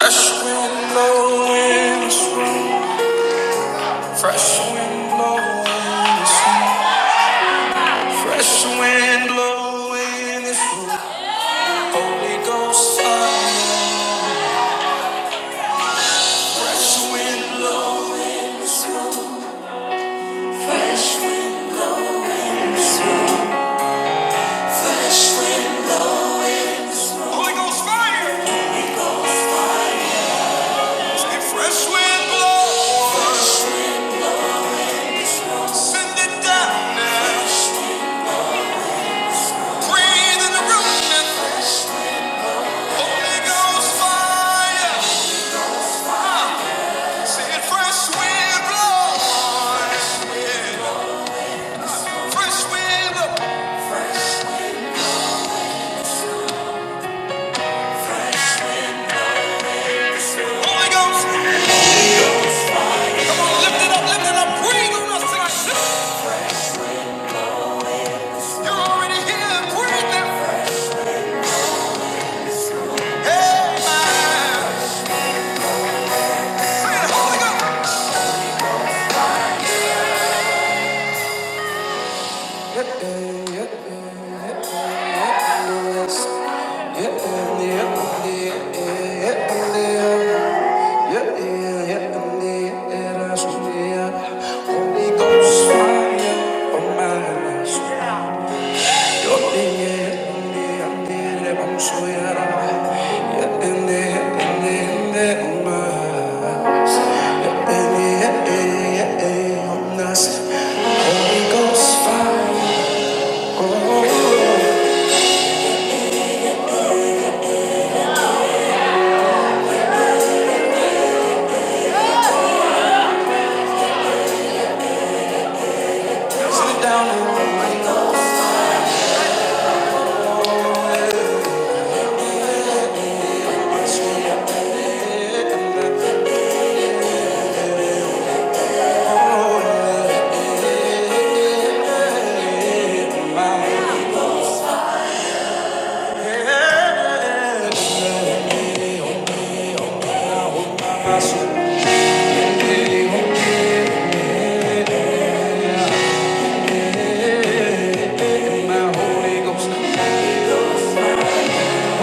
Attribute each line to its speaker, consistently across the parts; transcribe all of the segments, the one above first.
Speaker 1: Fresh window in this room. Fresh window in this room. Fresh wind blowing in this room. Holy Ghost fire. Fresh wind blowing in this room. Fresh wind- Holy Ghost fire. And fresh wind blow. Send it down now. Breathe in the room now. Holy Ghost fire. Say it, fresh wind blow. Fresh wind blow. Holy Ghost, come on, lift it up, lift it up, breathe on us tonight. You're already here, breathe that. Hey, man. Say it, Holy Ghost. One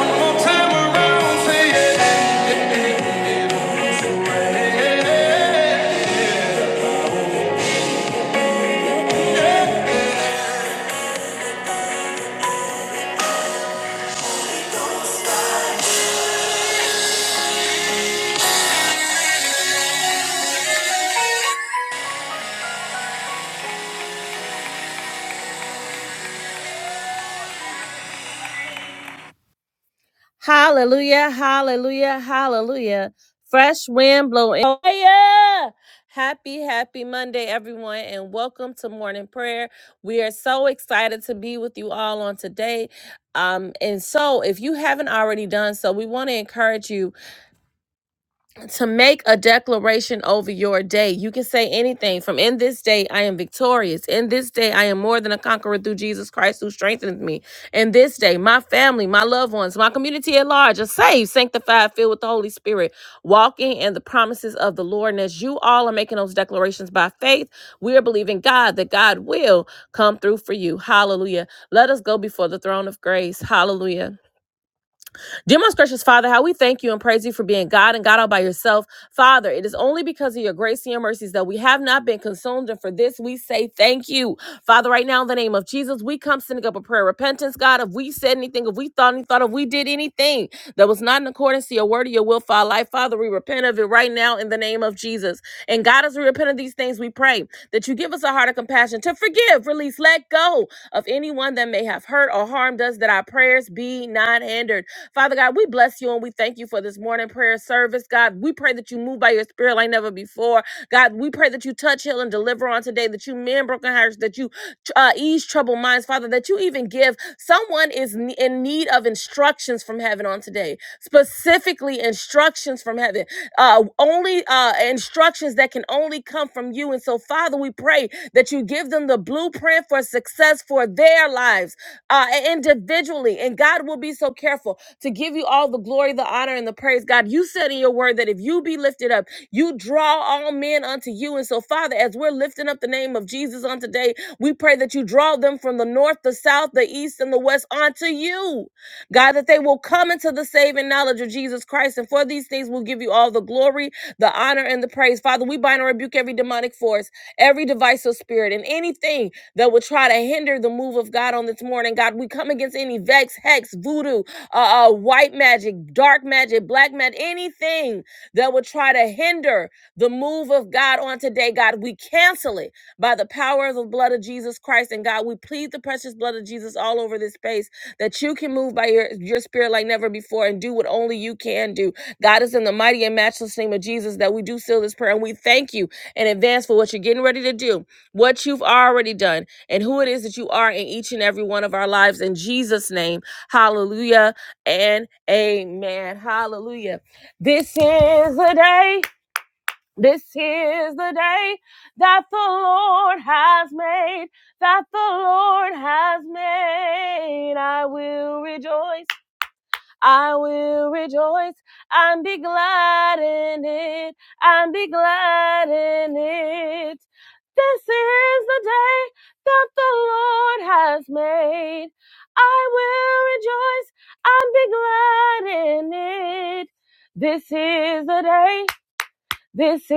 Speaker 1: more time around, say yeah. Hallelujah, hallelujah, hallelujah. Fresh wind blowing. Hallelujah. Happy, happy Monday, everyone, and welcome to morning prayer. We are so excited to be with you all on today. Um, and so, if you haven't already done so, we want to encourage you to make a declaration over your day. You can say anything from in this day I am victorious. In this day I am more than a conqueror through Jesus Christ who strengthens me. In this day, my family, my loved ones, my community at large are saved, sanctified, filled with the Holy Spirit, walking in the promises of the Lord. And as you all are making those declarations by faith, we are believing God that God will come through for you. Hallelujah. Let us go before the throne of grace. Hallelujah. Dear most gracious Father, how we thank you and praise you for being God and God all by yourself. Father, it is only because of your grace and your mercies that we have not been consumed. And for this, we say thank you. Father, right now, in the name of Jesus, we come sending up a prayer of repentance, God. If we said anything, if we thought any thought, if we did anything that was not in accordance to your word or your will for our life, Father, we repent of it right now in the name of Jesus. And God, as we repent of these things, we pray that you give us a heart of compassion to forgive, release, let go of anyone that may have hurt or harmed us, that our prayers be not hindered. Father God, we bless you and we thank you for this morning prayer service. God, we pray that you move by your spirit like never before. God, we pray that you touch, heal, and deliver on today, that you mend broken hearts, that you uh, ease troubled minds, Father, that you even give someone is ne- in need of instructions from heaven on today, specifically instructions instructions from heaven, uh, only uh, instructions that can only come from you. And so, Father, we pray that you give them the blueprint for success for their lives uh, individually. And God will be so careful to give you all the glory, the honor, and the praise. God, you said in your word that if you be lifted up, you draw all men unto you. And so, Father, as we're lifting up the name of Jesus on today, we pray that you draw them from the north, the south, the east, and the west onto you. God, that they will come into the saving knowledge of Jesus Christ. And for these things, we'll give you all the glory, the honor, and the praise. Father, we bind and rebuke every demonic force, every divisive spirit, and anything that would try to hinder the move of God on this morning. God, we come against any vex, hex, voodoo, uh, uh, white magic, dark magic, black magic, anything anything that would try to hinder the move of God on today, God, we cancel it by the power of the blood of Jesus Christ. And God, we plead the precious blood of Jesus all over this space that you can move by your, your spirit like never before and do what only you can do. God, is in the mighty and matchless name of Jesus that we do seal this prayer. And we thank you in advance for what you're getting ready to do, what you've already done, and who it is that you are in each and every one of our lives. In Jesus' name, hallelujah and amen. Hallelujah. This is the day, this is the day that the Lord has made, that the Lord has made. I will rejoice I will rejoice and be glad in it, and be glad in it. This is the day that the Lord has made. I will rejoice and be glad in it. This is the day this is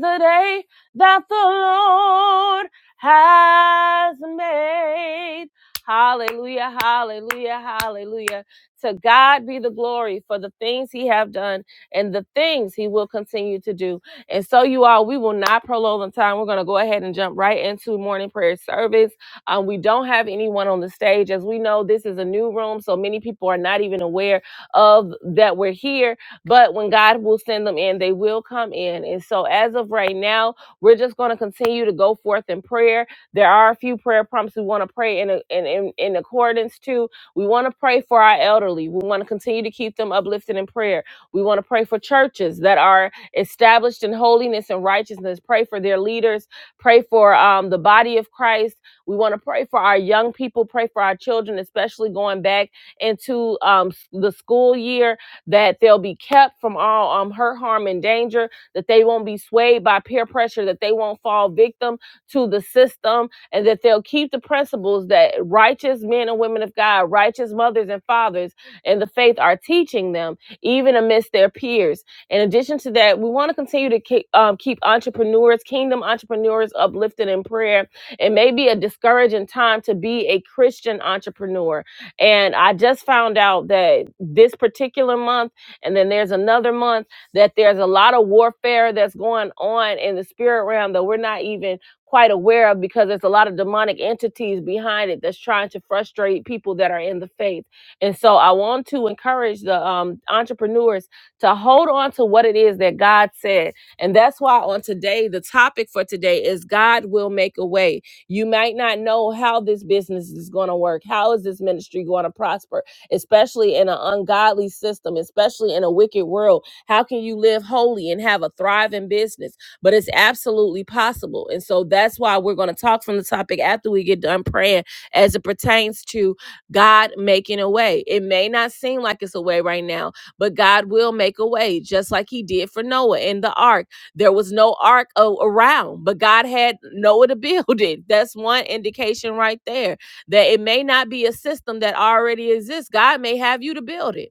Speaker 1: the day that the Lord has made. Hallelujah, hallelujah, hallelujah. To God be the glory for the things he have done and the things he will continue to do. And so you all, we will not prolong the time. We're going to go ahead and jump right into morning prayer service. Um, we don't have anyone on the stage. As we know, this is a new room, so many people are not even aware of that we're here but when God will send them in, they will come in. And so, as of right now, we're just going to continue to go forth in prayer. There are a few prayer prompts we want to pray in, in, in, in accordance to. We want to pray for our elderly. We want to continue to keep them uplifted in prayer. We want to pray for churches that are established in holiness and righteousness. Pray for their leaders. Pray for um, the body of Christ. We want to pray for our young people. Pray for our children, especially going back into um, the school year that they'll be kept from all um, hurt, harm, and danger, that they won't be swayed by peer pressure, that they won't fall victim to the system, and that they'll keep the principles that righteous men and women of God, righteous mothers and fathers in the faith are teaching them, even amidst their peers. In addition to that, we want to continue to keep, um, keep entrepreneurs, kingdom entrepreneurs, uplifted in prayer. It may be a discouraging time to be a Christian entrepreneur. And I just found out that this particular month and then there's another month that there's a lot of warfare that's going on in the spirit realm that we're not even quite aware of because there's a lot of demonic entities behind it that's trying to frustrate people that are in the faith. And so I want to encourage the um, entrepreneurs to hold on to what it is that God said. And that's why on today, the topic for today is God will make a way. You might not know how this business is going to work. How is this ministry going to prosper? especially in an ungodly system, especially in a wicked world. How can you live holy and have a thriving business? But it's absolutely possible. And so that's why we're going to talk from the topic after we get done praying as it pertains to God making a way. It may not seem like it's a way right now, but God will make a way, just like He did for Noah in the ark. There was no ark a- around, but God had Noah to build it. That's one indication right there that it may not be a system that already exists. God may have you to build it.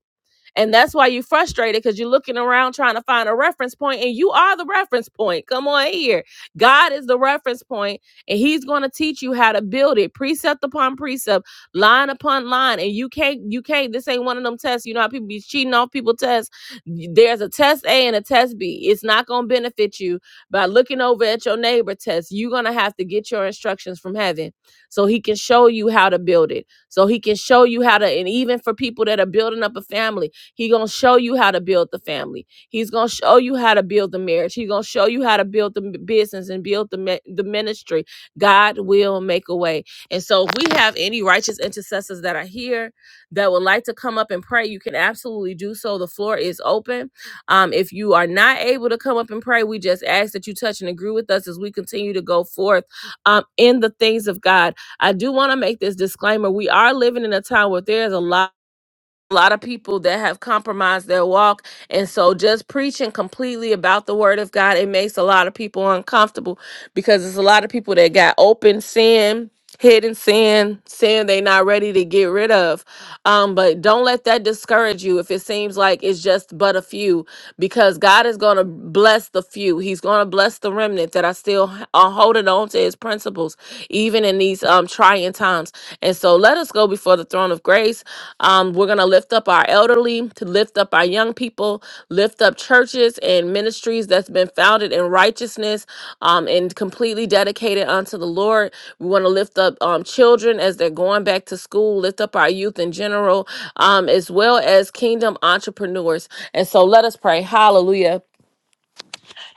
Speaker 1: And that's why you're frustrated because you're looking around trying to find a reference point and you are the reference point. Come on here. God is the reference point and he's going to teach you how to build it precept upon precept, line upon line. And you can't, you can't, this ain't one of them tests. You know how people be cheating off people tests. There's a test A and a test B. It's not going to benefit you by looking over at your neighbor test. You're going to have to get your instructions from heaven so he can show you how to build it. So he can show you how to, and even for people that are building up a family, He's gonna show you how to build the family. He's gonna show you how to build the marriage. He's gonna show you how to build the business and build the the ministry. God will make a way. And so, if we have any righteous intercessors that are here that would like to come up and pray, you can absolutely do so. The floor is open. Um, if you are not able to come up and pray, we just ask that you touch and agree with us as we continue to go forth um, in the things of God. I do want to make this disclaimer: we are living in a time where there is a lot a lot of people that have compromised their walk. And so just preaching completely about the word of God, it makes a lot of people uncomfortable because there's a lot of people that got open sin, hidden sin, sin they not ready to get rid of. Um, but don't let that discourage you if it seems like it's just but a few because God is going to bless the few. He's going to bless the remnant that are still h- are holding on to his principles, even in these um, trying times. And so let us go before the throne of grace. Um, we're going to lift up our elderly, to lift up our young people, lift up churches churches and ministries that's been founded in righteousness um, and completely dedicated unto the Lord. We want to lift up um, children as they're going back to school, lift up our youth in general, um, as well as kingdom entrepreneurs. And so let us pray. Hallelujah.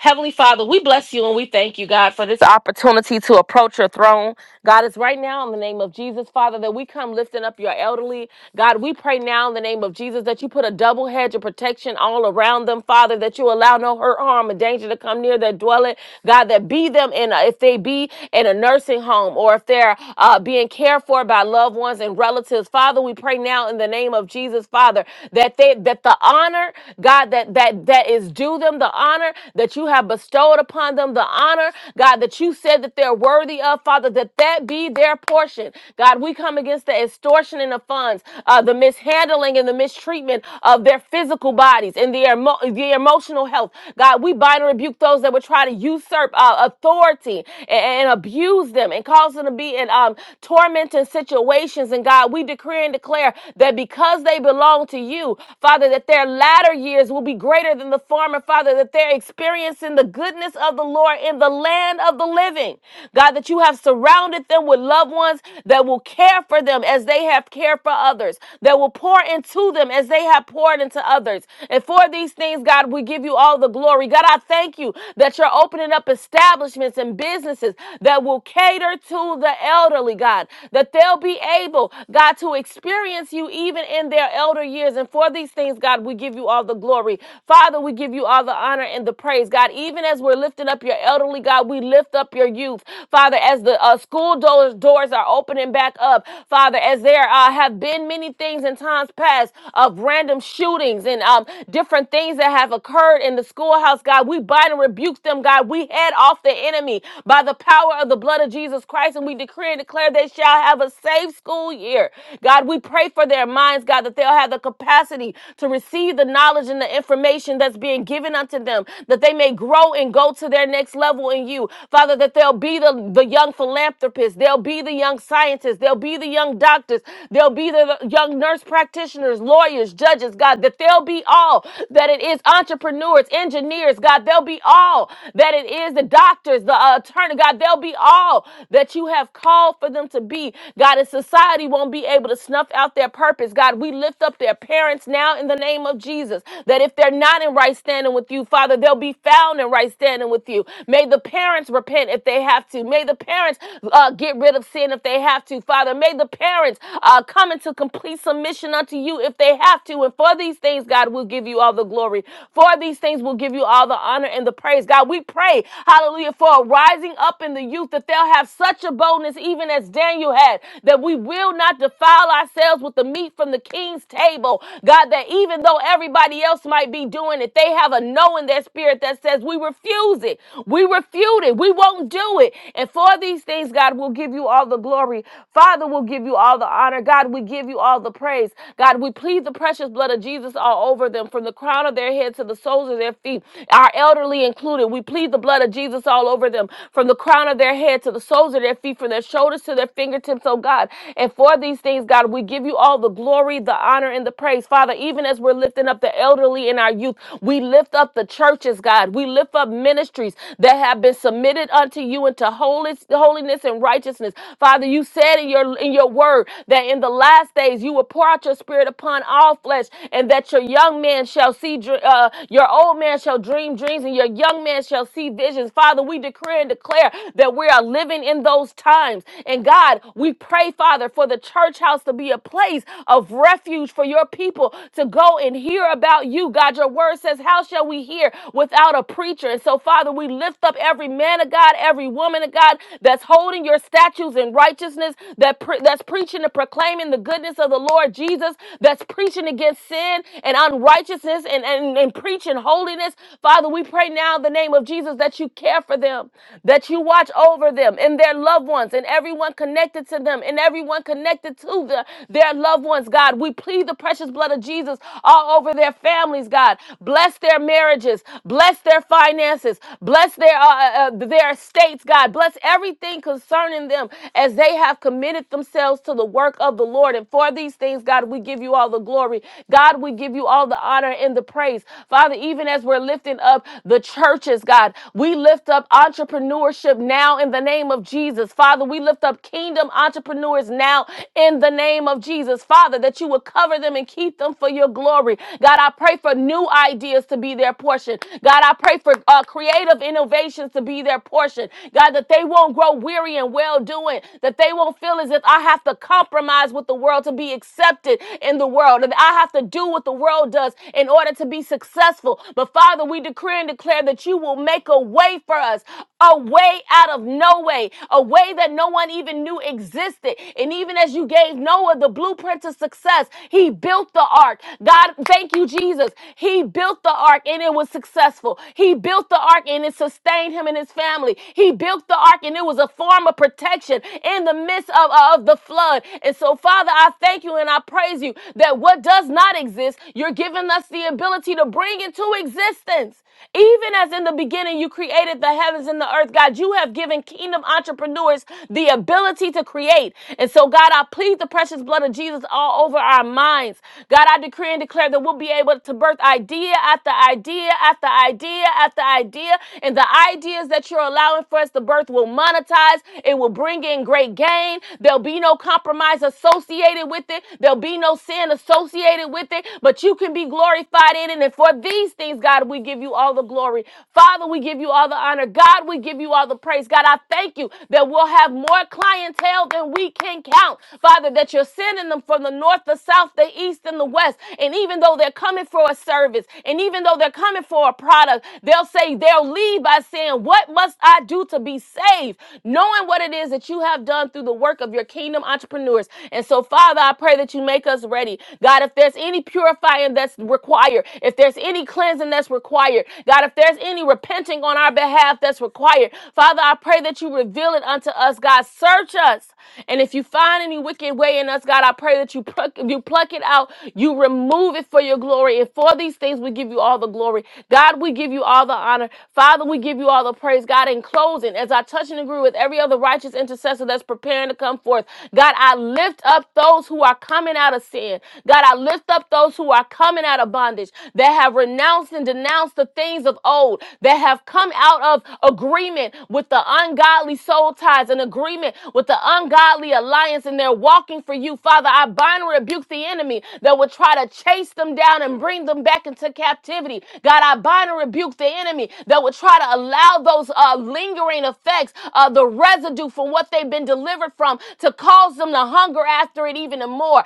Speaker 1: Heavenly Father, we bless you and we thank you, God, for this opportunity to approach your throne. God, it's right now in the name of Jesus, Father, that we come lifting up your elderly. God, we pray now in the name of Jesus that you put a double hedge of protection all around them, Father, that you allow no hurt, harm, or danger to come near their dwelling. God, that be them in a, if they be in a nursing home or if they're uh, being cared for by loved ones and relatives. Father, we pray now in the name of Jesus, Father, that they that the honor, God, that that that is due them, the honor that you have you have bestowed upon them, the honor, God, that you said that they're worthy of, Father, that that be their portion. God, we come against the extortion in the funds, uh, the mishandling and the mistreatment of their physical bodies and their, emo- their emotional health. God, we bind and rebuke those that would try to usurp uh, authority and, and abuse them and cause them to be in um, tormenting situations. And God, we decree and declare that because they belong to you, Father, that their latter years will be greater than the former, Father, that their experiences in the goodness of the Lord in the land of the living. God, that you have surrounded them with loved ones that will care for them as they have cared for others, that will pour into them as they have poured into others. And for these things, God, we give you all the glory. God, I thank you that you're opening up establishments and businesses that will cater to the elderly, God, that they'll be able, God, to experience you even in their elder years. And for these things, God, we give you all the glory. Father, we give you all the honor and the praise, God even as we're lifting up your elderly, God, we lift up your youth. Father, as the uh, school doors, doors are opening back up, Father, as there uh, have been many things in times past of random shootings and um, different things that have occurred in the schoolhouse, God, we bind and rebuke them, God. We head off the enemy by the power of the blood of Jesus Christ, and we decree and declare they shall have a safe school year. God, we pray for their minds, God, that they'll have the capacity to receive the knowledge and the information that's being given unto them, that they may grow grow and go to their next level in you. Father, that they'll be the, the young philanthropists, they'll be the young scientists, they'll be the young doctors, they'll be the young nurse practitioners, lawyers, judges, God, that they'll be all that it is entrepreneurs, engineers, God, they'll be all that it is the doctors, the uh, attorney, God, they'll be all that you have called for them to be. God, and society won't be able to snuff out their purpose. God, we lift up their parents now in the name of Jesus, that if they're not in right standing with you, Father, they'll be found in in right standing with you. May the parents repent if they have to. May the parents uh, get rid of sin if they have to. Father, may the parents uh, come into complete submission unto you if they have to. And for these things, God, will give you all the glory. For these things, we'll give you all the honor and the praise. God, we pray, hallelujah, for a rising up in the youth that they'll have such a boldness, even as Daniel had, that we will not defile ourselves with the meat from the king's table. God, that even though everybody else might be doing it, they have a no in their spirit that says, We we refuse it. We refute it. We won't do it. And for these things, God, we'll give you all the glory. Father, we'll give you all the honor. God, we give you all the praise. God, we plead the precious blood of Jesus all over them, from the crown of their head to the soles of their feet, our elderly included. We plead the blood of Jesus all over them, from the crown of their head to the soles of their feet, from their shoulders to their fingertips, oh God. And for these things, God, we give you all the glory, the honor, and the praise. Father, even as we're lifting up the elderly and our youth, we lift up the churches, God. We lift lift up ministries that have been submitted unto you into holis- holiness and righteousness. Father, you said in your in your word that in the last days you will pour out your spirit upon all flesh, and that your young man shall see, dr- uh, your old man shall dream dreams, and your young man shall see visions. Father, we decree and declare that we are living in those times. And God, we pray, Father, for the church house to be a place of refuge for your people to go and hear about you. God, your word says, How shall we hear without a preacher? culture. And so, Father, we lift up every man of God, every woman of God that's holding your statutes in righteousness, that pre- that's preaching and proclaiming the goodness of the Lord Jesus, that's preaching against sin and unrighteousness and, and, and preaching holiness. Father, we pray now in the name of Jesus that you care for them, that you watch over them and their loved ones and everyone connected to them and everyone connected to the, their loved ones, God. We plead the precious blood of Jesus all over their families, God. Bless their marriages, bless their finances finances. Bless their uh, uh, uh, their estates, God. Bless everything concerning them as they have committed themselves to the work of the Lord. And for these things, God, we give you all the glory. God, we give you all the honor and the praise. Father, even as we're lifting up the churches, God, we lift up entrepreneurship now in the name of Jesus. Father, we lift up kingdom entrepreneurs now in the name of Jesus. Father, that you would cover them and keep them for your glory. God, I pray for new ideas to be their portion. God, I pray for uh, uh, creative innovations to be their portion. God, that they won't grow weary and well doing, that they won't feel as if I have to compromise with the world to be accepted in the world, and I have to do what the world does in order to be successful. But Father, we decree and declare that you will make a way for us, a way out of no way, a way that no one even knew existed. And even as you gave Noah the blueprint to success, he built the ark. God, thank you, Jesus. He built the ark and it was successful. He built built the ark and it sustained him and his family. He built the ark and it was a form of protection in the midst of, uh, of the flood. And so, Father, I thank you and I praise you that what does not exist, you're giving us the ability to bring into existence. Even as in the beginning you created the heavens and the earth, God, you have given kingdom entrepreneurs the ability to create. And so, God, I plead the precious blood of Jesus all over our minds. God, I decree and declare that we'll be able to birth idea after idea after idea after idea idea, and the ideas that you're allowing for us to birth will monetize. It will bring in great gain. There'll be no compromise associated with it. There'll be no sin associated with it, but you can be glorified in it. And for these things, God, we give you all the glory. Father, we give you all the honor. God, we give you all the praise. God, I thank you that we'll have more clientele than we can count. Father, that you're sending them from the north, the south, the east, and the west. And even though they're coming for a service, and even though they're coming for a product, they'll say, leave, they'll leave by saying, What must I do to be saved? Knowing what it is that you have done through the work of your kingdom entrepreneurs. And so, Father, I pray that you make us ready. God, if there's any purifying that's required, if there's any cleansing that's required, God, if there's any repenting on our behalf that's required, Father, I pray that you reveal it unto us, God. Search us. And if you find any wicked way in us, God, I pray that you pluck, you pluck it out, you remove it for your glory. And for these things, we give you all the glory. God, we give you all the honor. Father. Father, we give you all the praise, God. In closing, as I touch and agree with every other righteous intercessor that's preparing to come forth, God, I lift up those who are coming out of sin. God, I lift up those who are coming out of bondage that have renounced and denounced the things of old, that have come out of agreement with the ungodly soul ties, an agreement with the ungodly alliance, and they're walking for you. Father, I bind and rebuke the enemy that would try to chase them down and bring them back into captivity. God, I bind and rebuke the enemy that would try to allow those uh, lingering effects, uh, the residue from what they've been delivered from, to cause them to hunger after it even more. God,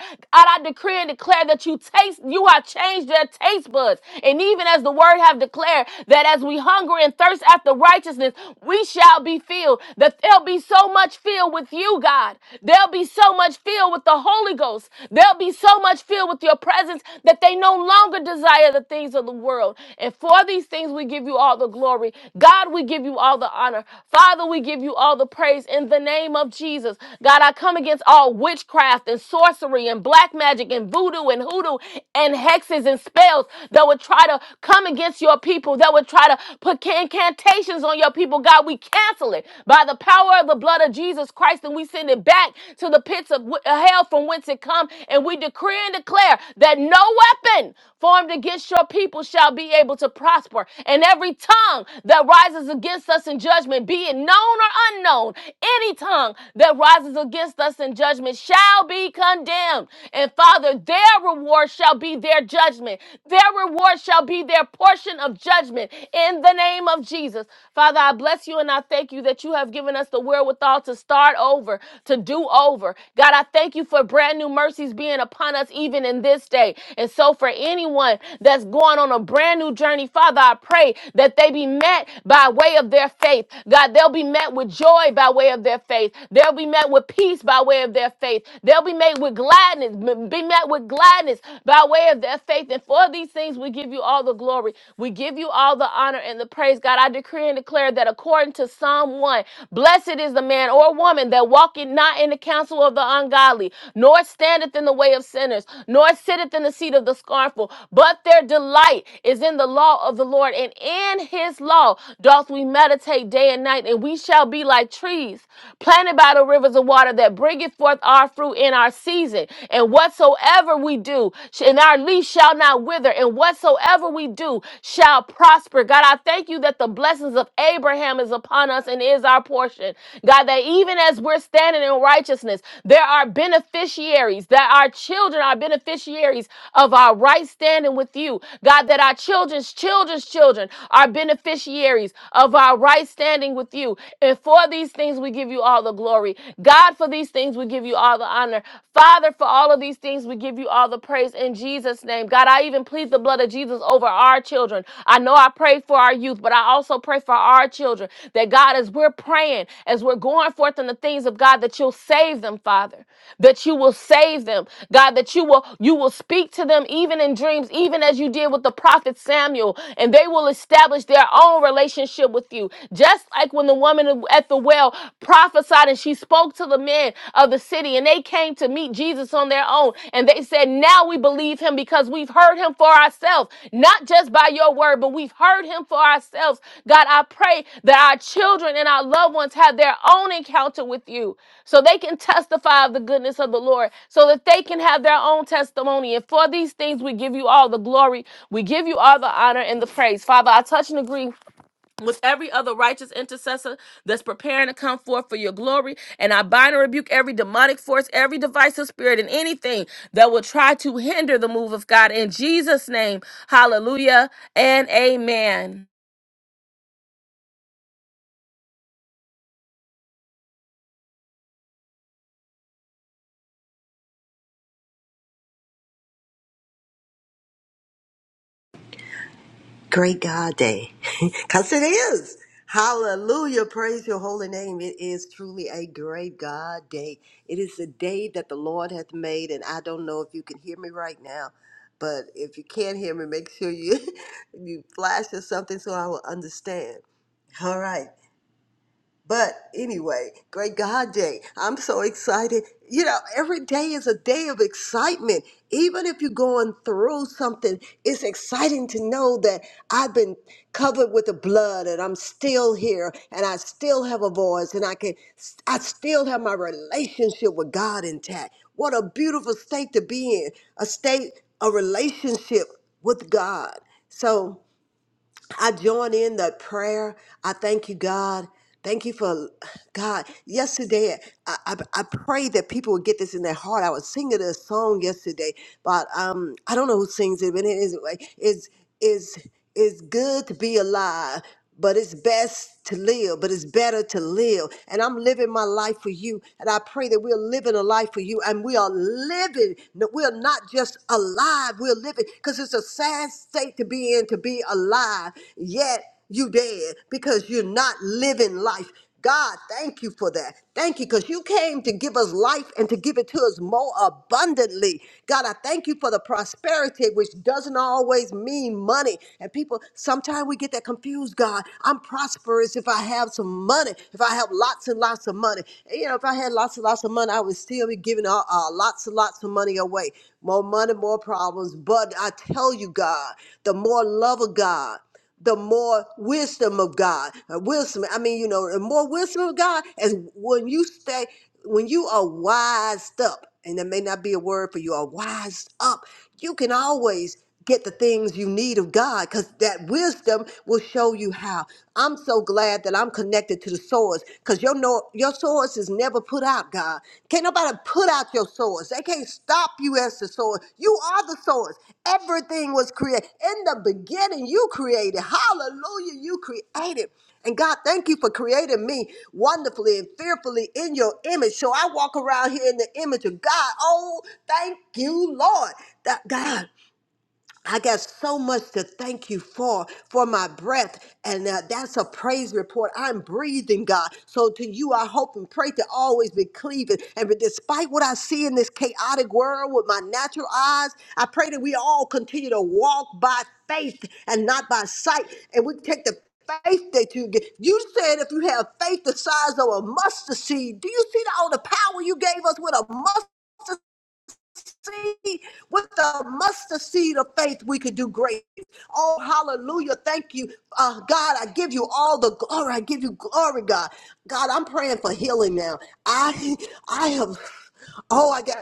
Speaker 1: I decree and declare that you taste, you have changed their taste buds. And even as the word have declared that as we hunger and thirst after righteousness, we shall be filled. That they'll be so much filled with you, God. They'll be so much filled with the Holy Ghost. They'll be so much filled with your presence that they no longer desire the things of the world. And for these things, we give you all the glory. God, we give you all the honor. Father, we give you all the praise in the name of Jesus. God, I come against all witchcraft and sorcery and black magic and voodoo and hoodoo and hexes and spells that would try to come against your people, that would try to put incantations on your people. God, we cancel it by the power of the blood of Jesus Christ and we send it back to the pits of wi- hell from whence it come and we decree and declare that no weapon formed against your people shall be able to prosper. And every tongue that rises against us in judgment, be it known or unknown, any tongue that rises against us in judgment shall be condemned. And Father, their reward shall be their judgment. Their reward shall be their portion of judgment in the name of Jesus. Father, I bless you and I thank you that you have given us the wherewithal to start over, to do over. God, I I thank you for brand new mercies being upon us even in this day. And so, for anyone that's going on a brand new journey, Father, I pray that they be met by way of their faith. God, they'll be met with joy by way of their faith. They'll be met with peace by way of their faith. They'll be made with gladness, be met with gladness by way of their faith. And for these things, we give you all the glory. We give you all the honor and the praise. God, I decree and declare that according to Psalm Psalm 1. Blessed is the man or woman that walketh not in the counsel of the ungodly, nor standeth in the way of sinners, nor sitteth in the seat of the scornful, but their delight is in the law of the Lord, and in his law doth we meditate day and night, and we shall be like trees planted by the rivers of water that bringeth forth our fruit in our season. And whatsoever we do, and our leaf shall not wither, and whatsoever we do, do shall prosper. God, I thank you that the blessings of Abraham is upon us and is our portion. God, that even as we're standing in righteousness, there are beneficiaries, that our children are beneficiaries of our right standing with you. God, that our children's children's children are beneficiaries of our right standing with you. And for these things, we give you all the glory. God, for these things, we give you all the honor. Father, for all of these things, things. We give you all the praise in Jesus' name. God, I even plead the blood of Jesus over our children. I know I prayed for our youth, but I also pray for our children that God, as we're praying, as we're going forth in the things of God, that you'll save them, Father, that you will save them, God, that you will you will speak to them even in dreams, even as you did with the prophet Samuel, and they will establish their own relationship with you. Just like when the woman at the well prophesied outside and she spoke to the men of the city and they came to meet Jesus on their own. And they said, Now we believe him because we've heard him for ourselves, not just by your word, but we've heard him for ourselves. God, I pray that our children and our loved ones have their own encounter with you so they can testify of the goodness of the Lord, so that they can have their own testimony. And for these things, we give you all the glory, we give you all the honor and the praise. Father, I touch and agree with every other righteous intercessor that's preparing to come forth for your glory. And I bind and rebuke every demonic force, every divisive spirit, and anything that will try to hinder the move of God. In Jesus' name, hallelujah and amen.
Speaker 2: Great God Day. Because it is. Hallelujah. Praise your holy name. It is truly a great God day. It is a day that the Lord hath made, and I don't know if you can hear me right now. But if you can't hear me, make sure you you flash or something so I will understand. All right. But anyway, great God day. I'm so excited. You know, every day is a day of excitement. Even if you're going through something, it's exciting to know that I've been covered with the blood and I'm still here and I still have a voice and I can I still have my relationship with God intact. What a beautiful state to be in, a state a relationship with God. So I join in the prayer. I thank you, God. Thank you for God. Yesterday, I, I, I prayed that people would get this in their heart. I was singing a song yesterday, but um, I don't know who sings it, but it is like, it's, is it's good to be alive but it's best to live, but it's better to live. And I'm living my life for you. And I pray that we're living a life for you and we are living. No, We're not just alive, we're living because it's a sad state to be in to be alive, yet you dead because you're not living life. God, thank you for that. Thank you because you came to give us life and to give it to us more abundantly. God, I thank you for the prosperity, which doesn't always mean money. And people, sometimes we get that confused, God. I'm prosperous if I have some money, if I have lots and lots of money. you know, if I had lots and lots of money, I would still be giving uh, uh, lots and lots of money away. More money, more problems. But I tell you, God, the more love of God the more wisdom of God. Uh, Wisdom, I mean, you know, the more wisdom of God is when you stay, when you are wised up, and that may not be a word for you, are wised up, you can always get the things you need of God because that wisdom will show you how. I'm so glad that I'm connected to the source because your, know, your source is never put out, God. Can't nobody put out your source. They can't stop you as the source. You are the source. Everything was created. In the beginning, you created. Hallelujah, you created. And God, thank you for creating me wonderfully and fearfully in your image. So I walk around here in the image of God. Oh, thank you, Lord. That God. I got so much to thank you for, for my breath. And uh, that's a praise report. I'm breathing, God. So to you, I hope and pray to always be cleaving. And but despite what I see in this chaotic world with my natural eyes, I pray that we all continue to walk by faith and not by sight. And we take the faith that you get. You said if you have faith the size of a mustard seed, do you see all the power you gave us with a mustard? see, with the mustard seed of faith, we could do great Oh, hallelujah. Thank you. Uh, God, I give you all the glory. I give you glory, God. God, I'm praying for healing now. I I have oh, I got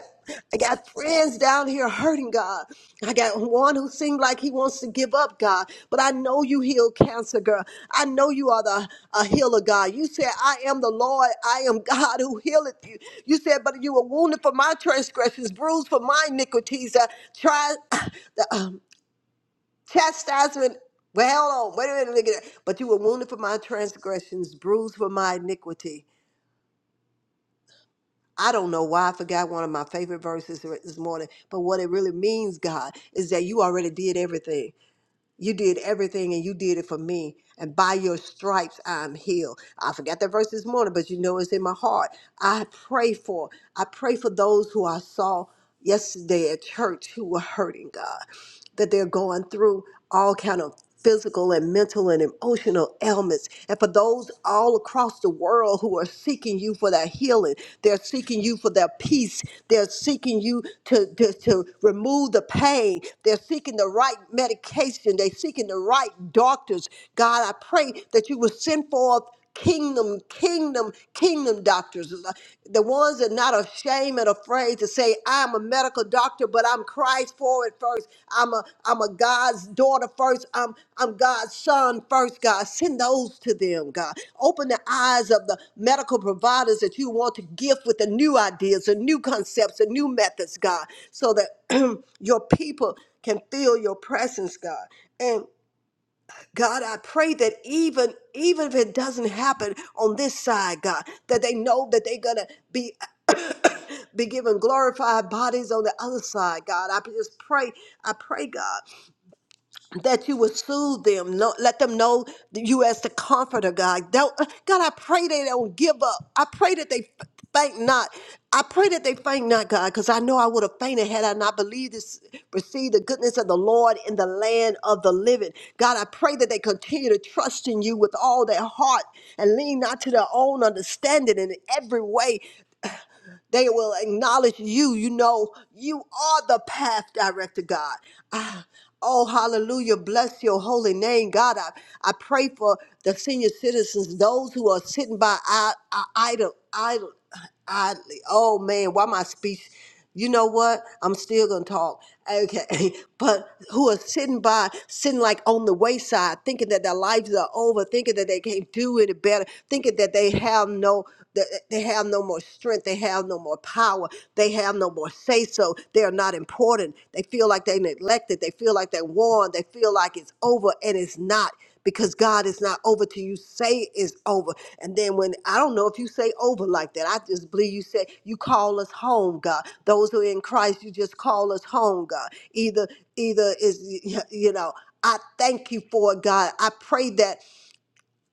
Speaker 2: I got friends down here hurting, God. I got one who seemed like he wants to give up, God. But I know you heal cancer, girl. I know you are the a healer, God. You said, I am the Lord. I am God who healeth you. You said, but you were wounded for my transgressions, bruised for my iniquities. Uh, try, chastisement. Well, hold on. Wait a minute. Look at that. But you were wounded for my transgressions, bruised for my iniquity. I don't know why I forgot one of my favorite verses this morning, but what it really means, God, is that you already did everything. You did everything and you did it for me. And by your stripes, I'm healed. I forgot that verse this morning, but you know it's in my heart. I pray for, I pray for those who I saw yesterday at church who were hurting, God that they're going through all kind of physical and mental and emotional ailments and for those all across the world who are seeking you for that healing they're seeking you for their peace they're seeking you to, to, to remove the pain they're seeking the right medication they're seeking the right doctors god i pray that you will send forth kingdom, kingdom, kingdom doctors. The ones that are not ashamed and afraid to say, I'm a medical doctor, but I'm Christ forward first. I'm a I'm a God's daughter first. I'm I'm God's son first, God. Send those to them, God. Open the eyes of the medical providers that you want to gift with the new ideas and new concepts and new methods, God, so that your people can feel your presence, God. God, I pray that even even if it doesn't happen on this side, God, that they know that they're gonna be be given glorified bodies on the other side, God. I just pray, I pray, God that you would soothe them, no, let them know that you as the comforter, God. Don't, uh, God, I pray they don't give up. I pray that they f- faint not. I pray that they faint not, God, because I know I would have fainted had I not believed this, received the goodness of the Lord in the land of the living. God, I pray that they continue to trust in you with all their heart and lean not to their own understanding in every way. They will acknowledge you. You know, you are the path director, God. Ah, oh, hallelujah. Bless your holy name, God. I, I pray for the senior citizens, those who are sitting by I, I, idle, idle, idly. Oh, man, why my speech? you know what? I'm still gonna talk. Okay, but who are sitting by, sitting like on the wayside, thinking that their lives are over, thinking that they can't do any better, thinking that they have no, that they have no more strength, they have no more power, they have no more say so. They are not important. They feel like they neglected. They feel like they're worn. They feel like it's over, and it's not because God is not over till you say it's over. And then when I don't know if you say over like that, I just believe you say you call us home, God. Those who are in Christ, you just call us home, God. Either either is you know. I thank you for it, God. I pray that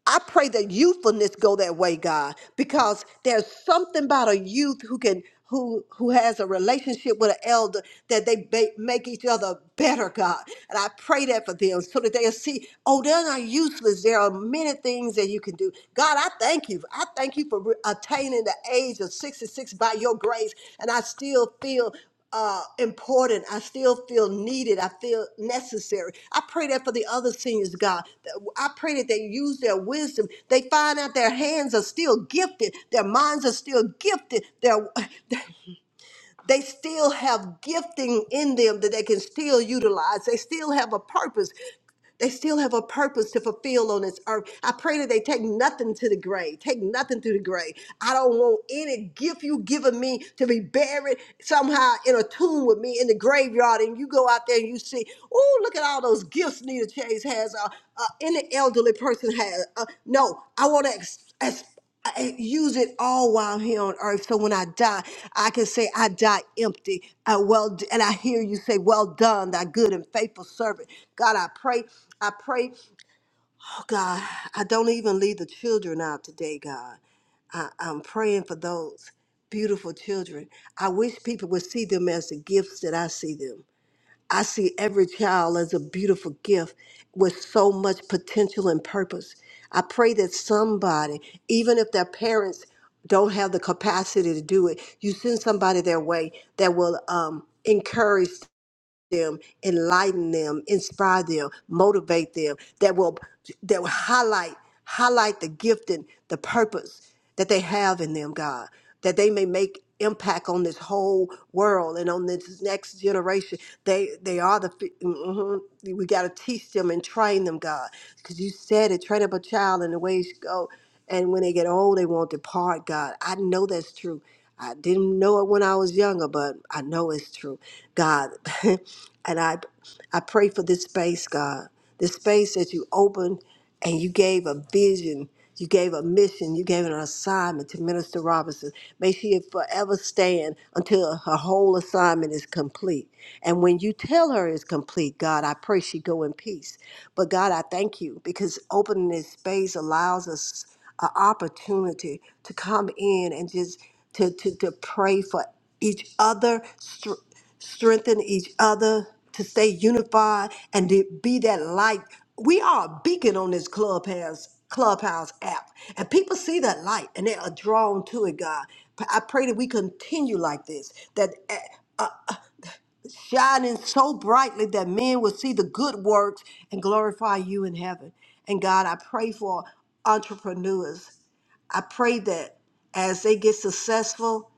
Speaker 2: I pray that youthfulness go that way, God, because there's something about a youth who can who who has a relationship with an elder that they ba- make each other better, God. And I pray that for them so that they'll see, oh, they're not useless. There are many things that you can do. God, I thank you. I thank you for re- attaining the age of 66 by your grace. And I still feel uh, important. I still feel needed. I feel necessary. I pray that for the other seniors, God. That- I pray that they use their wisdom. They find out their hands are still gifted. Their minds are still gifted. Their they still have gifting in them that they can still utilize. They still have a purpose. They still have a purpose to fulfill on this earth. I pray that they take nothing to the grave. Take nothing to the grave. I don't want any gift you given me to be buried somehow in a tomb with me in the graveyard. And you go out there and you see, oh, look at all those gifts Nita Chase has. Uh, uh, any elderly person has. Uh, no, I want to I use it all while I'm here on earth. So when I die, I can say I die empty. I well, and I hear you say, "Well done, thy good and faithful servant." God, I pray, I pray. Oh God, I don't even leave the children out today, God. I, I'm praying for those beautiful children. I wish people would see them as the gifts that I see them. I see every child as a beautiful gift with so much potential and purpose. I pray that somebody, even if their parents don't have the capacity to do it, you send somebody their way that will um, encourage them, enlighten them, inspire them, motivate them, that will that will highlight highlight the gift and the purpose that they have in them, God, that they may make impact on this whole world and on this next generation. They they are the fi- mhm. we got to teach them and train them, God, because you said it, train up a child in the way he should go, and when they get old, they won't depart, God. I know that's true. I didn't know it when I was younger, but I know it's true, God. and I, I pray for this space, God, this space that you opened and you gave a vision, you gave a mission, you gave an assignment to Minister Robinson. May she forever stand until her whole assignment is complete. And when you tell her it's complete, God, I pray she go in peace. But God, I thank you because opening this space allows us an opportunity to come in and just to, to, to pray for each other, str- strengthen each other, to stay unified and to be that light. We are a beacon on this clubhouse clubhouse app, and people see that light and they are drawn to it. God, I pray that we continue like this, that eh, shining so brightly that men will see the good works and glorify you in heaven. And God, I pray for entrepreneurs I pray that as they get successful,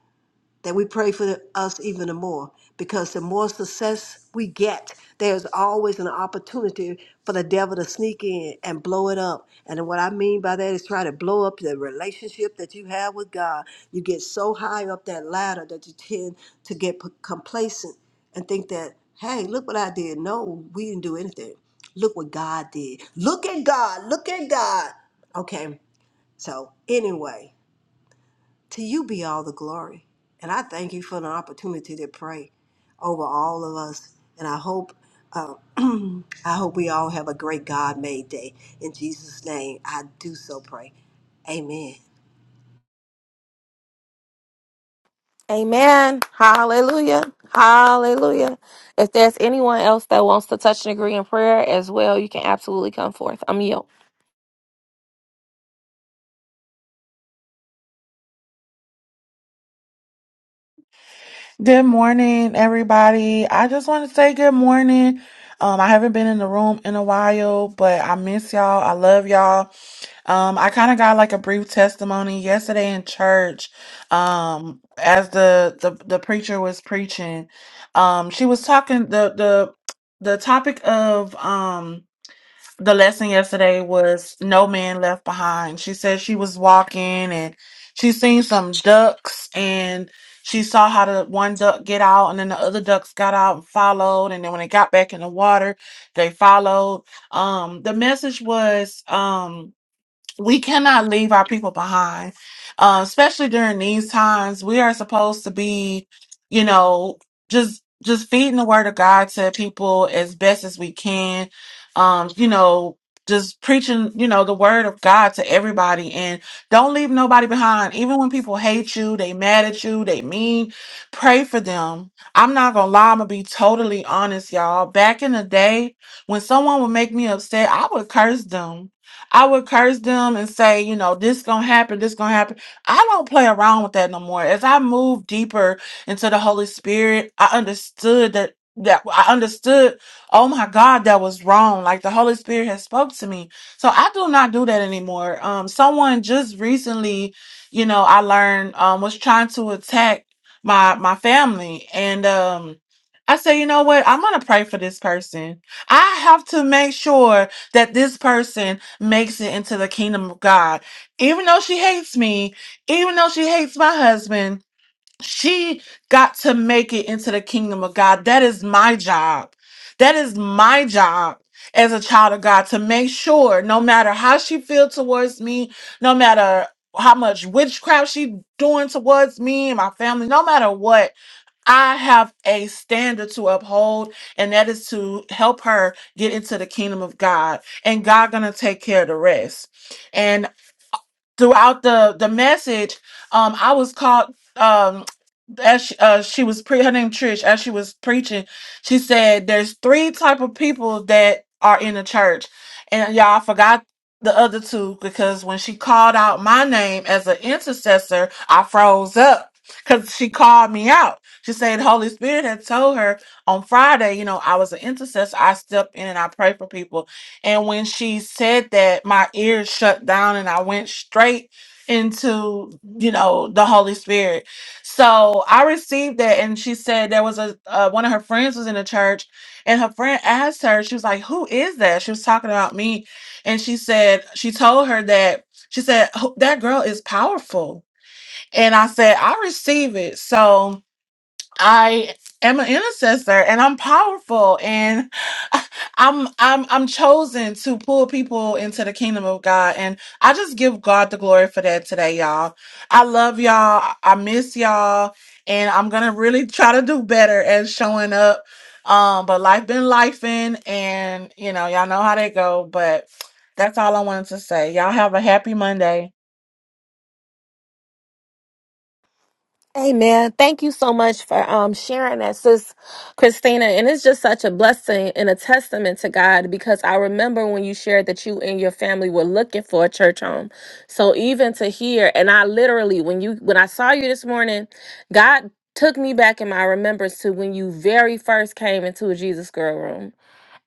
Speaker 2: that we pray for us even more because the more success we get, there's always an opportunity for the devil to sneak in and blow it up. And what I mean by that is try to blow up the relationship that you have with God. You get so high up that ladder that you tend to get p- complacent and think that, hey, look what I did. No, we didn't do anything. Look what God did. Look at God. Look at God. Okay. So, anyway. To you be all the glory. And I thank you for the opportunity to pray over all of us. And I hope uh, I hope we all have a great God made day. In Jesus' name, I do so pray. Amen.
Speaker 1: Amen. Hallelujah. Hallelujah. If there's anyone else that wants to touch and agree in prayer as well, you can absolutely come forth. I'm yield.
Speaker 3: Good morning, everybody. I just want to say good morning. Um, I haven't been in the room in a while, but I miss y'all. I love y'all. Um, I kind of got like a brief testimony yesterday in church. Um, as the the, the preacher was preaching, um, she was talking the the the topic of um the lesson yesterday was no man left behind. She said she was walking and she seen some ducks and she saw how the one duck get out and then the other ducks got out and followed and then when they got back in the water, they followed. Um the message was um we cannot leave our people behind, uh, especially during these times. We are supposed to be, you know, just just feeding the word of God to people as best as we can. Um, you know, just preaching, you know, the word of God to everybody, and don't leave nobody behind. Even when people hate you, they mad at you, they mean. Pray for them. I'm not gonna lie. I'm gonna be totally honest, y'all. Back in the day, when someone would make me upset, I would curse them I would curse them and say, you know, this gonna happen, this gonna happen. I don't play around with that no more. As I moved deeper into the Holy Spirit, I understood that that I understood, oh my God, that was wrong. Like the Holy Spirit has spoke to me. So I do not do that anymore. Um someone just recently, you know, I learned um was trying to attack my my family and um I say, you know what? I'm gonna pray for this person. I have to make sure that this person makes it into the kingdom of God. Even though she hates me, even though she hates my husband, she got to make it into the kingdom of God. That is my job. That is my job as a child of God to make sure no matter how she feels towards me, no matter how much witchcraft she doing towards me and my family, no matter what, I have a standard to uphold, and that is to help her get into the kingdom of God. And God gonna take care of the rest. And throughout the the message, um, I was caught. Um, as she, uh, she was pre her name Trish as she was preaching, she said there's three type of people that are in the church, and y'all I forgot the other two because when she called out my name as an intercessor, I froze up because she called me out. She said Holy Spirit had told her on Friday, you know, I was an intercessor. I step in and I pray for people, and when she said that, my ears shut down and I went straight into you know the Holy Spirit. So I received that, and she said there was a uh, one of her friends was in the church, and her friend asked her, she was like, "Who is that?" She was talking about me, and she said she told her that she said "Who- that girl is powerful, and I said I receive it. So I am an intercessor and I'm powerful and I'm I'm I'm chosen to pull people into the kingdom of God and I just give God the glory for that today y'all. I love y'all. I miss y'all and I'm going to really try to do better at showing up. Um but life been lifing and you know y'all know how they go but that's all I wanted to say. Y'all have a happy Monday.
Speaker 1: Amen. Thank you so much for um, sharing that, sis Christina. And it's just such a blessing and a testament to God because I remember when you shared that you and your family were looking for a church home. So even to hear, and I literally, when you when I saw you this morning, God took me back in my remembrance to when you very first came into a Jesus Girl room.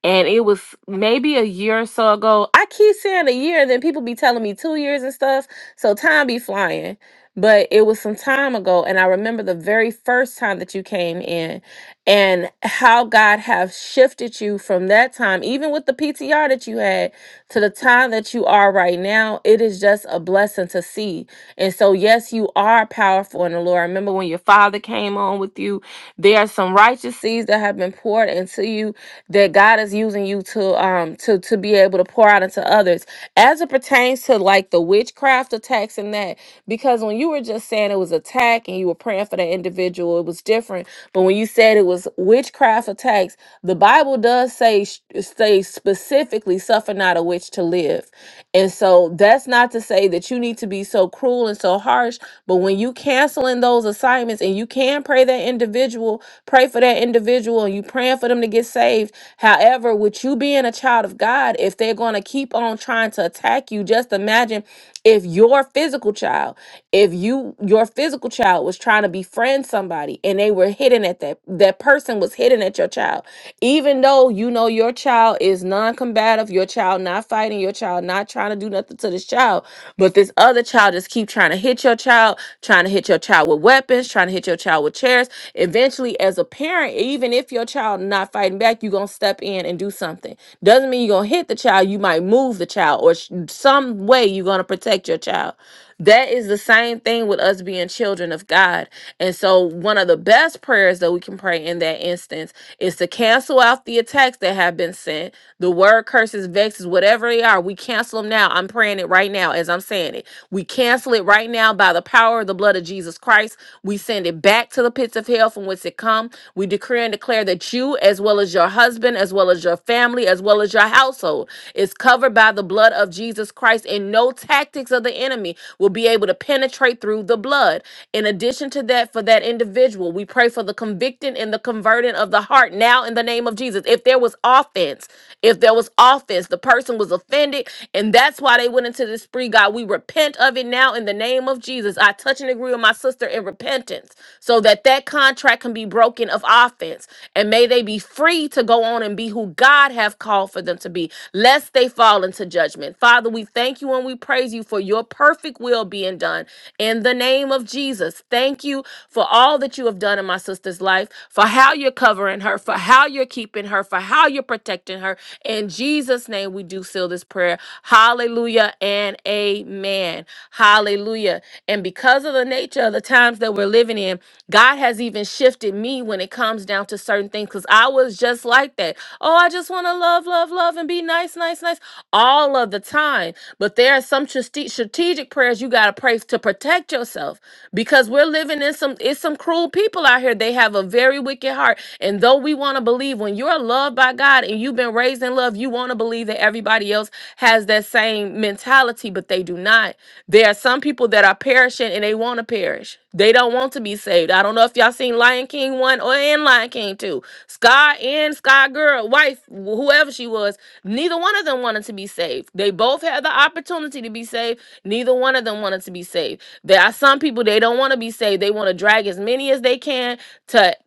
Speaker 1: And it was maybe a year or so ago. I keep saying a year, and then people be telling me two years and stuff. So time be flying but it was some time ago and i remember the very first time that you came in and how god have shifted you from that time even with the ptr that you had to the time that you are right now it is just a blessing to see and so yes you are powerful in the lord remember when your father came on with you there are some righteous seeds that have been poured into you that god is using you to um to to be able to pour out into others as it pertains came to like the witchcraft attacks and that, because when you were just saying it was attack and you were praying for that individual, it was different. But when you said it was witchcraft attacks, the Bible does say sh- say specifically, suffer not a witch to live. And so that's not to say that you need to be so cruel and so harsh, but when you canceling those assignments and you can pray that individual, pray for that individual, and you praying for them to get saved. However, with you being being a child of God, if they're going to keep on trying to attack you, just imagine if your physical child, if you your physical child was trying to befriend somebody and they were hitting at that that person was hitting at your child, even though you know your child is non-combative, your child not fighting, your child not trying to do nothing to this child, but this other child just keep trying to hit your child, trying to hit your child with weapons, trying to hit your child with chairs. Eventually, as a parent, even if even if your child not fighting back, you're gonna step in and do something. Doesn't mean you're gonna hit the child. You might move the child, or sh- some way you're gonna protect your child. That is the same thing with us being children of God. And so, one of the best prayers that we can pray in that instance is to cancel out the attacks that have been sent, the word curses, vexes, whatever they are. We cancel them now. I'm praying it right now as I'm saying it. We cancel it right now by the power of the blood of Jesus Christ. We send send it back to the pits of hell from whence it come. We decree and declare that you, as well as your husband, as well as your family, as well as your household, is covered by the blood of Jesus Christ, and no tactics of the enemy will be able to penetrate through the blood. In addition to that, for that individual, we pray for the convicting and the converting of the heart now in the name of Jesus. If there was offense, if there was offense, the person was offended, and that's why they went into this spree, God. We repent of it now now in the name of Jesus. I touch and agree with my sister in repentance so that that contract can be broken of offense. And may they be free to go on and be who God have called for them to be, lest they fall into judgment. Father, we thank you and we praise you for your perfect will being done in the name of Jesus. Thank you for all that you have done in my sister's life, for how you're covering her, for how you're keeping her, for how you're protecting her. In Jesus' name, we do seal this prayer prayer. Hallelujah and amen. Hallelujah. And because of the nature of the times that we're living in, God has even shifted me when it comes down to certain things because I was just like that. Oh, I just want to love, love, love and be nice, nice, nice all of the time. But there are some strate- strategic prayers you got to pray to protect yourself because we're living in some, it's some cruel people out here. They have a very wicked heart. And though we want to believe when you're loved by God, by God and you've been raised in love, you want to believe that everybody else has that same mentality, but they do not. There are some people that are perishing and they want to perish. They don't want to be saved. I don't know if y'all seen Lion King 1 or and Lion King 2. Sky and Sky Girl, wife, wh- whoever she was, neither one of them wanted to be saved. They both had the opportunity to be saved. Neither one of them wanted to be saved. There are some people they don't want to be saved. They want to drag as many as they can to.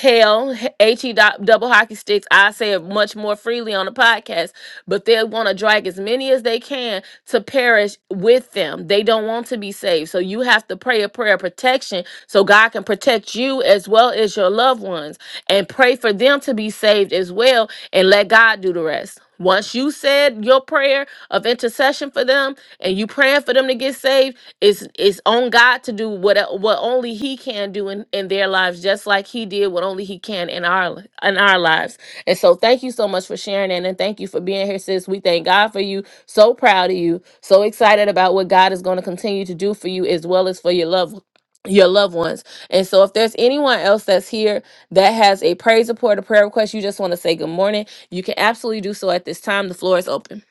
Speaker 1: Hell, he dot double hockey sticks. I say it much more freely on the podcast, but they want to drag as many as they can to perish with them. They don't want to be saved, so you have to pray a prayer of protection so God can protect you as well as your loved ones, and pray for them to be saved as well, and let God do the rest. Once you said your prayer of intercession for them and you praying for them to get saved, it's it's on God to do what what only He can do in, in their lives, just like He did what only He can in our li- in our lives. And so thank you so much for sharing that and thank you for being here, sis. We thank God for you. So proud of you, so excited about what God is going to continue to do for you as well as for your love your loved ones. And so if there's anyone else that's here that has a praise report, a prayer request, you just want to say good morning you can absolutely do so at this time. The floor is open.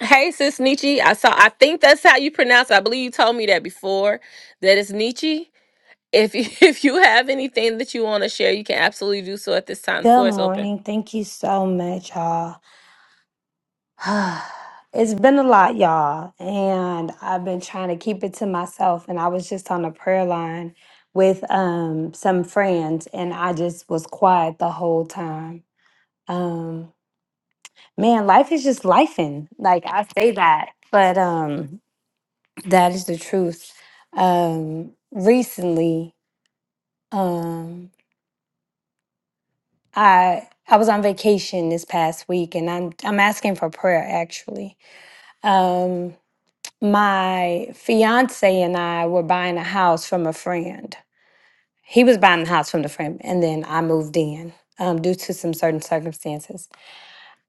Speaker 1: Hey, sis Nietzsche. I saw. I think that's how you pronounce it. I believe you told me that before. That is Nietzsche. If you, if you have anything that you want to share, you can absolutely do so at this time. The
Speaker 4: Good
Speaker 1: floor is open.
Speaker 4: morning. Thank you so much, y'all. It's been a lot, y'all, and I've been trying to keep it to myself. And I was just on a prayer line with um some friends, and I just was quiet the whole time. Um, man, life is just lifing. Like I say that, but um, that is the truth. Um, recently, um, I I was on vacation this past week, and I'm I'm asking for prayer actually Um, my fiance and I were buying a house from a friend. He was buying a house from the friend, and then I moved in um, due to some certain circumstances.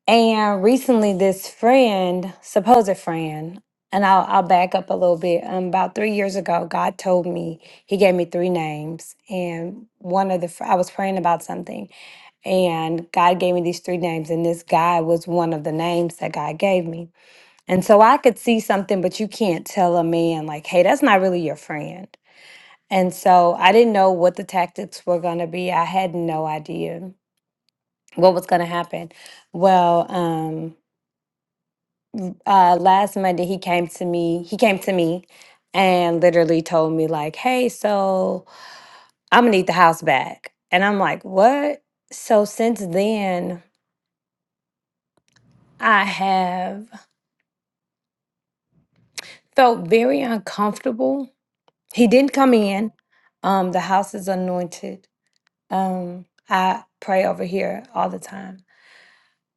Speaker 4: And recently, this friend, supposed friend, and I'll, I'll back up a little bit. Um, about three years ago, God told me He gave me three names, and one of the fr- I was praying about something, and God gave me these three names, and this guy was one of the names that God gave me. And so I could see something, but you can't tell a man, like, hey, that's not really your friend. And so I didn't know what the tactics were going to be. I had no idea what was going to happen. Well, um, uh, last Monday, he came to me. He came to me and literally told me, like, hey, so I'm going to need the house back. And I'm like, what? So since then, I have felt very uncomfortable. He didn't come in. Um, the house is anointed Um, I pray over here all the time.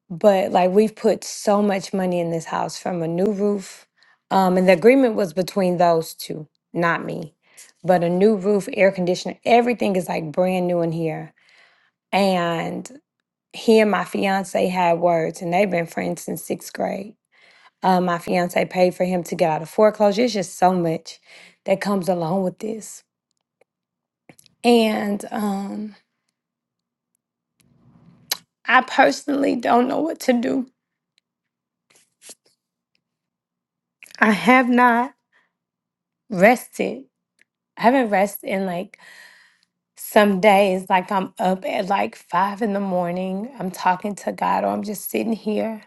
Speaker 4: But like we've put so much money in this house from a new roof. Um, and the agreement was between those two, not me. But a new roof, air conditioner, everything is like brand new in here. And he and my fiance had words and they've been friends since sixth grade. Uh, my fiance paid for him to get out of foreclosure. It's just so much that comes along with this. And um, I personally don't know what to do I have not rested. I haven't rested in like some days. Like I'm up at like five in the morning. I'm talking to God, or I'm just sitting here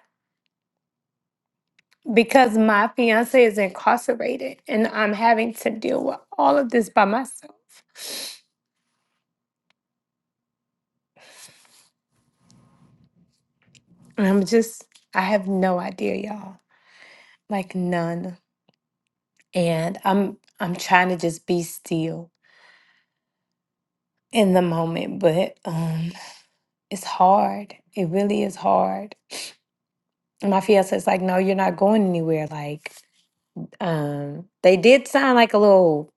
Speaker 4: because my fiance is incarcerated and I'm having to deal with all of this by myself. And I'm just, I have no idea, y'all. Like none. And I'm, I'm trying to just be still in the moment, but um, it's hard. It really is hard. And my fiance's like, no, you're not going anywhere. Like, um, they did sign like a little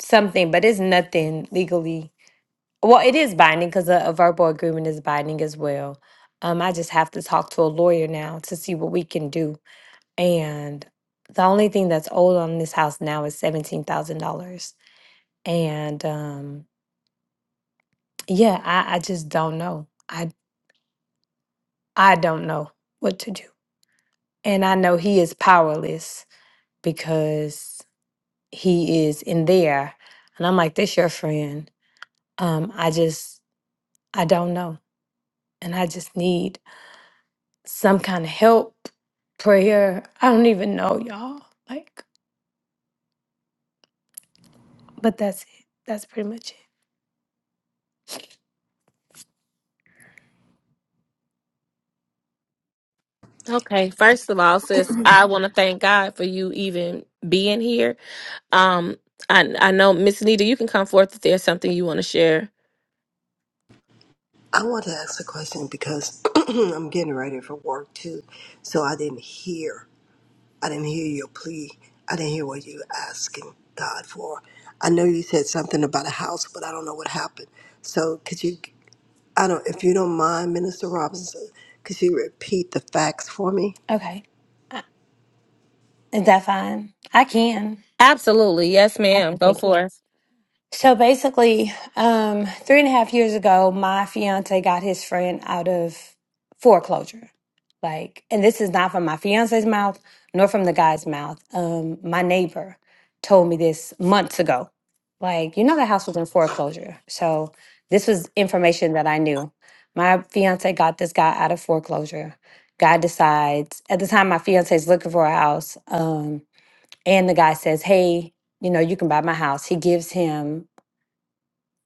Speaker 4: something, but it's nothing legally. Well, it is binding because a, a verbal agreement is binding as well. Um, I just have to talk to a lawyer now to see what we can do. And the only thing that's owed on this house now is seventeen thousand dollars. And um, yeah, I, I just don't know. I I don't know what to do. And I know he is powerless because. he is in there. And I'm like, "This your friend. Um, I just, I don't know. And I just need some kind of help, prayer. I don't even know, y'all. Like, but that's it. That's pretty much it.
Speaker 1: Okay. First of all, sis, I want to thank God for you even being here. Um, I I know Miss Nita, you can come forth if there's something you want to share.
Speaker 2: I want to ask a question because I'm getting ready for work too. So I didn't hear. I didn't hear your plea. I didn't hear what you were asking God for. I know you said something about a house, but I don't know what happened. So could you? I don't, if you don't mind, Minister Robinson, could you repeat the facts for me?
Speaker 4: Okay. I- Is that fine? I can.
Speaker 1: Absolutely. Yes,
Speaker 4: I
Speaker 1: ma'am.
Speaker 4: can.
Speaker 1: Go
Speaker 4: Thank you.
Speaker 1: for it.
Speaker 4: So basically, um, three and a half years ago, my fiance got his friend out of foreclosure. Like, and this is not from my fiance's mouth nor from the guy's mouth. Um, my neighbor told me this months ago. Like, you know, the house was in foreclosure. So this was information that I knew. My fiance got this guy out of foreclosure. Guy decides at the time my fiance is looking for a house, um, and the guy says, "Hey, you know, you can buy my house." He gives him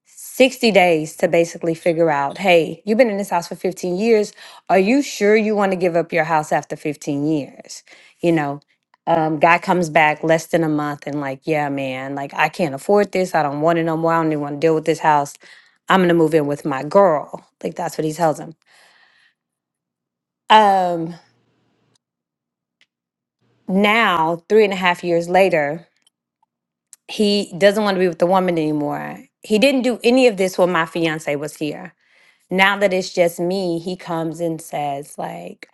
Speaker 4: 60 days to basically figure out hey, you've been in this house for 15 years. Are you sure you want to give up your house after 15 years? You know, um, guy comes back less than a month and, like, yeah, man, like, I can't afford this. I don't want it no more. I don't even want to deal with this house. I'm going to move in with my girl. Like, that's what he tells him. Um, now, three and a half years later, he doesn't want to be with the woman anymore. He didn't do any of this when my fiance was here Now that it's just me, he comes and says, like,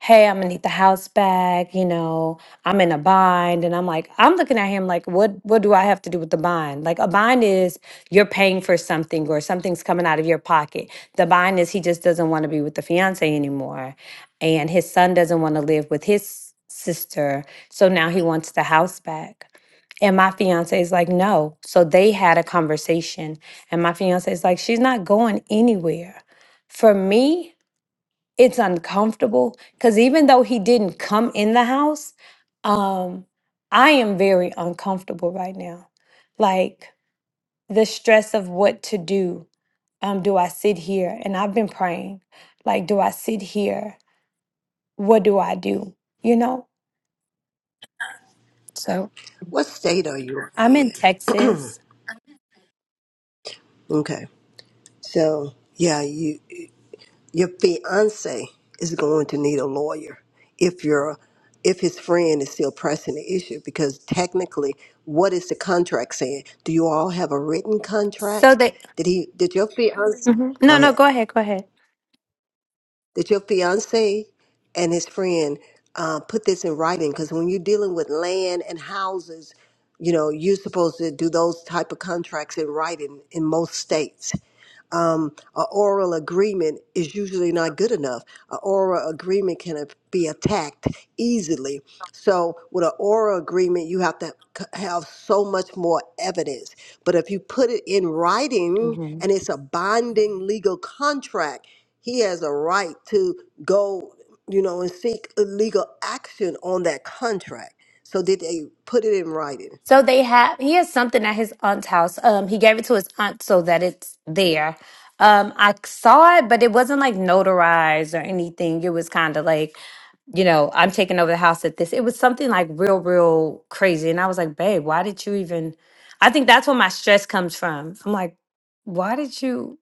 Speaker 4: hey, I'm gonna need the house back, you know, I'm in a bind. And I'm like, I'm looking at him like, what what do I have to do with the bind? Like a bind is you're paying for something or something's coming out of your pocket. The bind is he just doesn't want to be with the fiance anymore. And his son doesn't want to live with his sister. So now he wants the house back. And my fiance is like, no. So they had a conversation. And my fiance is like, she's not going anywhere. For me, it's uncomfortable because even though he didn't come in the house, um, I am very uncomfortable right now. Like the stress of what to do. Um, do I sit here? And I've been praying. Like, do I sit here? What do I do? You know? So
Speaker 2: What state are you
Speaker 4: I'm in
Speaker 2: in?
Speaker 4: Texas.
Speaker 2: Okay. So, yeah, you, your fiance is going to need a lawyer if your if his friend is still pressing the issue because technically what is the contract saying? Do you all have a written
Speaker 4: So
Speaker 2: contract?
Speaker 4: they,
Speaker 2: Did he did your fiance
Speaker 4: Mhm.
Speaker 2: go
Speaker 4: no, no,
Speaker 2: ahead.
Speaker 4: go ahead, go ahead.
Speaker 2: that your fiance and his friend uh, put this in writing because when you're dealing with land and houses you know you're supposed to do those type of contracts in writing in most states um, an oral agreement is usually not good enough. An oral agreement can be attacked easily. So, with an oral agreement, you have to c- have so much more evidence. But if you put it in writing and it's a binding legal contract, he has a right to go, you know, and seek legal action on that contract. So, did they put it in writing?
Speaker 4: So they have he has something at his aunt's house. Um he gave it to his aunt so that it's there. Um I saw it but it wasn't like notarized or anything. It was kind of like, you know, I'm taking over the house at this. It was something like real real crazy and I was like, "Babe, why did you even I think that's where my stress comes from. I'm like, "Why did you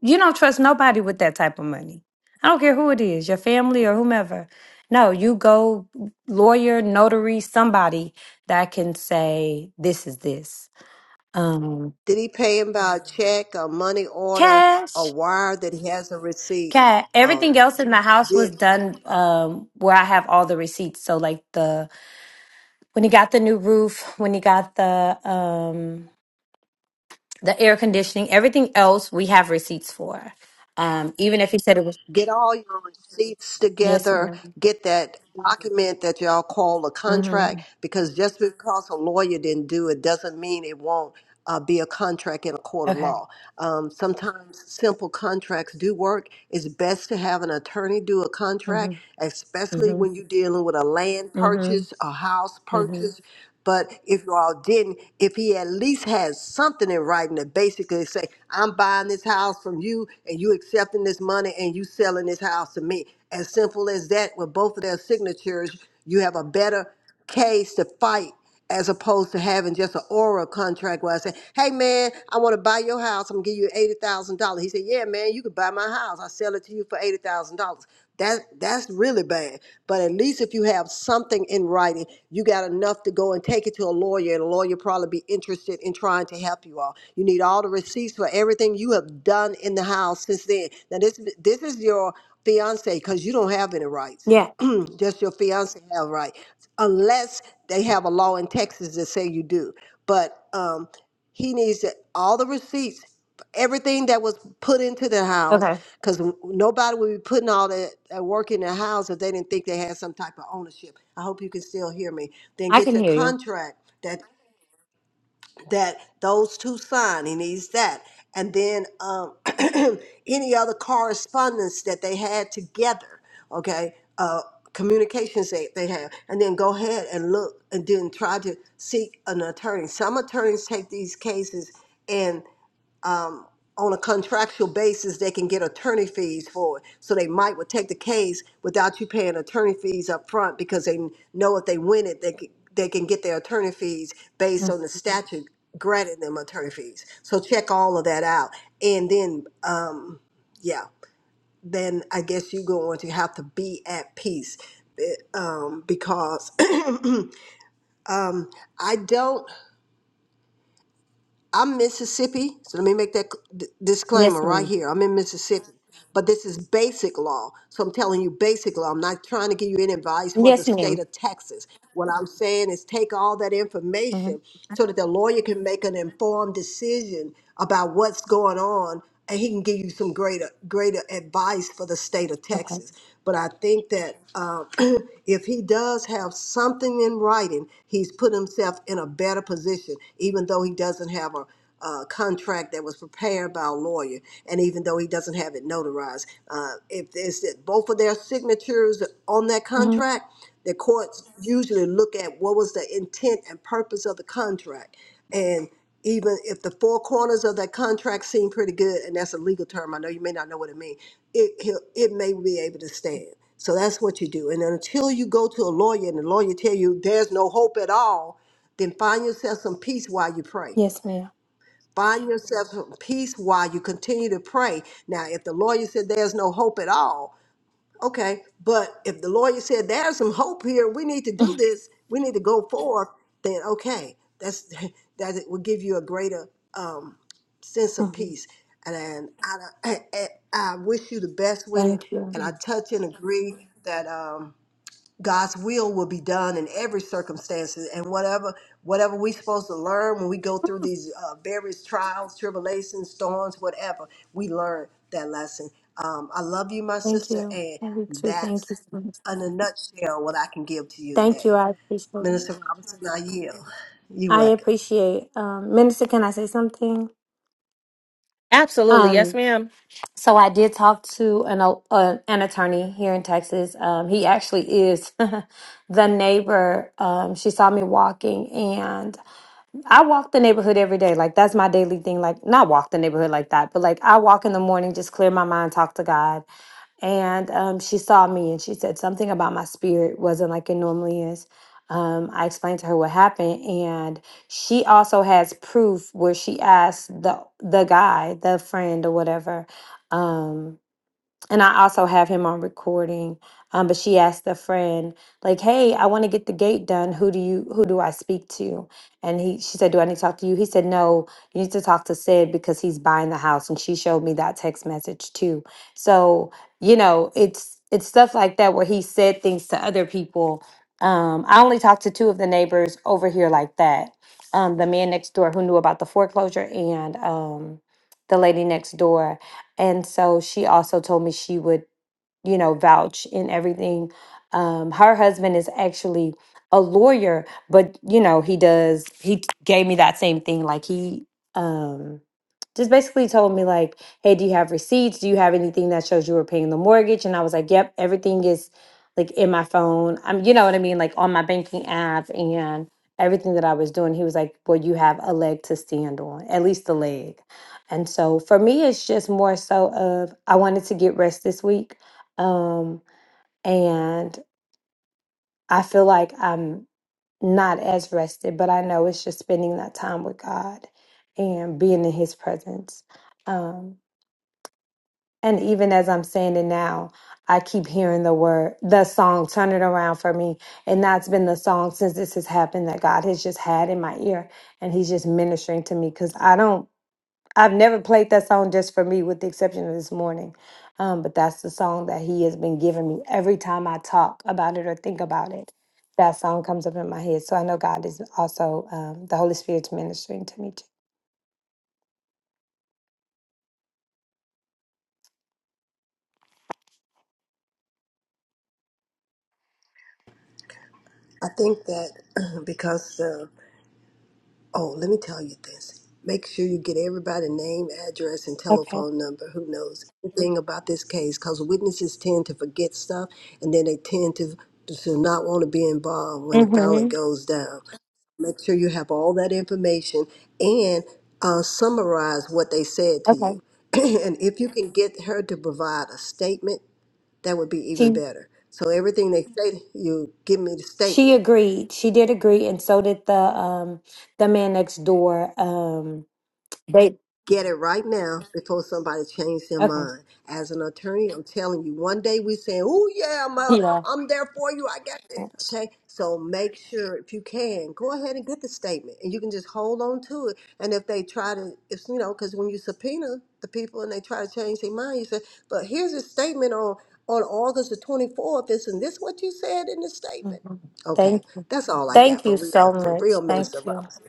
Speaker 4: you don't trust nobody with that type of money. I don't care who it is, your family or whomever. No, you go lawyer, notary, somebody that can say this is this. Um,
Speaker 2: Did he pay him by a check, a money order, a
Speaker 4: cash,
Speaker 2: wire that he has a receipt?
Speaker 4: cat. Everything
Speaker 2: Um,
Speaker 4: else in the house was
Speaker 2: did
Speaker 4: done um, where I have all the receipts. So like the when he got the new roof, when he got the um, the air conditioning, everything else we have receipts for. Um, even if he said it was
Speaker 2: get all your receipts
Speaker 4: yes,
Speaker 2: together,
Speaker 4: madam
Speaker 2: get that document that y'all call a
Speaker 4: Mm-hmm.
Speaker 2: contract, because just because a lawyer didn't do it doesn't mean it won't uh, be a contract in a court of
Speaker 4: Okay.
Speaker 2: law. Um, sometimes simple contracts do work. It's best to have an attorney do a
Speaker 4: Mm-hmm.
Speaker 2: contract, especially
Speaker 4: Mm-hmm.
Speaker 2: when you're dealing with a land
Speaker 4: Mhm.
Speaker 2: purchase, a house
Speaker 4: Mhm.
Speaker 2: purchase. But if you all didn't, if he at least had something in writing to basically say, I'm buying this house from you and you accepting this money and you selling this house to me. As simple as that, with both of their signatures, you have a better case to fight as opposed to having just an oral contract where I say, hey man, I want to buy your house. I'm gonna give you eighty thousand dollars. He said, yeah man, you could buy my house. I sell it to you for eighty thousand dollars. That that's really bad. But at least if you have something in writing, you got enough to go and take it to a lawyer, and a lawyer probably be interested in trying to help you all. You need all the receipts for everything you have done in the house since then. Now this this is your fiance because you don't have any rights.
Speaker 4: Yeah.
Speaker 2: Just your fiance have right, unless they have a law in Texas that say you do. But um, he needs all the receipts, everything that was put into the house,
Speaker 4: Okay.
Speaker 2: because nobody would be putting all that uh, work in the house if they didn't think they had some type of ownership. I hope you can still hear me. Then
Speaker 4: I
Speaker 2: get
Speaker 4: can
Speaker 2: your
Speaker 4: hear you.
Speaker 2: contract. that that those two sign. He needs that. And then um, any other correspondence that they had together, okay, uh, communications they, they have. And then go ahead and look and then try to seek an attorney. Some attorneys take these cases on a contractual basis, they can get attorney fees for it. So they might would take the case without you paying attorney fees up front because they know if they win it, they can, they can get their attorney fees based on the
Speaker 4: Mhm.
Speaker 2: statute granting them attorney fees. So check all of that out, and then um, yeah, then I guess you're going to have to be at peace eh, um, because I don't. I'm Mississippi, so let me make that c- d-
Speaker 4: Yes,
Speaker 2: disclaimer right
Speaker 4: ma'am.
Speaker 2: here. I'm in Mississippi, but this is basic law. So I'm telling you basic law. I'm not trying to give you any advice for the
Speaker 4: Yes,
Speaker 2: state
Speaker 4: madam
Speaker 2: of Texas. What I'm saying is take all that information
Speaker 4: Mm-hmm.
Speaker 2: so that the lawyer can make an informed decision about what's going on and he can give you some greater greater advice for the state of
Speaker 4: Okay.
Speaker 2: Texas. But I think that uh, if he does have something in writing, he's put himself in a better position, even though he doesn't have a, uh, contract that was prepared by a lawyer, and even though he doesn't have it notarized, uh, if there's that both of their signatures on that
Speaker 4: Mm-hmm.
Speaker 2: contract, the courts usually look at what was the intent and purpose of the contract, and even if the four corners of that contract seem pretty good, and that's a legal term, I know you may not know what it means, it, he'll- it may be able to stand. So that's what you do. And until you go to a lawyer and the lawyer tell you there's no hope at all, then find yourself some peace while you pray.
Speaker 4: Yes, madam
Speaker 2: Find yourself some peace while you continue to pray. Now, if the lawyer said there's no hope at all, Okay, but if the lawyer said there's some hope here, we need to do this, we need to go forth, then okay, that's that it will give you a greater um, sense of
Speaker 4: Mm-hmm.
Speaker 2: peace. And, then I, I, I I wish you the best with it.
Speaker 4: Thank
Speaker 2: And I
Speaker 4: you.
Speaker 2: touch and agree that. Um, God's will will be done in every circumstance, and whatever whatever we are supposed to learn when we go through
Speaker 4: Mm,
Speaker 2: these uh, various trials, tribulations, storms, whatever, we learn that lesson. Um, I love you, my
Speaker 4: Thank
Speaker 2: sister,
Speaker 4: you.
Speaker 2: and
Speaker 4: I you too. Thank
Speaker 2: that's
Speaker 4: you. so much.
Speaker 2: in a nutshell what I can give to you
Speaker 4: Thank you.
Speaker 2: today.
Speaker 4: I appreciate
Speaker 2: Minister
Speaker 4: it.
Speaker 2: Robinson, I yield. You
Speaker 4: I
Speaker 2: welcome.
Speaker 4: appreciate. Um, Minister, can I say something?
Speaker 1: Absolutely. Yes,
Speaker 4: Um,
Speaker 1: ma'am.
Speaker 4: so I did talk to an uh, an attorney here in Texas. Um, he actually is the neighbor. Um, she saw me walking, and. I walk the neighborhood every day. Like that's my daily thing. Like not walk the neighborhood like that, but like I walk in the morning, just clear my mind, talk to God. And um, she saw me and she said something about my spirit wasn't like it normally is. Um, I explained to her what happened, and she also has proof where she asked the the guy, the friend or whatever. um, and I also have him on recording. Um, but she asked a friend, like, "Hey, I want to get the gate done. Who do you? Who do I speak to?" And he, she said, "Do I need to talk to you?" He said, "No, you need to talk to Sid because he's buying the house." And she showed me that text message too. So you know, it's it's stuff like that where he said things to other people. Um, I only talked to two of the neighbors over here like that. Um, the man next door who knew about the foreclosure and um, the lady next door and so she also told me she would you know, vouch in everything. Um, her husband is actually a lawyer, but you know, he does, he t- gave me that same thing. Like he um just basically told me like, hey, do you have receipts? Do you have anything that shows you were paying the mortgage? And I was like, yep, everything is like in my phone. I'm, you know what I mean? Like on my banking app and everything that I was doing. He was like, well, you have a leg to stand on, at least a leg. And so for me, it's just more so of I wanted to get rest this week um, and I feel like I'm not as rested, but I know it's just spending that time with God and being in His presence. Um, and even as I'm saying it now, I keep hearing the word, the song, turn it around for me. And that's been the song since this has happened that God has just had in my ear. And He's just ministering to me because I don't I've never played that song just for me, with the exception of this morning. Um, but that's the song that he has been giving me every time I talk about it or think about it. That song comes up in my head. So I know God is also um, the Holy Spirit's ministering to me too.
Speaker 2: I think that because the Oh, let me tell you this. Make sure you get everybody's name, address, and
Speaker 4: Okay.
Speaker 2: telephone number who knows anything about this case because witnesses tend to forget stuff and then they tend to, to not want to be involved when it finally
Speaker 4: Mm-hmm.
Speaker 2: goes down. Make sure you have all that information and uh, summarize what they said to
Speaker 4: Okay.
Speaker 2: you. and if you can get her to provide a statement, that would be even
Speaker 4: She
Speaker 2: better. So everything they say to you, give me the
Speaker 4: she
Speaker 2: statement.
Speaker 4: agreed. She did agree, and so did the um the man next door. Um, they
Speaker 2: Get it right now before somebody changes their
Speaker 4: okay.
Speaker 2: mind. As an attorney, I'm telling you, one day we saying, "Oh yeah, I'm uh,
Speaker 4: Yeah.
Speaker 2: I'm there for you. I got this." Okay, so make sure if you can, go ahead and get the statement, and you can just hold on to it. And if they try to, if you know, because when you subpoena the people and they try to change their mind, you say, "But here's a statement on on August the 24th. Isn't this what you said in the statement?"
Speaker 4: hmm
Speaker 2: Okay,
Speaker 4: Thank
Speaker 2: that's all I
Speaker 4: thank
Speaker 2: got for
Speaker 4: you so
Speaker 2: real, for
Speaker 4: much.
Speaker 2: real,
Speaker 4: Thank
Speaker 2: Minister
Speaker 4: you.
Speaker 2: Robinson.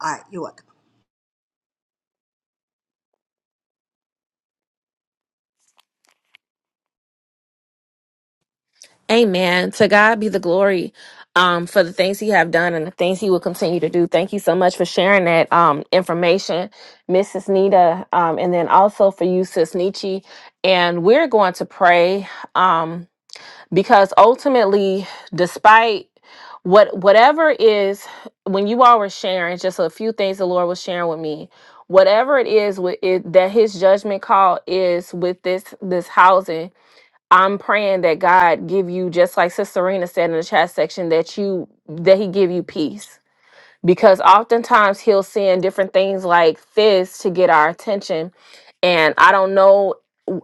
Speaker 2: All right, you welcome.
Speaker 1: Amen. To God be the glory um, for the things he have done and the things he will continue to do. Thank you so much for sharing that um, information, Mrs. Nita, um, and then also for you, Sis Nietzsche. And we're going to pray. Um, because ultimately despite what whatever is when you all were sharing just a few things the lord was sharing with me whatever it is with it, that his judgment call is with this this housing i'm praying that god give you just like sister serena said in the chat section that you that he give you peace because oftentimes he'll send different things like this to get our attention and i don't know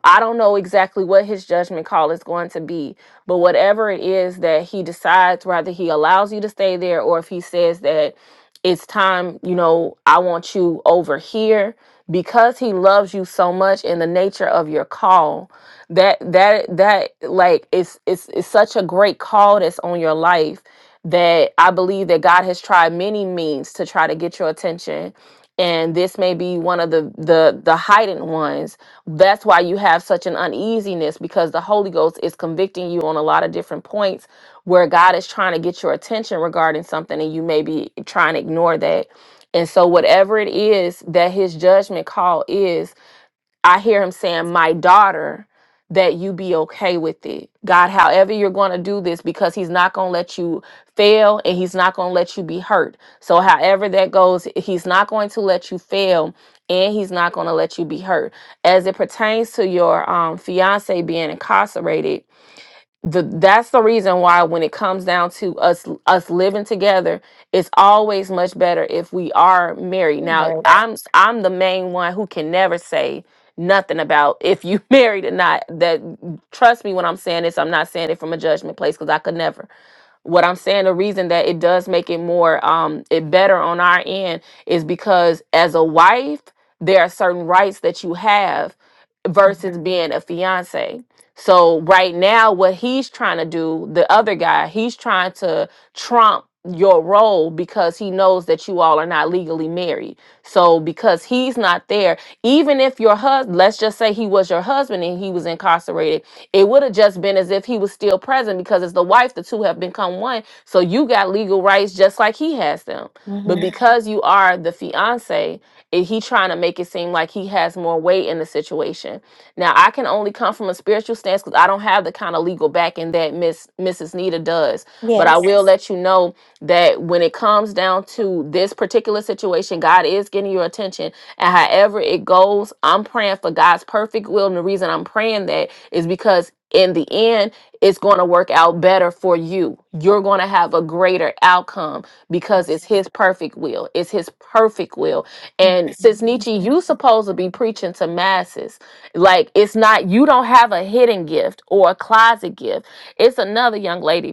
Speaker 1: i don't know exactly what his judgment call is going to be but whatever it is that he decides whether he allows you to stay there or if he says that it's time you know i want you over here because he loves you so much in the nature of your call that that that like it's it's, it's such a great call that's on your life that I believe that God has tried many means to try to get your attention. And this may be one of the the the heightened ones. That's why you have such an uneasiness because the Holy Ghost is convicting you on a lot of different points where God is trying to get your attention regarding something and you may be trying to ignore that. And so whatever it is that his judgment call is, I hear him saying, My daughter, that you be okay with it. God, however you're going to do this, because he's not going to let you fail and he's not going to let you be hurt. So, however that goes, he's not going to let you fail and he's not going to let you be hurt. As it pertains to your um, fiance being incarcerated, the that's the reason why when it comes down to us us living together it's always much better if we are married now
Speaker 4: Much.
Speaker 1: i'm i'm the main one who can never say nothing about if you married or not that trust me when i'm saying this i'm not saying it from a judgment place because i could never what I'm saying, the reason that it does make it more um it better on our end is because as a wife, there are certain rights that you have versus being a fiance. So right now, what he's trying to do, the other guy, he's trying to trump your role because he knows that you all are not legally married. So because he's not there, even if your husband, let's just say he was your husband and he was incarcerated it would have just been as if he was still present because as the wife, the two have become one. So you got legal rights just like he has them. But
Speaker 4: hmm
Speaker 1: Yeah. because you are the fiance, it, he trying to make it seem like he has more weight in the situation. Now I can only come from a spiritual stance because I don't have the kind of legal backing that Miss Mrs. Nita does. But I
Speaker 4: Yes.
Speaker 1: will Yes. let you know that when it comes down to this particular situation, God is getting your attention and however it goes, I'm praying for God's perfect will. And the reason I'm praying that is because in the end, it's going to work out better for you. You're going to have a greater outcome because
Speaker 4: Yes.
Speaker 1: it's His perfect will. It's His perfect will.
Speaker 4: Yeah.
Speaker 1: And since Nietzsche, you supposed to be preaching to masses. Like it's not you don't have a hidden gift or a closet gift. It's another young lady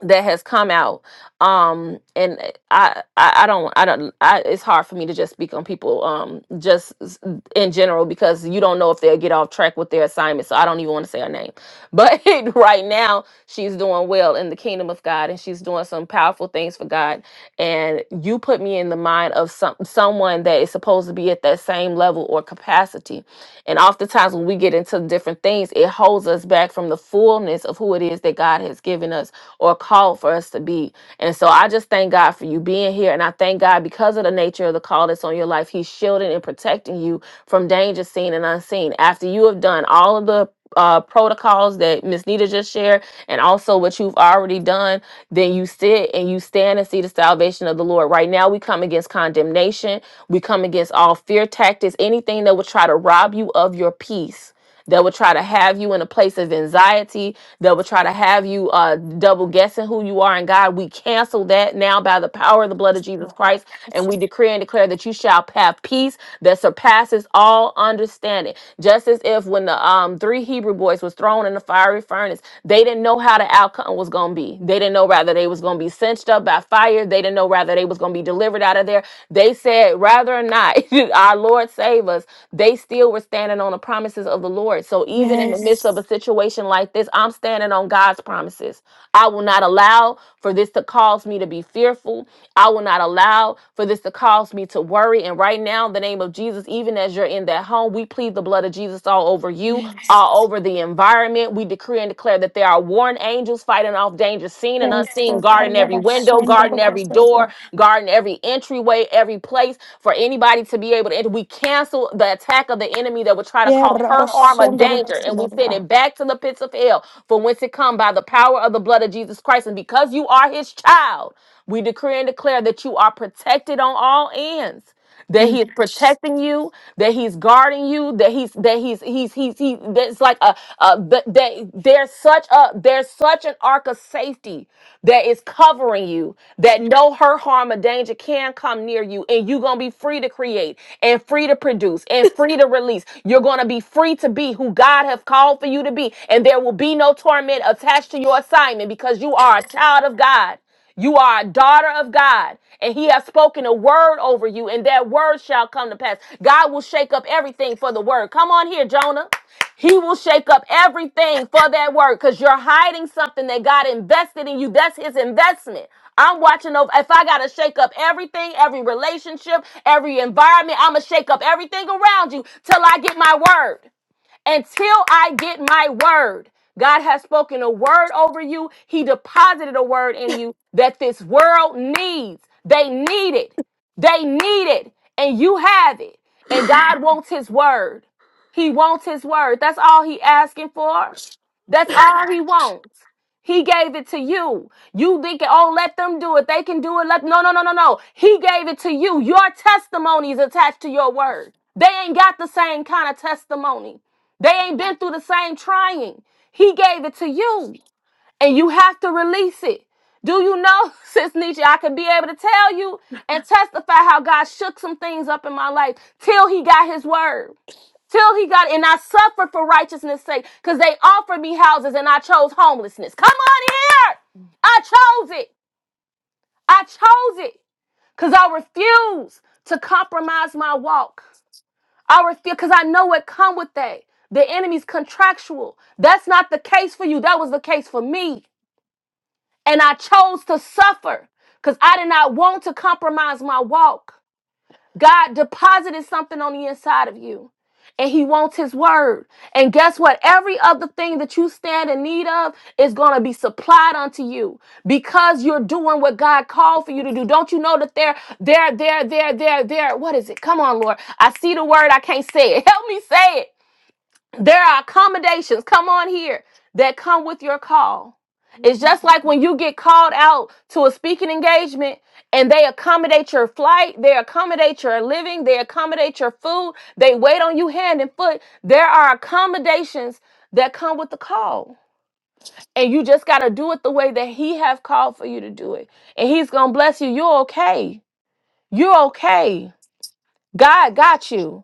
Speaker 1: that has come out um and I, I i don't i don't I, it's hard for me to just speak on people um just s- in general because you don't know if they'll get off track with their assignment so i don't even want to say her name but right now she's doing well in the kingdom of god and she's doing some powerful things for god and you put me in the mind of some someone that is supposed to be at that same level or capacity and oftentimes when we get into different things it holds us back from the fullness of who it is that god has given us or called for us to be. And so I just thank God for you being here. And I thank God because of the nature of the call that's on your life, He's shielding and protecting you from danger seen and unseen. After you have done all of the uh, protocols that Miss Nita just shared, and also what you've already done, then you sit and you stand and see the salvation of the Lord. Right now, we come against condemnation, we come against all fear tactics, anything that would try to rob you of your peace that would try to have you in a place of anxiety, that would try to have you uh, double guessing who you are in God. We cancel that now by the power of the blood of Jesus
Speaker 4: Lord.
Speaker 1: Christ, and we decree and declare that you shall have peace that surpasses all understanding. Just as if when the um, three Hebrew boys was thrown in the fiery furnace, they didn't know how the outcome was going to be. They didn't know rather they was going to be cinched up by fire. They didn't know rather they was going to be going to be delivered out of there. They said, rather or not, our Lord save us. They still were standing on the promises of the Lord. So even in the midst
Speaker 4: Yes.
Speaker 1: of a situation like this, I'm standing on God's promises. I will not allow for this to cause me to be fearful. I will not allow for this to cause me to worry. And right now, in the name of Jesus, even as you're in that home, we plead the blood of Jesus all over you,
Speaker 4: Yes.
Speaker 1: all over the environment. God, we decree and declare that there are warring angels fighting off danger, seen and unseen, Yes, guarding every window, guarding every door, guarding every entryway, every place for anybody to be able to enter. We cancel the attack of the enemy that would try to cause hurt, harm, or danger, and we send it back to the pits of hell from whence it come by the power of the blood of Jesus Christ. And because you are his child, we decree and declare that you are protected on all ends that he is protecting you, that he's guarding you, that he's that he's he's he's he that's like a, a that that there's such a there's such an arc of safety that is covering you that no hurt, harm, or danger can come near you, and you're gonna be free to create and free to produce and free to release. You're gonna be free to be who God have called for you to be, and there will be no torment attached to your assignment because you are a child of God. You are a daughter of God, and He has spoken a word over you, and that word shall come to pass. God will shake up everything for the word. Come on here, Jonah. He will shake up everything for that word because you're hiding something that God invested in you. That's His investment. I'm watching over. If I got to shake up everything, every relationship, every environment, I'm going to shake up everything around you till I get my word until I get my word. God has spoken a word over you. He deposited a word in you that this world needs. They need it. They need it. And you have it. And God wants his word. He wants his word. That's all he asking for. That's all he wants. He gave it to you. You think, oh, let them do it. They can do it. Let no, no, no, no, no. He gave it to you. Your testimony is attached to your word. They ain't got the same kind of testimony. They ain't been through the same trying. He gave it to you, and you have to release it. Do you know, Sis Nietzsche, I could be able to tell you and testify how God shook some things up in my life till he got his word till he got and I suffered for righteousness' sake, because they offered me houses and I chose homelessness. Come on here. I chose it. I chose it. Cause I refuse to compromise my walk. I refuse because I know what come with that. The enemy's contractual. That's not the case for you. That was the case for me. And I chose to suffer because I did not want to compromise my walk. God deposited something on the inside of you. And he wants his word. And guess what? Every other thing that you stand in need of is going to be supplied unto you because you're doing what God called for you to do. Don't you know that there, there, there, there, there, there, what is it? Come on, Lord. I see the word. I can't say it. Help me say it. There are accommodations, come on here, that come with your call.
Speaker 4: Thank
Speaker 1: It's just like when you get called out to a speaking engagement and they accommodate your flight, they accommodate your living, they accommodate your food, they wait on you hand and foot. There are accommodations that come with the call. And you just got to do it the way that he have called for you to do it. And he's going to bless you. You're okay. You're okay. God got you.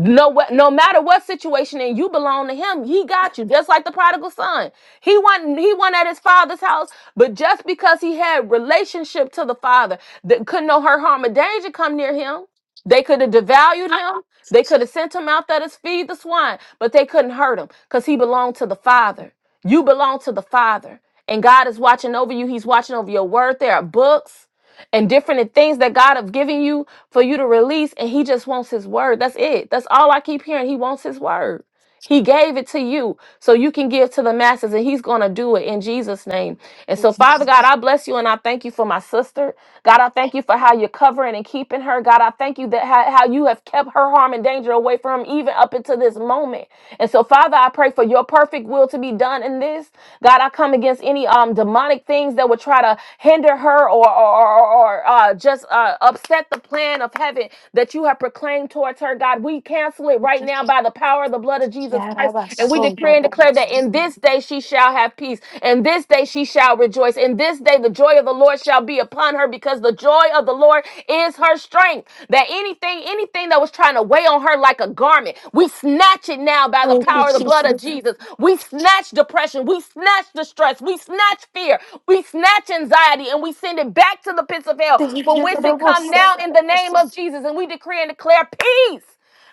Speaker 1: No, wha- no matter what situation, and you belong to him. He got you, just like the prodigal son. He went, He went at his father's house, but just because he had relationship to the father, that could no hurt, harm, or danger come near him. They could have devalued him. They could have sent him out there to feed the swine, but they couldn't hurt him because he belonged to the father. You belong to the father, and God is watching over you. He's watching over your word. There are books and different things that God have given you for you to release. And he just wants his word. That's it. That's all I keep hearing. He wants his word. He gave it to you so you can give to the masses, and He's going to do it in Jesus' name. And so, Father God, I bless you and I thank you for my sister. God, I thank you for how you're covering and keeping her. God, I thank you that how, how you have kept her harm and danger away from him even up until this moment. And so, Father, I pray for your perfect will to be done in this. God, I come against any um demonic things that would try to hinder her or or, or, or, uh, just uh, upset the plan of heaven that you have proclaimed towards her. God, we cancel it
Speaker 4: you,
Speaker 1: right now
Speaker 4: Jesus.
Speaker 1: down by the power of the blood of Jesus Christ. And we
Speaker 4: Yarabaso,
Speaker 1: decree and declare that in
Speaker 4: yarabaso.
Speaker 1: this day she shall have peace. In this day she shall rejoice. In this day the joy of the Lord shall be upon her because the joy of the Lord is her strength. That anything, anything that was trying to weigh on her like a garment, we snatch it now by the
Speaker 4: Thank you,
Speaker 1: power of the blood of
Speaker 4: Jesus.
Speaker 1: Jesus. We snatch depression. We snatch distress. We snatch fear. We snatch anxiety and we send it back to the pits of hell
Speaker 4: Thank you,
Speaker 1: from whence it come
Speaker 4: yarabaso,
Speaker 1: now in the
Speaker 4: yarabaso.
Speaker 1: name of Jesus. And we decree and declare peace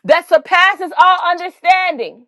Speaker 1: that surpasses all understanding.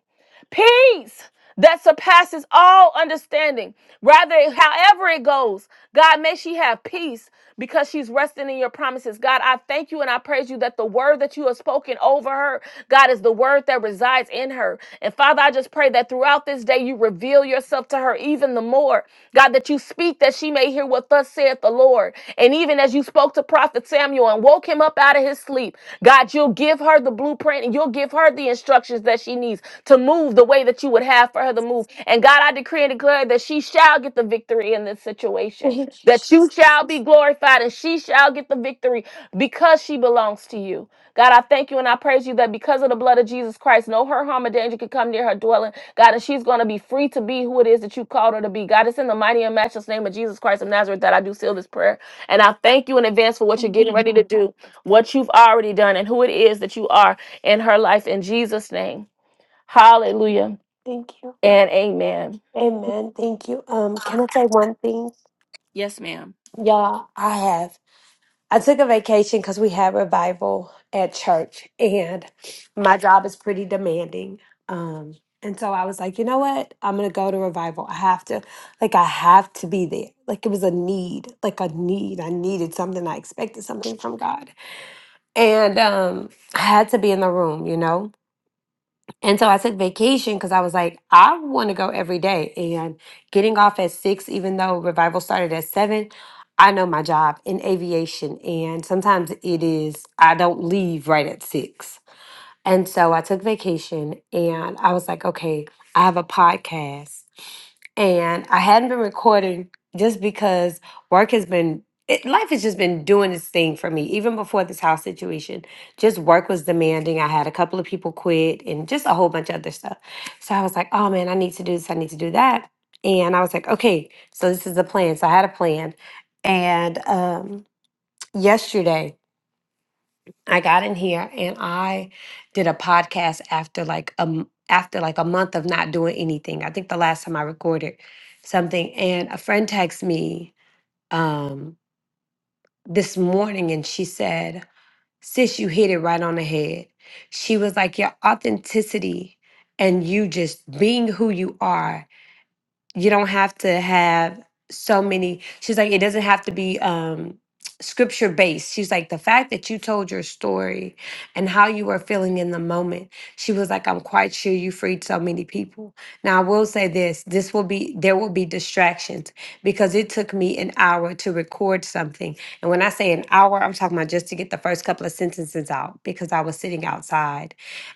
Speaker 1: Peace that surpasses all understanding. Rather, however it goes, God, may she have peace because she's resting in your promises. God, I thank you and I praise you that the word that you have spoken over her, God, is the word that resides in her. And Father, I just pray that throughout this day you reveal yourself to her even the more. God, that you speak that she may hear what thus saith the Lord. And even as you spoke to Prophet Samuel and woke him up out of his sleep. God, you'll give her the blueprint and you'll give her the instructions that she needs to move the way that you would have for her to move. And God, I decree and declare that she shall get the victory in this situation,
Speaker 4: Thank you,
Speaker 1: that you
Speaker 4: Jesus.
Speaker 1: shall be glorified and she shall get the victory because she belongs to you. God, I thank you and I praise you that because of the blood of Jesus Christ, no hurt, harm, or danger can come near her dwelling. God, and she's going to be free to be who it is that you called her to be. God, it's in the mighty and matchless name of Jesus Christ of Nazareth that I do seal this prayer. And I thank you in advance for what you're
Speaker 4: Thank you.
Speaker 1: getting ready
Speaker 4: Lord.
Speaker 1: to do, what you've already done, and who it is that you are in her life in Jesus' name. Hallelujah
Speaker 4: Thank you.
Speaker 1: and amen.
Speaker 4: Amen. Thank you. Um, can I say one thing?
Speaker 1: Yes, ma'am.
Speaker 4: Y'all, I have. I took a vacation because we had revival at church, and my job is pretty demanding. Um, and so I was like, you know what? I'm gonna go to revival. I have to, like, I have to be there. Like it was a need, like a need. I needed something. I expected something from God, and um, I had to be in the room, you know. And so I took vacation because I was like, I want to go every day. And getting off at six, even though revival started at seven, I know my job in aviation. And sometimes it is, I don't leave right at six. And so I took vacation and I was like, okay, I have a podcast. And I hadn't been recording just because work has been, it, life has just been doing its thing for me, even before this house situation. Just work was demanding. I had a couple of people quit and just a whole bunch of other stuff. So I was like, oh man, I need to do this, I need to do that. And I was like, okay, so this is the plan. So I had a plan. And um, yesterday, I got in here and I did a podcast after like um after like a month of not doing anything. I think the last time I recorded something and a friend texted me um this morning and she said, "Sis, you hit it right on the head." She was like, "Your authenticity and you just being who you are you don't have to have so many she's like it doesn't have to be um scripture based she's like the fact that you told your story and how you were feeling in the moment she was like i'm quite sure you freed so many people now i will say this this will be there will be distractions because it took me an hour to record something and when i say an hour i'm talking about just to get the first couple of sentences out because i was sitting outside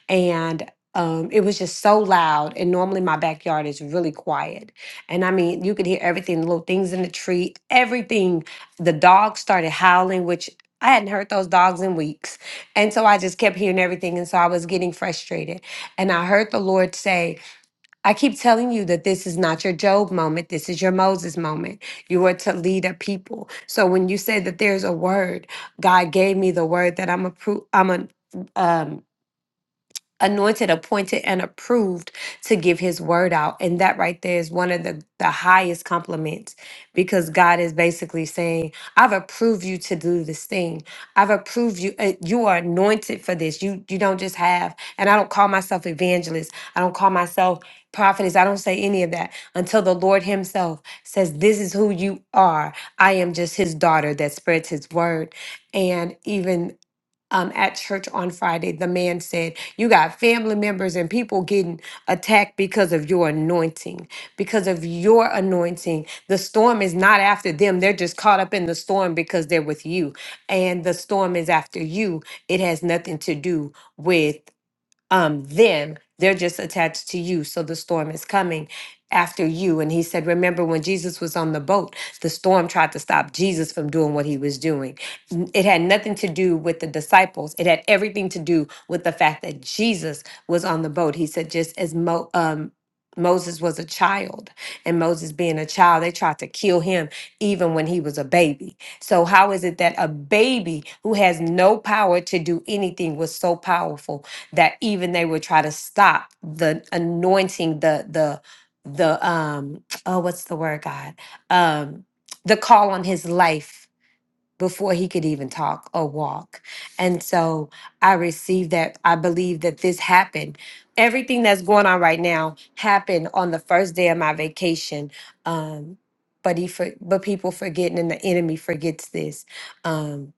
Speaker 4: and um, it was just so loud and normally my backyard is really quiet and I mean, you could hear everything, the little things in the tree, everything. The dogs started howling, which I hadn't heard those dogs in weeks. And so I just kept hearing everything. And so I was getting frustrated. And I heard the Lord say, I keep telling you that this is not your Job moment. This is your Moses moment. You are to lead a people. So when you say that there's a word, God gave me the word that I'm a, pro- I'm a, um." anointed, appointed, and approved to give his word out. And that right there is one of the, the highest compliments because God is basically saying, I've approved you to do this thing. I've approved you. uh, You are anointed for this. You you don't just have, and I don't call myself evangelist. I don't call myself prophetess. I don't say any of that until the Lord himself says, this is who you are. I am just his daughter that spreads his word. And even um, at church on Friday, the man said, You got family members and people getting attacked because of your anointing. Because of your anointing. The storm is not after them. They're just caught up in the storm because they're with you. And the storm is after you. It has nothing to do with um them they're just attached to you so the storm is coming after you and he said remember when jesus was on the boat the storm tried to stop jesus from doing what he was doing N- it had nothing to do with the disciples it had everything to do with the fact that jesus was on the boat he said just as Mo- um, moses was a child and moses being a child they tried to kill him even when he was a baby so how is it that a baby who has no power to do anything was so powerful that even they would try to stop the anointing the the the um oh what's the word god um the call on his life before he could even talk or walk and so i received that i believe that this happened everything that's going on right now happened on the first day of my vacation um but he for, but people forgetting and the enemy forgets this Um,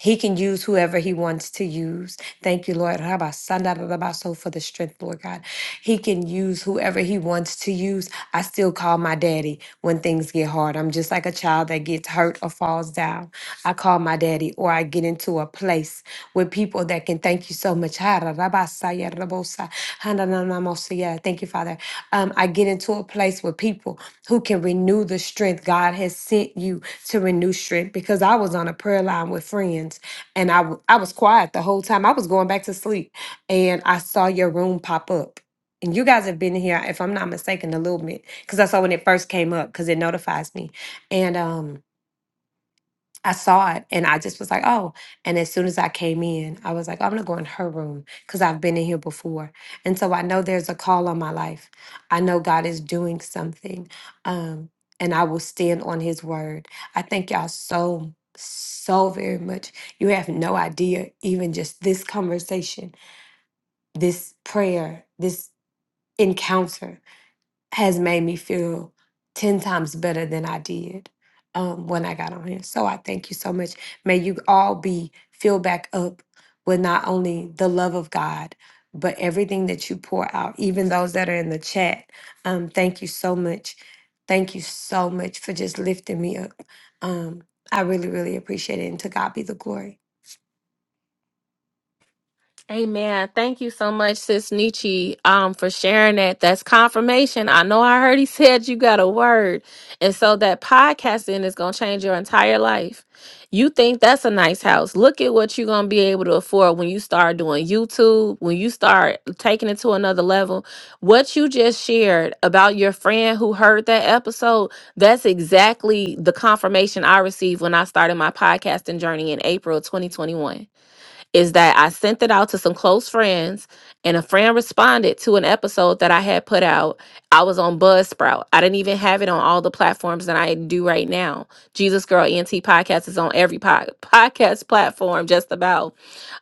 Speaker 4: he can use whoever he wants to use. Thank you, Lord. Rabasandarabaso For the strength, Lord God. He can use whoever he wants to use. I still call my daddy when things get hard. I'm just like a child that gets hurt or falls down. I call my daddy or I get into a place with people that can thank you so much. Hararabasayarabosa, hanananamosia. Thank you, Father. Um, I get into a place with people who can renew the strength God has sent you to renew strength. Because I was on a prayer line with friends and I, w- I was quiet the whole time. I was going back to sleep and I saw your room pop up. And you guys have been here, if I'm not mistaken, a little bit because I saw when it first came up because it notifies me. And um, I saw it and I just was like, oh. And as soon as I came in, I was like, "Oh, I'm gonna go in her room because I've been in here before. And so I know there's a call on my life. I know God is doing something. Um, and I will stand on his word. I thank y'all so, so very much. You have no idea, even just this conversation, this prayer, this encounter has made me feel 10 times better than I did um, when I got on here. So I thank you so much. May you all be filled back up with not only the love of God, but everything that you pour out, even those that are in the chat. Um, thank you so much. Thank you so much for just lifting me up. Um, I really, really appreciate it. And to God be the glory.
Speaker 1: Amen. Thank you so much, Sis Nietzsche, um, for sharing that. That's confirmation. I know I heard he said you got a word. And so that podcasting is gonna change your entire life. You think that's a nice house. Look at what you're gonna be able to afford when you start doing YouTube, when you start taking it to another level. What you just shared about your friend who heard that episode, that's exactly the confirmation I received when I started my podcasting journey in April 2021 is that I sent it out to some close friends, and a friend responded to an episode that I had put out. I was on Buzzsprout. I didn't even have it on all the platforms that I do right now. Jesus Girl ENT podcast is on every pod- podcast platform, just about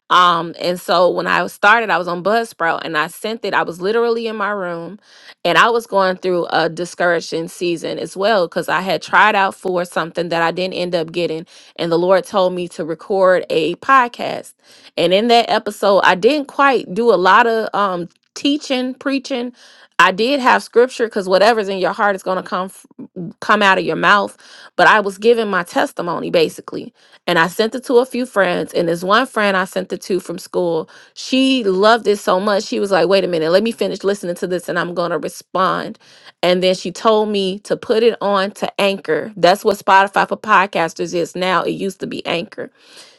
Speaker 1: um, and so when I started, I was on Buzzsprout and I sent it. I was literally in my room and I was going through a discouraging season as well because I had tried out for something that I didn't end up getting. And the Lord told me to record a podcast. And in that episode, I didn't quite do a lot of um, teaching, preaching. I did have scripture because whatever's in your heart is going to come come out of your mouth. But I was giving my testimony basically. And I sent it to a few friends. And this one friend I sent it to from school, she loved it so much. She was like, wait a minute, let me finish listening to this and I'm going to respond. And then she told me to put it on to Anchor. That's what Spotify for podcasters is now. It used to be Anchor.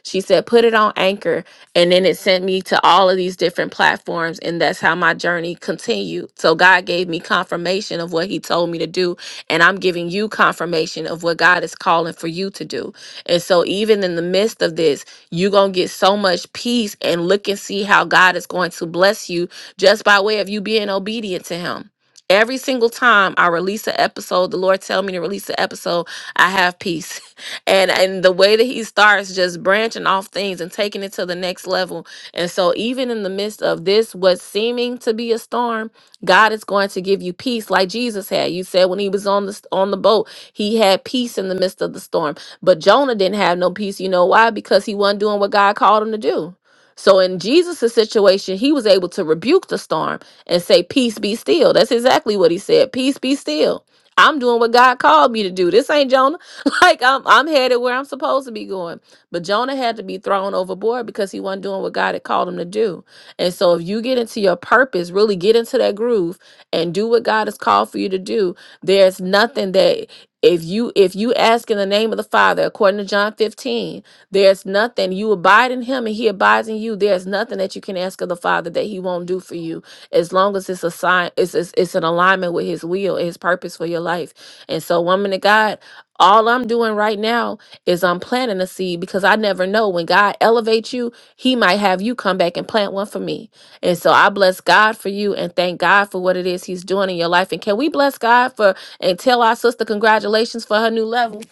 Speaker 1: She said, put it on Anchor. And then it sent me to all of these different platforms. And that's how my journey continued. So God gave me confirmation of what He told me to do. And I'm giving you confirmation of what God is calling for you to do. And so, even in the midst of this, you're going to get so much peace and look and see how God is going to bless you just by way of you being obedient to Him. Every single time I release an episode, the Lord tell me to release an episode, I have peace and and the way that he starts just branching off things and taking it to the next level and so even in the midst of this what's seeming to be a storm god is going to give you peace like jesus had you said when he was on the on the boat he had peace in the midst of the storm but jonah didn't have no peace you know why because he wasn't doing what god called him to do so in jesus' situation he was able to rebuke the storm and say peace be still that's exactly what he said peace be still i'm doing what god called me to do this ain't jonah like I'm I'm headed where I'm supposed to be going. But Jonah had to be thrown overboard because he wasn't doing what God had called him to do. And so if you get into your purpose, really get into that groove and do what God has called for you to do, there's nothing that if you if you ask in the name of the Father, according to John 15, there's nothing you abide in him and he abides in you. There's nothing that you can ask of the Father that he won't do for you as long as it's a sign it's it's, it's an alignment with his will and his purpose for your life. And so woman of God, all I'm doing right now is I'm planting a seed because I never know when God elevates you, He might have you come back and plant one for me. And so I bless God for you and thank God for what it is He's doing in your life. And can we bless God for and tell our sister congratulations for her new level?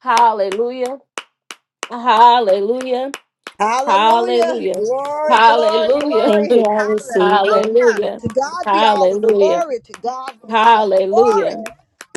Speaker 1: Hallelujah! Hallelujah!
Speaker 2: Hallelujah.
Speaker 1: Hallelujah!
Speaker 2: Glory, glory,
Speaker 1: Hallelujah!
Speaker 4: Thank
Speaker 2: glory.
Speaker 4: you. I receive it.
Speaker 2: Hallelujah.
Speaker 1: Hallelujah!
Speaker 2: To God be all the
Speaker 1: Hallelujah!
Speaker 2: glory. To God be all the
Speaker 5: Yes,
Speaker 2: glory.
Speaker 1: Hallelujah!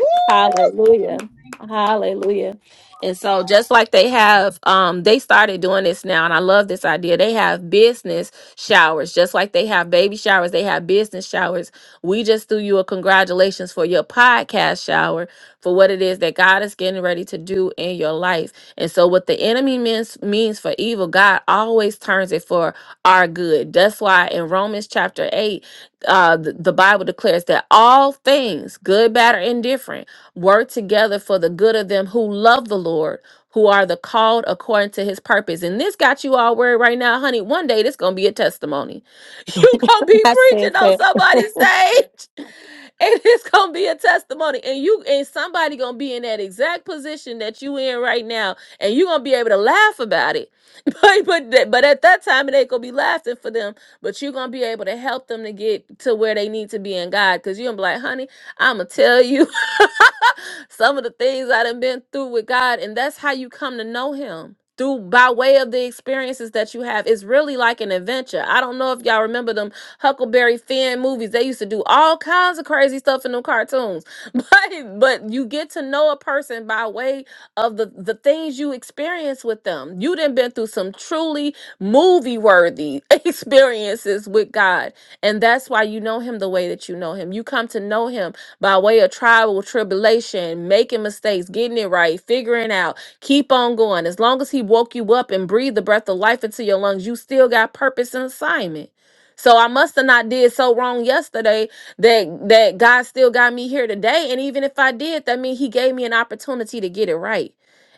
Speaker 2: Woo!
Speaker 1: Hallelujah.
Speaker 5: thank you, Lord,
Speaker 1: Hallelujah.
Speaker 5: for
Speaker 1: And so
Speaker 5: regard.
Speaker 1: just like they have um they started doing this now and I love this idea. They have business showers. Just like they have baby showers, they have business showers. We just threw you a congratulations for your podcast shower for what it is that God is getting ready to do in your life. And so what the enemy means means for evil, God always turns it for our good. That's why in Romans chapter 8, uh the, the Bible declares that all things, good, bad or indifferent work together for the good of them who love the Lord, who are the called according to his purpose. And this got you all worried right now, honey. One day this gonna be a testimony. You gonna be
Speaker 4: I said
Speaker 1: preaching on somebody's stage. And it's gonna be a testimony. And you and somebody gonna be in that exact position that you in right now, and you gonna be able to laugh about it. But but th- but at that time it ain't gonna be laughing for them, but you're gonna be able to help them to get to where they need to be in God. Cause you're gonna be like, honey, I'ma tell you. Some of the things I done been through with God, and that's how you come to know Him through by way of the experiences that you have. It's really like an adventure. I don't know if y'all remember them Huckleberry Finn movies. They used to do all kinds of crazy stuff in them cartoons, but but you get to know a person by way of the the things you experience with them. You done been through some truly movie worthy experiences with God. And that's why you know him the way that you know him. You come to know him by way of trial, tribulation, making mistakes, getting it right, figuring out. Keep on going. As long as He woke you up and breathed the breath of life into your lungs, you still got purpose and assignment. So I must have not did so wrong yesterday that that God still got me here today. And even if I did, that means He gave me an opportunity to get it right.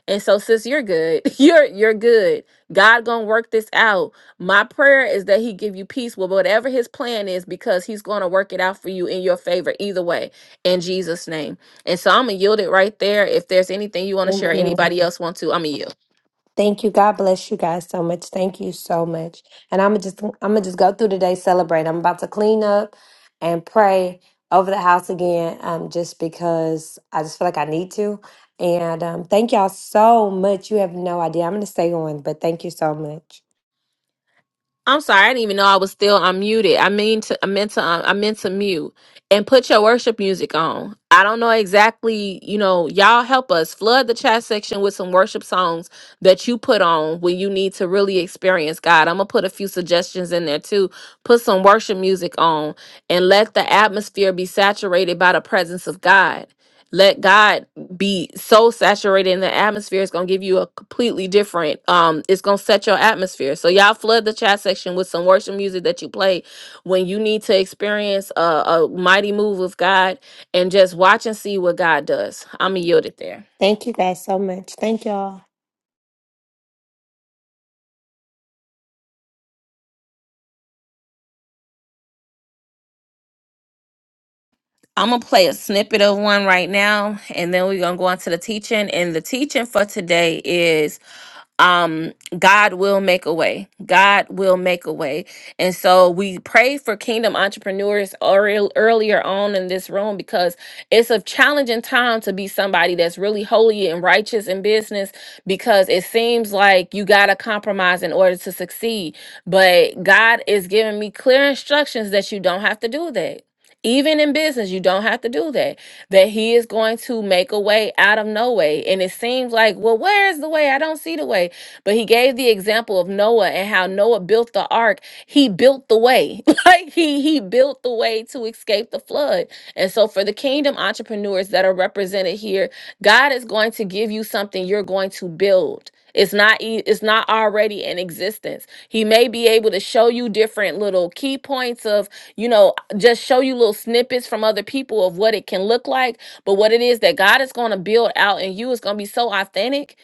Speaker 1: And so, sis, you're good. You're you're good. God gonna work this out. My prayer is that He give you peace with whatever His plan is, because He's gonna work it out for you in your favor either way in Jesus' name. And so I'm gonna yield it right there. If there's anything you want to share, or
Speaker 4: that.
Speaker 1: anybody else want to, I'm gonna yield.
Speaker 4: Thank you. God bless you guys so much. Thank you so much. And I'm just I'm gonna just go through today, celebrate. I'm about to clean up and pray over the house again, um, just because I just feel like I need to. And um, thank y'all so much. You have no idea. I'm gonna stay on, but thank you so much.
Speaker 1: I'm sorry, I didn't even know I was still unmuted. I mean to I meant to um, I meant to mute and put your worship music on. I don't know exactly, you know, y'all help us flood the chat section with some worship songs that you put on when you need to really experience God. I'm going to put a few suggestions in there too. Put some worship music on and let the atmosphere be saturated by the presence of God. Let God be so saturated in the atmosphere it's going to give you a completely different um it's going to set your atmosphere so y'all flood the chat section with some worship music that you play when you need to experience a, a mighty move of god and just watch and see what god does i'm gonna yield it there
Speaker 4: Thank you guys so much. Thank y'all.
Speaker 1: i'm gonna play a snippet of one right now and then we're gonna go on to the teaching and the teaching for today um god will make a way god will make a way and so we pray for kingdom entrepreneurs earl- earlier on in this room because it's a challenging time to be somebody that's really holy and righteous in business because it seems like you got to compromise in order to succeed but god is giving me clear instructions that you don't have to do that even in business you don't have to do that that he is going to make a way out of no way. And it seems like, well, where is the way? I don't see the way. But he gave the example of Noah and how Noah built the ark. He built the way. like he he built the way to escape the flood. And so for the kingdom entrepreneurs that are represented here, God is going to give you something you're going to build. It's not e- it's not already in existence. He may be able to show you different little key points of, you know, just show you little snippets from other people of what it can look like, but what it is that God is going to build out in you is going to be so authentic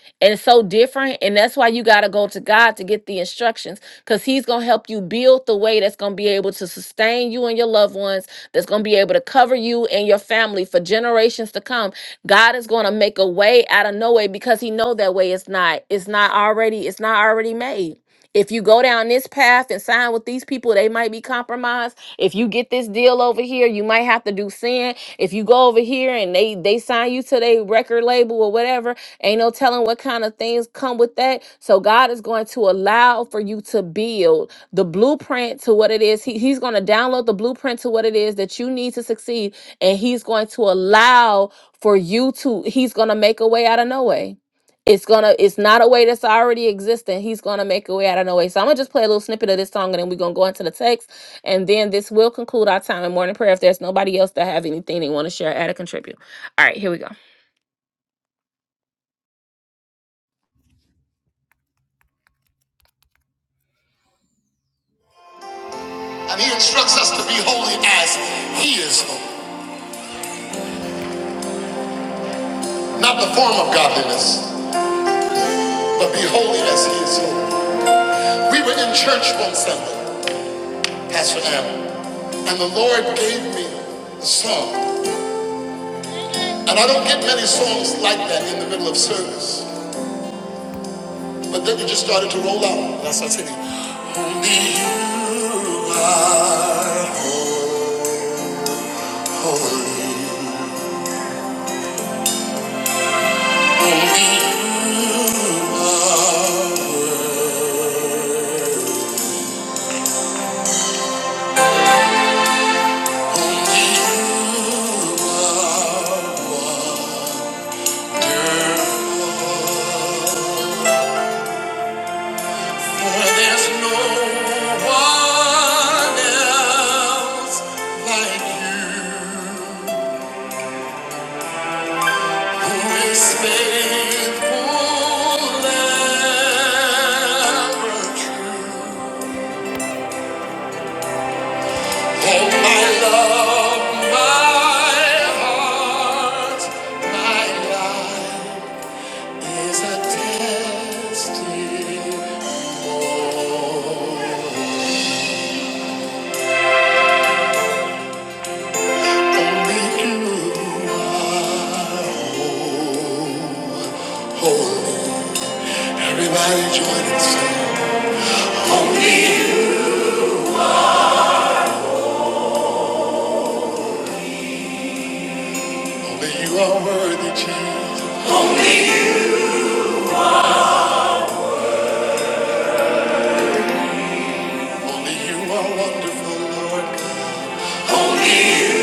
Speaker 1: so different. And that's why you got to go to God to get the instructions because He's going to help you build the way that's going to be able to sustain you and your loved ones, that's going to be able to cover you and your family for generations to come. God is going to make a way out of no way because He know that way is not, it's not already, it's not already made. If you go down this path and sign with these people, they might be compromised. If you get this deal over here, you might have to do sin. If you go over here and they they sign you to their record label or whatever, ain't no telling what kind of things come with that. So God is going to allow for you to build the blueprint to what it is. He, he's going to download the blueprint to what it is that you need to succeed, and He's going to allow for you to. He's going to make a way out of no way. It's gonna it's not a way that's already existing. He's gonna make a way out of no way. So I'm gonna just play a little snippet of this song and then we're gonna go into the text. And then this will conclude our time in morning prayer if there's nobody else that have anything they want to share, add or contribute. All right, here we go. And he instructs us to be holy as he is holy. Not the form of godliness, but be holy as he is holy. We were in church one Sunday, Pastor Adam, and the Lord gave me a song. And I don't get many songs like that in the middle of service. But then you just started to roll out. That's what's in Only you are. For there's no one else like you. Holy Spirit, holy. Everybody join and sing. Only you. Only you are worthy, Jesus. Only you. Only you are wonderful, Lord. Only you.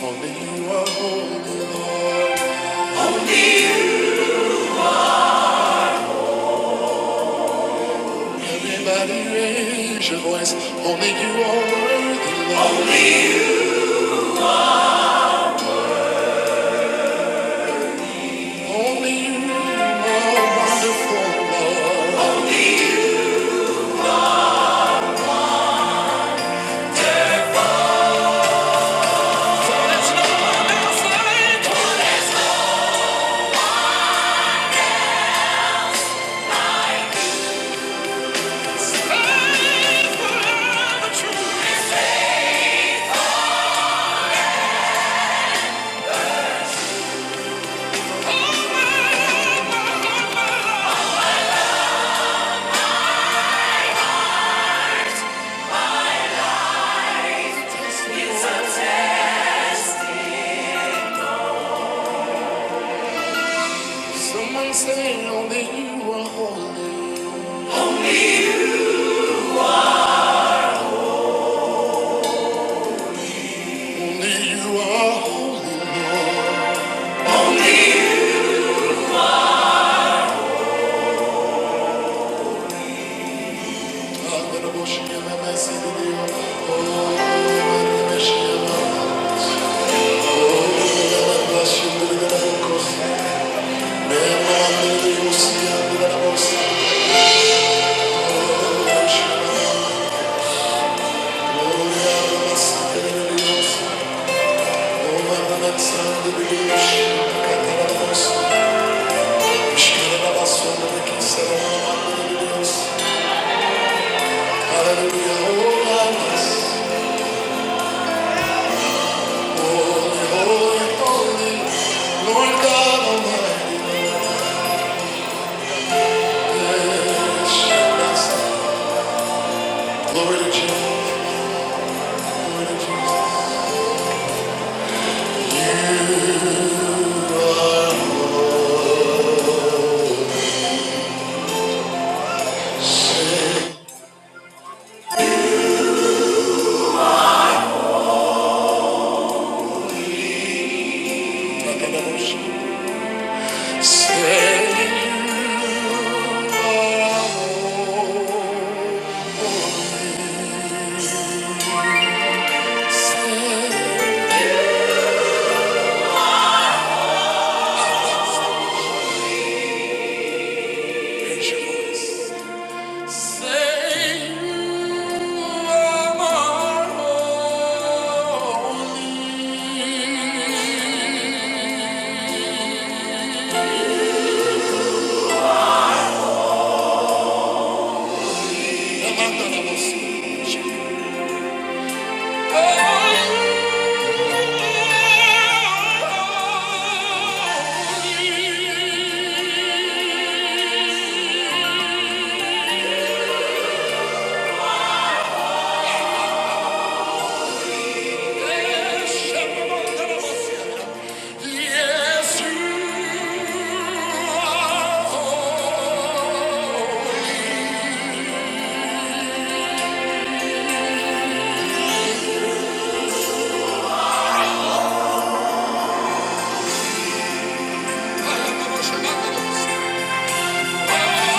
Speaker 1: Only you are holy, Lord. Everybody raise your voice. Only you are worthy, Lord. Only, Only you are wonderful, Lord. Only There's no one else like you. Forever true. Almighty, Someone say, Only you are holy. Only you are holy, Lord. Oh, Oh, Hallelujah, oh, Lord, oh, holy, holy, holy. Lord God Almighty. Glory to Jesus. Say, Yes, you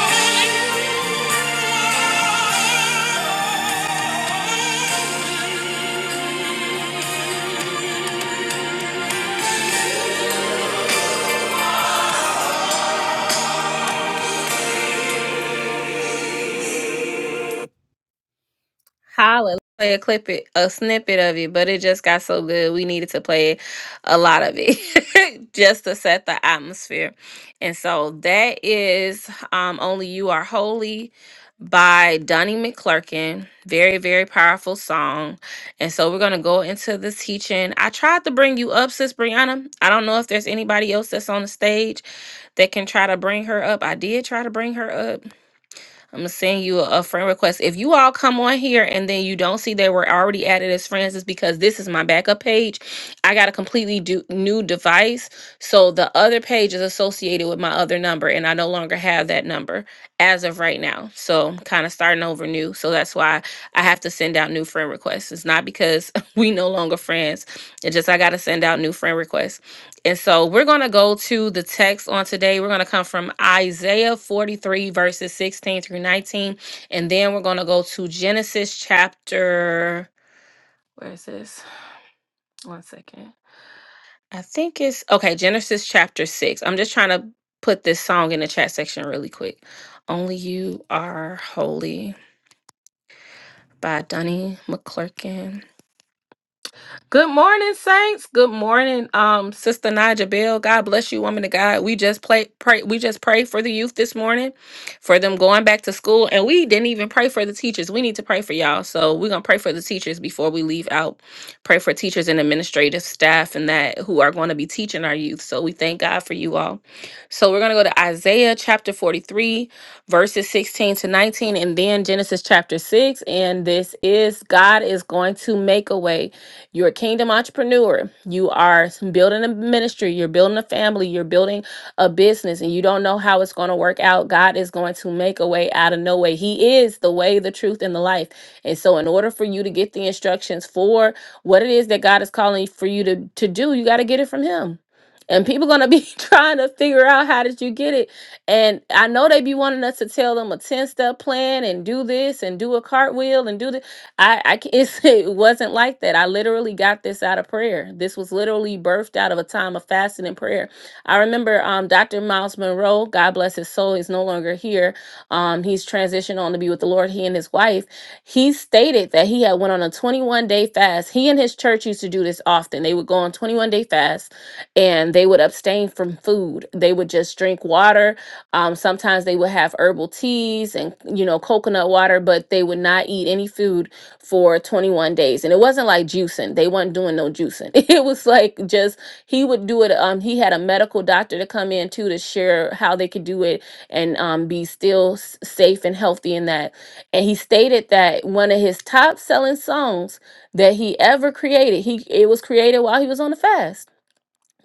Speaker 1: are. Holla. Play a clip it, a snippet of it, but it just got so good. We needed to play a lot of it just to set the atmosphere. And so that is um, Only You Are Holy by Donnie McClurkin. Very, very powerful song. And so we're going to go into the teaching. I tried to bring you up, Sis Brianna. I don't know if there's anybody else that's on the stage that can try to bring her up. I did try to bring her up I'm gonna send you a, a friend request. If you all come on here and then you don't see they were already added as friends, it's because this is my backup page. I got a completely do, new device, so the other page is associated with my other number, and I no longer have that number as of right now. So I'm kind of starting over new. So that's why I have to send out new friend requests. It's not because we no longer friends. It's just I gotta send out new friend requests. And so we're going to go to the text on today. We're going to come from Isaiah 43, verses 16 through 19. And then we're going to go to Genesis chapter. Where is this? One second. I think it's. Okay, Genesis chapter 6. I'm just trying to put this song in the chat section really quick. Only You Are Holy by Donnie McClurkin. Good morning, saints. Good morning, um, Sister Naja Bell. God bless you, woman of God. We just play, pray. We just pray for the youth this morning, for them going back to school, and we didn't even pray for the teachers. We need to pray for y'all. So we're gonna pray for the teachers before we leave out. Pray for teachers and administrative staff and that who are going to be teaching our youth. So we thank God for you all. So we're gonna go to Isaiah chapter forty-three, verses sixteen to nineteen, and then Genesis chapter six. And this is God is going to make a way. You're a kingdom entrepreneur. You are building a ministry. You're building a family. You're building a business, and you don't know how it's going to work out. God is going to make a way out of no way. He is the way, the truth, and the life. And so, in order for you to get the instructions for what it is that God is calling for you to, to do, you got to get it from Him. And people gonna be trying to figure out how did you get it. And I know they be wanting us to tell them a 10 step plan and do this and do a cartwheel and do this I, I ca- it's, it wasn't like that. I literally got this out of prayer. This was literally birthed out of a time of fasting and prayer. I remember um, Dr. Miles Monroe, God bless his soul, he's no longer here. Um, he's transitioned on to be with the Lord, he and his wife. He stated that he had went on a 21 day fast. He and his church used to do this often. They would go on 21 day fast and they would abstain from food. They would just drink water. Um, sometimes they would have herbal teas and, you know, coconut water, but they would not eat any food for 21 days. And it wasn't like juicing. They weren't doing no juicing. It was like just he would do it. Um, he had a medical doctor to come in too to share how they could do it and um, be still s- safe and healthy in that. And he stated that one of his top selling songs that he ever created, he it was created while he was on the fast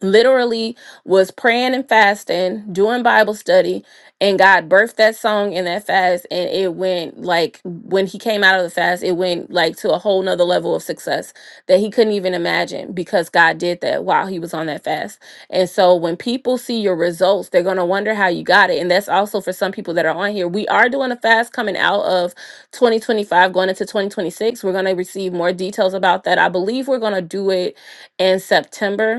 Speaker 1: literally was praying and fasting, doing Bible study, and God birthed that song in that fast. And it went like when he came out of the fast, it went like to a whole nother level of success that he couldn't even imagine because God did that while he was on that fast. And so when people see your results, they're gonna wonder how you got it. And that's also for some people that are on here. We are doing a fast coming out of 2025, going into 2026. We're gonna receive more details about that. I believe we're gonna do it in September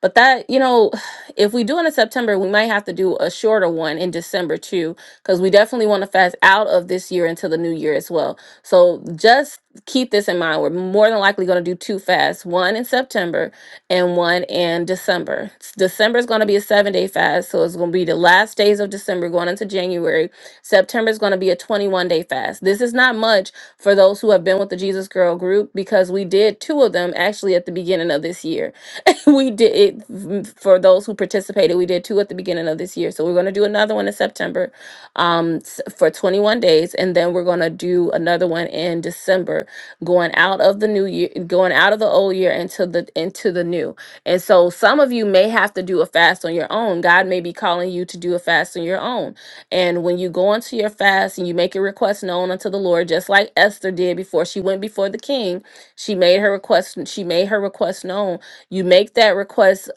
Speaker 1: but that, you know, if we do it in September, we might have to do a shorter one in December too, because we definitely want to fast out of this year into the new year as well. So just keep this in mind. We're more than likely going to do two fasts, one in September and one in December. S- December is going to be a seven day fast. So it's going to be the last days of December going into January. September is going to be a 21 day fast. This is not much for those who have been with the Jesus Girl group because we did two of them actually at the beginning of this year. we did it mm, for those who participated. We did two at the beginning of this year, so we're going to do another one in September, um, s- for 21 days, and then we're going to do another one in December, going out of the new year, going out of the old year into the into the new. And so, some of you may have to do a fast on your own. God may be calling you to do a fast on your own. And when you go into your fast and you make your request known unto the Lord, just like Esther did before she went before the king, she made her request. She made her request known you make that request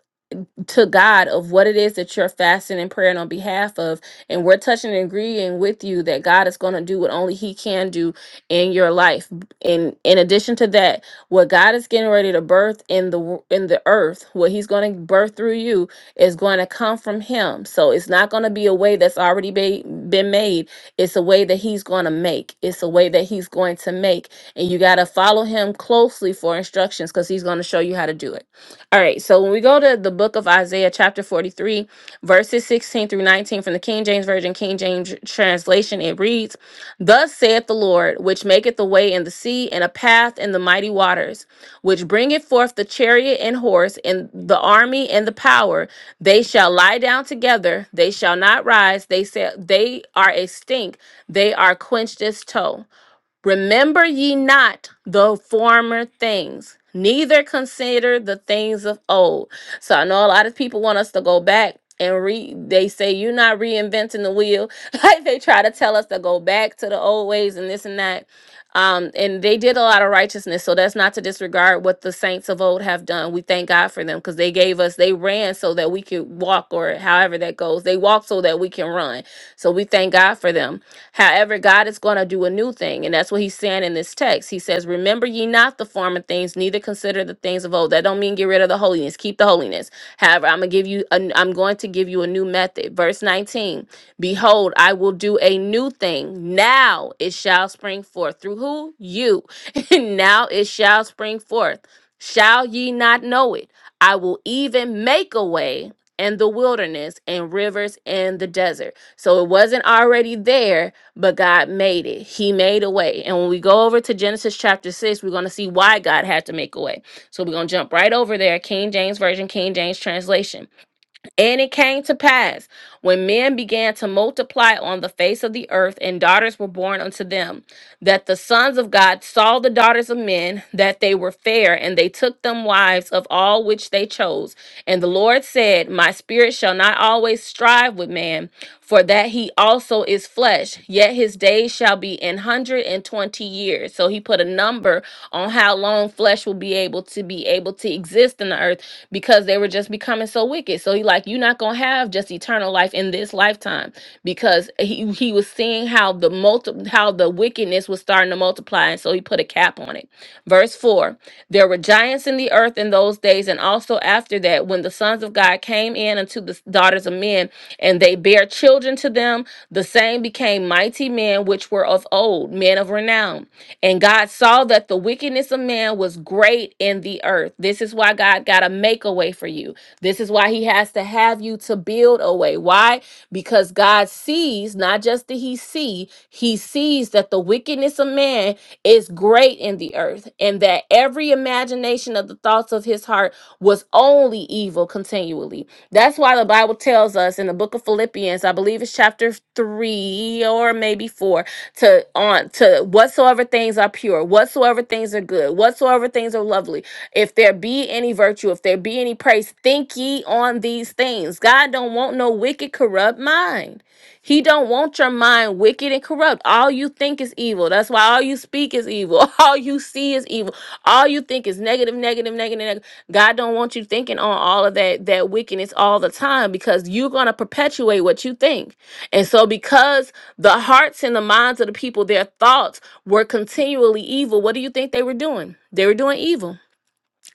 Speaker 1: to God of what it is that you're fasting and praying on behalf of. And we're touching and agreeing with you that God is going to do what only He can do in your life. And in addition to that, what God is getting ready to birth in the wo- in the earth, what He's going to birth through you is going to come from Him. So it's not going to be a way that's already be, been made. It's a way that He's going to make. It's a way that He's going to make. And you got to follow Him closely for instructions because He's going to show you how to do it. All right, so when we go to the book of Isaiah, chapter 43, verses 16 through 19 from the King James Version, King James translation, it reads, Thus saith the Lord, which maketh a way in the sea and a path in the mighty waters, which bringeth forth the chariot and horse and the army and the power. They shall lie down together, they shall not rise, they, say, they are a stink, they are quenched as tow. Remember ye not the former things, neither consider the things of old. So I know a lot of people want us to go back and read. They say you're not reinventing the wheel. Like they try to tell us to go back to the old ways and this and that. Um, and they did a lot of righteousness. So that's not to disregard what the saints of old have done. We thank God for them because they gave us, they ran so that we could walk or however that goes. They walked so that we can run. So we thank God for them However, God is going to do a new thing. And that's what he's saying in this text. He says, Remember ye not the former things, neither consider the things of old. That don't mean get rid of the holiness. Keep the holiness. However, I'm gonna give you an, I'm going to give you a new method. Verse 19. Behold, I will do a new thing. Now it shall spring forth. Through who? You. now it shall spring forth. Shall ye not know it? I will even make a way in the wilderness and rivers in the desert. So it wasn't already there but God made it. He made a way. And when we go over to Genesis chapter 6, we're going to see why God had to make a way. So we're going to jump right over there, King James Version, King James translation. And it came to pass when men began to multiply on the face of the earth and daughters were born unto them, that the sons of God saw the daughters of men, that they were fair, and they took them wives of all which they chose. And the Lord said, My spirit shall not always strive with man for that he also is flesh, yet his days shall be an hundred and twenty years. So he put a number on how long flesh will be able to be able to exist in the earth because they were just becoming so wicked. So he like, you're not gonna have just eternal life in this lifetime because he, he was seeing how the multi how the wickedness was starting to multiply, and so he put a cap on it. Verse 4 There were giants in the earth in those days, and also after that, when the sons of God came in unto the daughters of men, and they bare children to them, the same became mighty men which were of old, men of renown. And God saw that the wickedness of man was great in the earth. This is why God got to make a way for you. This is why He has to have you to build a way. Why? Because God sees, not just that He see, He sees that the wickedness of man is great in the earth, and that every imagination of the thoughts of his heart was only evil continually. That's why the Bible tells us in the book of Philippians, I believe it's chapter three or maybe four, to on to whatsoever things are pure, whatsoever things are good, whatsoever things are lovely, if there be any virtue, if there be any praise, think ye on these things. God don't want no wicked, corrupt mind. He don't want your mind wicked and corrupt. All you think is evil. That's why all you speak is evil. All you see is evil. All you think is negative, negative, negative, negative. God don't want you thinking on all of that that wickedness all the time because you're gonna perpetuate what you think. And so because the hearts and the minds of the people, their thoughts were continually evil, what do you think they were doing? They were doing evil.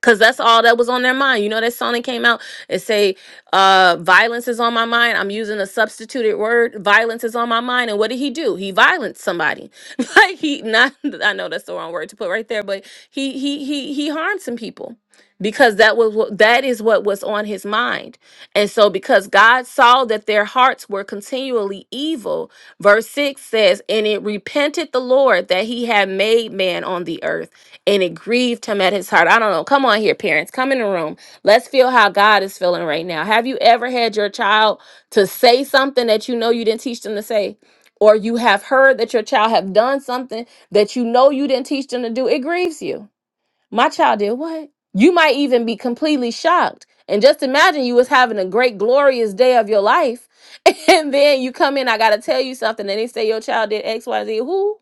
Speaker 1: Cause that's all that was on their mind. You know that song that came out and say, uh, violence is on my mind. I'm using a substituted word. Violence is on my mind. And what did he do? He violenced somebody. like he not I know that's the wrong word to put right there, but he he he he harmed some people because that was what that is what was on his mind. And so, because God saw that their hearts were continually evil, verse 6 says, And it repented the Lord that he had made man on the earth, and it grieved him at his heart. I don't know. Come on here, parents. Come in the room. Let's feel how God is feeling right now. Have you ever had your child to say something that you know you didn't teach them to say? Or you have heard that your child have done something that you know you didn't teach them to do? It grieves you my child did what? You might even be completely shocked. And just imagine you was having a great, glorious day of your life. And then you come in, I gotta tell you something. And they say your child did X, Y, Z. Who?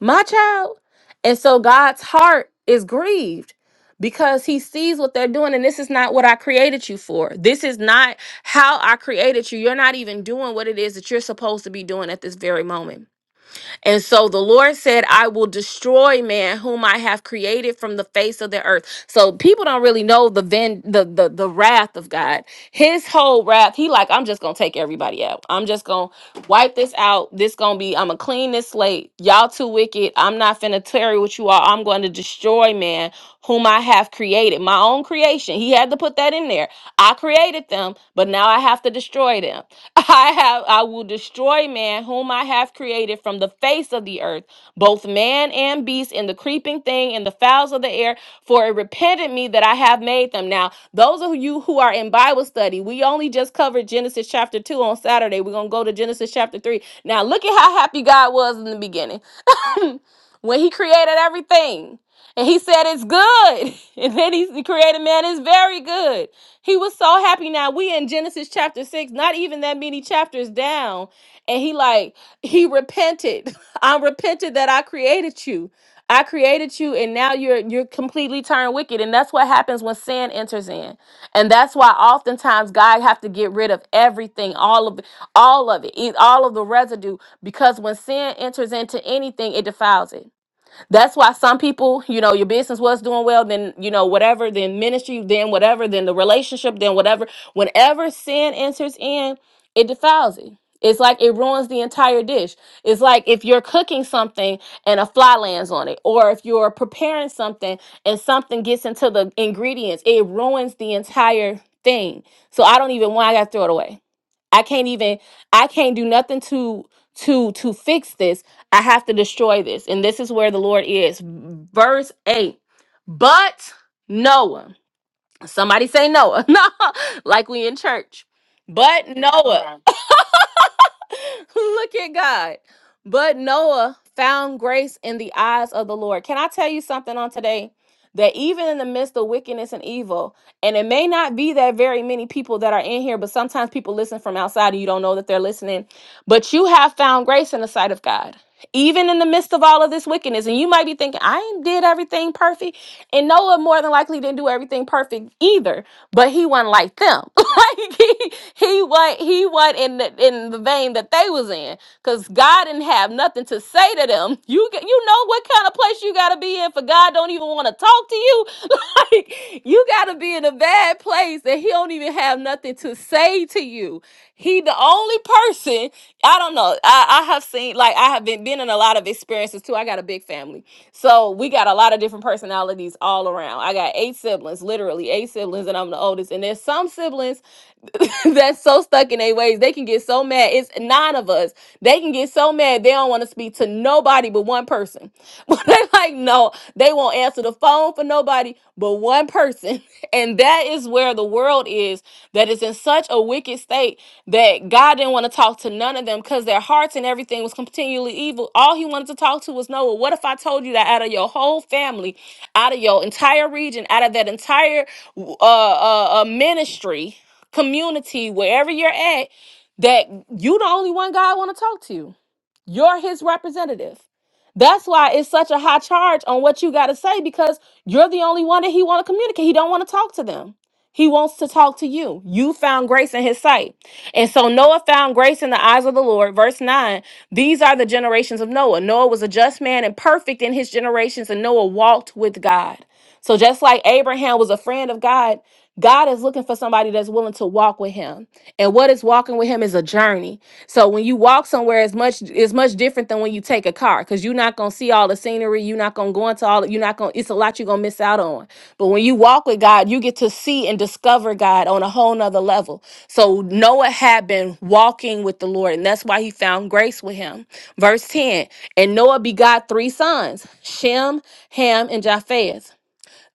Speaker 1: My child. And so God's heart is grieved because he sees what they're doing. And this is not what I created you for. This is not how I created you. You're not even doing what it is that you're supposed to be doing at this very moment. And so the Lord said, I will destroy man whom I have created from the face of the earth. So people don't really know the ven- the, the the wrath of God. His whole wrath, he like, I'm just gonna take everybody out. I'm just gonna wipe this out. This gonna be, I'm gonna clean this slate. Y'all too wicked. I'm not finna tarry with you all. I'm gonna destroy man whom I have created. My own creation. He had to put that in there I created them, but now I have to destroy them. I have I will destroy man whom I have created from the face of the earth, both man and beast, and the creeping thing and the fowls of the air, for it repented me that I have made them. Now, those of you who are in Bible study, we only just covered Genesis chapter 2 on Saturday. We're going to go to Genesis chapter 3. Now, look at how happy God was in the beginning. when he created everything and he said it's good and then he he created man it's very good he was so happy now we in genesis chapter 6 not even that many chapters down and he like he repented i repented that i created you i created you and now you're you're completely turned wicked and that's what happens when sin enters in and that's why oftentimes god have to get rid of everything all of all of it, e- all of the residue, because when sin enters into anything, it defiles it. That's why some people, you know, your business was doing well, then, you know, whatever, then ministry, then whatever, then the relationship, then whatever. Whenever sin enters in, it defiles it. It's like it ruins the entire dish. It's like if you're cooking something and a fly lands on it, or if you're preparing something and something gets into the ingredients, it ruins the entire thing. So I don't even want, I got to throw it away. I can't even, I can't do nothing to to to fix this I have to destroy this. And this is where the Lord is. Verse 8. But Noah, somebody say Noah. No, like we in church. But Noah. Look at God. But Noah found grace in the eyes of the Lord. Can I tell you something on today? That even in the midst of wickedness and evil, and it may not be that very many people that are in here, but sometimes people listen from outside and you don't know that they're listening. But you have found grace in the sight of God, even in the midst of all of this wickedness. And you might be thinking, I ain't did everything perfect. And Noah more than likely didn't do everything perfect either, but he wasn't like them. like he he what he what in the in the vein that they was in because god didn't have nothing to say to them you g- you know what kind of place you got to be in for god don't even want to talk to you like you got to be in a bad place and he don't even have nothing nothing to say to you. He the only person. I don't know. I, I have seen like I have been been in a lot of experiences too. I got a big family, so we got a lot of different personalities all around. I got eight siblings, literally eight siblings, and I'm the oldest. And there's some siblings. that's so stuck in their ways. They can get so mad. It's nine of us. They can get so mad they don't want to speak to nobody but one person. But they like, no, they won't answer the phone for nobody but one person. And that is where the world is that is in such a wicked state that God didn't want to talk to none of them because their hearts and everything was continually evil. All he wanted to talk to was Noah. What if I told you that out of your whole family, out of your entire region, out of that entire uh, uh, uh ministry? community, wherever you're at, that you the only one God want to talk to. You're his representative. That's why it's such a high charge on what you got to say because you're the only one that he want to communicate. He don't want to talk to them. He wants to talk to you. You found grace in his sight. And so Noah found grace in the eyes of the Lord. Verse 9. These are the generations of Noah. Noah was a just man and perfect in his generations and Noah walked with God. So just like Abraham was a friend of God, God is looking for somebody that's willing to walk with him. And what is walking with him is a journey. So when you walk somewhere, it's much it's much different than when you take a car because you're not gonna see all the scenery. You're not gonna go into all. You're not gonna. It's a lot you're gonna miss out on. But when you walk with God, you get to see and discover God on a whole nother level. So Noah had been walking with the Lord, and that's why he found grace with Him. Verse ten, and Noah begot three sons: Shem, Ham, and Japheth.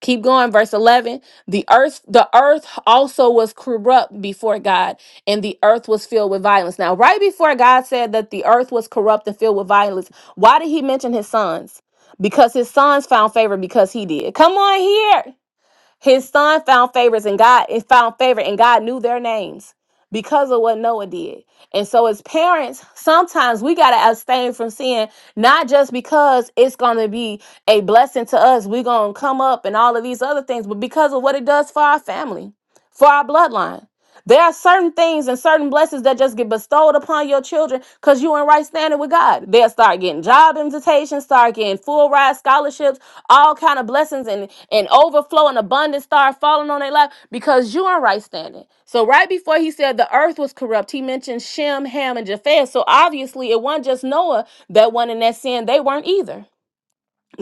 Speaker 1: Keep going, verse 11. The earth, the earth also was corrupt before God, and the earth was filled with violence. Now, right before God said that the earth was corrupt and filled with violence, why did he mention his sons? Because his sons found favor because he did. Come on here. His son found favors and God and found favor and God knew their names because of what Noah did. And so as parents, sometimes we got to abstain from sin not just because it's going to be a blessing to us, we're going to come up and all of these other things, but because of what it does for our family, for our bloodline. There are certain things and certain blessings that just get bestowed upon your children because you in right standing with God. They'll start getting job invitations, start getting full ride scholarships, all kind of blessings and, and overflow and abundance start falling on their life because you in right standing. So right before he said the earth was corrupt, he mentioned Shem, Ham, and Japheth. So obviously it wasn't just Noah that went in that sin. They weren't either.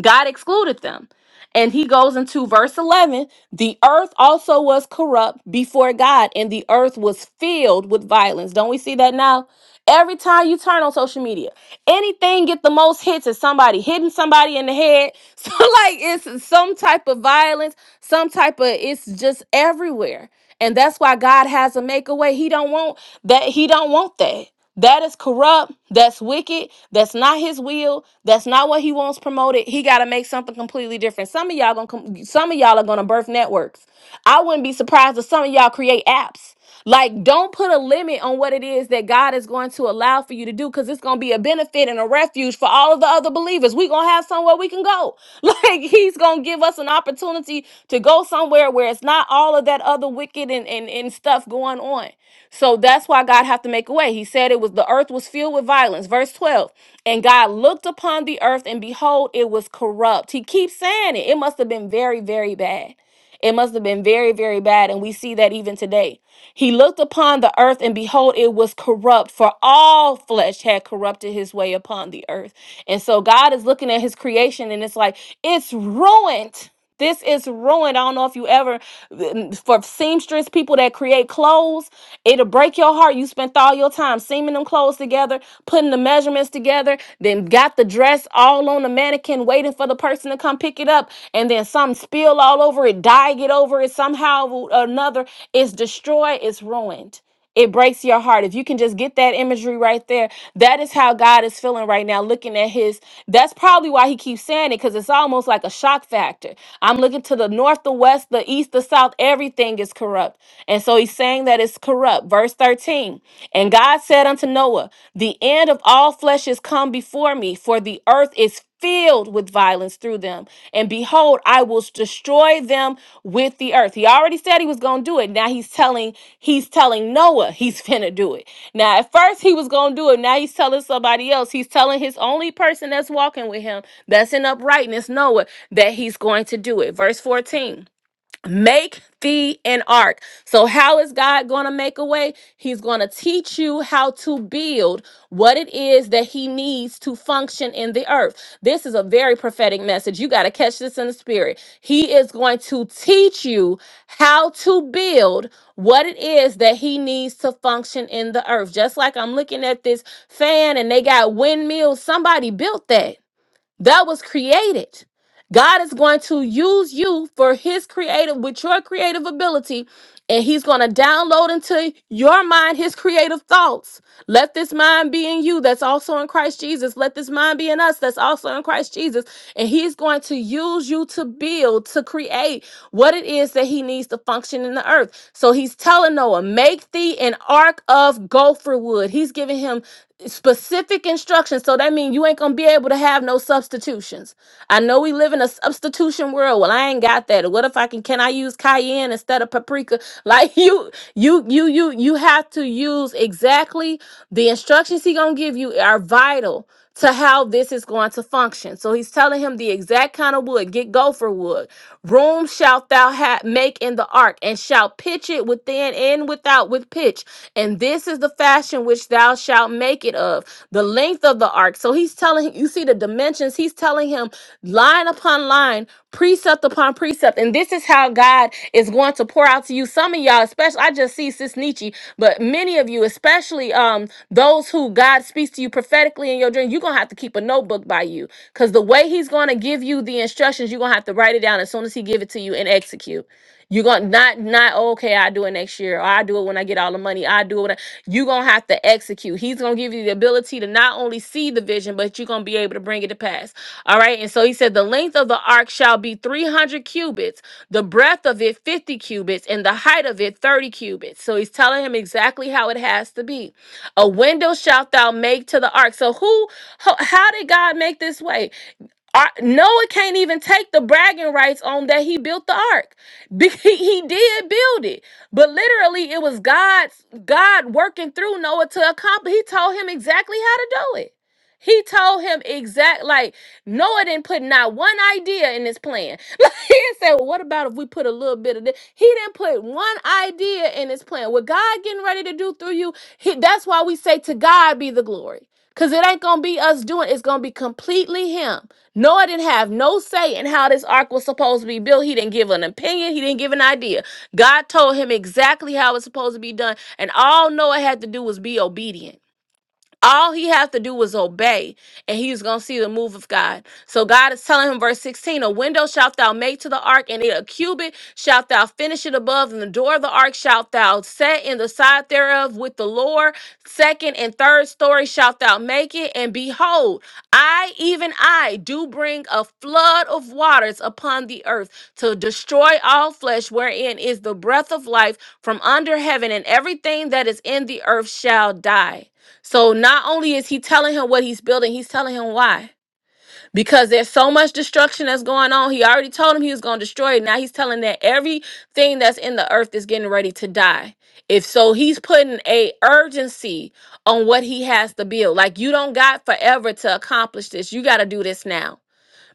Speaker 1: God excluded them. And he goes into verse 11 the earth also was corrupt before God, and the earth was filled with violence. Don't we see that now? Every time you turn on social media, anything get the most hits is somebody hitting somebody in the head. So like it's some type of violence, some type of it's just everywhere. And that's why God has to make a way. He don't want that. He don't want that. That is corrupt. That's wicked. That's not his will. That's not what he wants promoted. He got to make something completely different. Some of y'all gonna com- some of y'all are gonna birth networks. I wouldn't be surprised if some of y'all create apps. Like, don't put a limit on what it is that God is going to allow for you to do, because it's gonna be a benefit and a refuge for all of the other believers. We gonna have somewhere we can go. Like, He's gonna give us an opportunity to go somewhere where it's not all of that other wicked and and, and stuff going on so that's why God have to make a way. He said it was the earth was filled with violence. Verse 12. And God looked upon the earth and behold, it was corrupt. He keeps saying it. It must have been very, very bad. It must have been very, very bad. And we see that even today. He looked upon the earth, and behold, it was corrupt, for all flesh had corrupted his way upon the earth. And so God is looking at his creation, and it's like, it's ruined. This is ruined. I don't know if you ever, for seamstress people that create clothes, it'll break your heart. You spent all your time seaming them clothes together, putting the measurements together, then got the dress that's all on the mannequin waiting for the person to come pick it up and then some spill all over it dye get over it somehow or another it's destroyed it's ruined it breaks your heart if you can just get that imagery right there that is how god is feeling right now looking at his that's probably why he keeps saying it because it's almost like a shock factor i'm looking to the north the west the east the south everything is corrupt and so he's saying that it's corrupt verse 13 14. And God said unto Noah, The end of all flesh is come before me, for the earth is filled with violence through them. And behold, I will destroy them with the earth. He already said he was going to do it. Now he's telling he's telling Noah he's finna do it. Now at first he was going to do it. Now he's telling somebody else. He's telling his only person that's walking with him, that's in uprightness, Noah, that he's going to do it. Verse 14. Make thee an ark. So, how is God going to make a way? He's going to teach you how to build what it is that He needs to function in the earth. This is a very prophetic message. You got to catch this in the spirit. He is going to teach you how to build what it is that He needs to function in the earth. Just like I'm looking at this fan and they got windmills, somebody built that that was created. God is going to use you for his creative with your creative ability and he's going to download into your mind his creative thoughts. Let this mind be in you that's also in Christ Jesus. Let this mind be in us that's also in Christ Jesus. And he's going to use you to build, to create what it is that he needs to function in the earth. So he's telling Noah, make thee an ark of gopher wood. He's giving him specific instructions instructions. So that means you ain't gonna be able to have no substitutions. I know we live in a substitution world. Well, I ain't got that. What if I can can I use cayenne instead of paprika? Like you, you, you, you, you have to use exactly the instructions he gonna give you are vital to how this is going to function. So he's telling him the exact kind of wood, get gopher wood. Room shalt thou ha- make in the ark, and shalt pitch it within and without with pitch. And this is the fashion which thou shalt make it of, the length of the ark. So he's telling him, you see the dimensions. He's telling him line upon line precept upon precept. And this is how God is going to pour out to you. Some of y'all, especially, I just see Sis Nietzsche, but many of you, especially um, those who God speaks to you prophetically in your dream, you're going to have to keep a notebook by you because the way He's going to give you the instructions, you're going to have to write it down as soon as He give it to you and execute. You're gonna not not okay. I do it next year. Or I do it when I get all the money. I do it. When I, you're gonna have to execute. He's gonna give you the ability to not only see the vision, but you're gonna be able to bring it to pass. All right. And so he said, the length of the ark shall be 300 cubits, the breadth of it 50 cubits, and the height of it 30 cubits. So he's telling him exactly how it has to be. A window shalt thou make to the ark. So who? How how did God make this way? Ar- Noah can't even take the bragging rights on that he built the ark. Be- He he did build it, but literally it was God's God working through Noah to accomplish. He told him exactly how to do it. He told him exact like Noah didn't put not one idea in his plan. Like, he said, "Well, what about if we put a little bit of this?" He didn't put one idea in his plan. What God getting ready to do through you, he, that's why we say to God be the glory. Cause it ain't gonna be us doing it. it's gonna be completely him. Noah didn't have no say in how this ark was supposed to be built. He didn't give an opinion, he didn't give an idea. God told him exactly how it's supposed to be done, and all Noah had to do was be obedient. All he has to do was obey, and he's going to see the move of God. So God is telling him, verse 16, a window shalt thou make to the ark, and a cubit shalt thou finish it above, and the door of the ark shalt thou set in the side thereof with the lower, second and third story shalt thou make it. And behold, I, even I, do bring a flood of waters upon the earth to destroy all flesh, wherein is the breath of life from under heaven, and everything that is in the earth shall die. So not only is he telling him what he's building, he's telling him why. Because there's so much destruction that's going on. He already told him he was going to destroy it. Now he's telling that everything that's in the earth is getting ready to die. If so, he's putting a urgency on what he has to build. Like you don't got forever to accomplish this. You got to do this now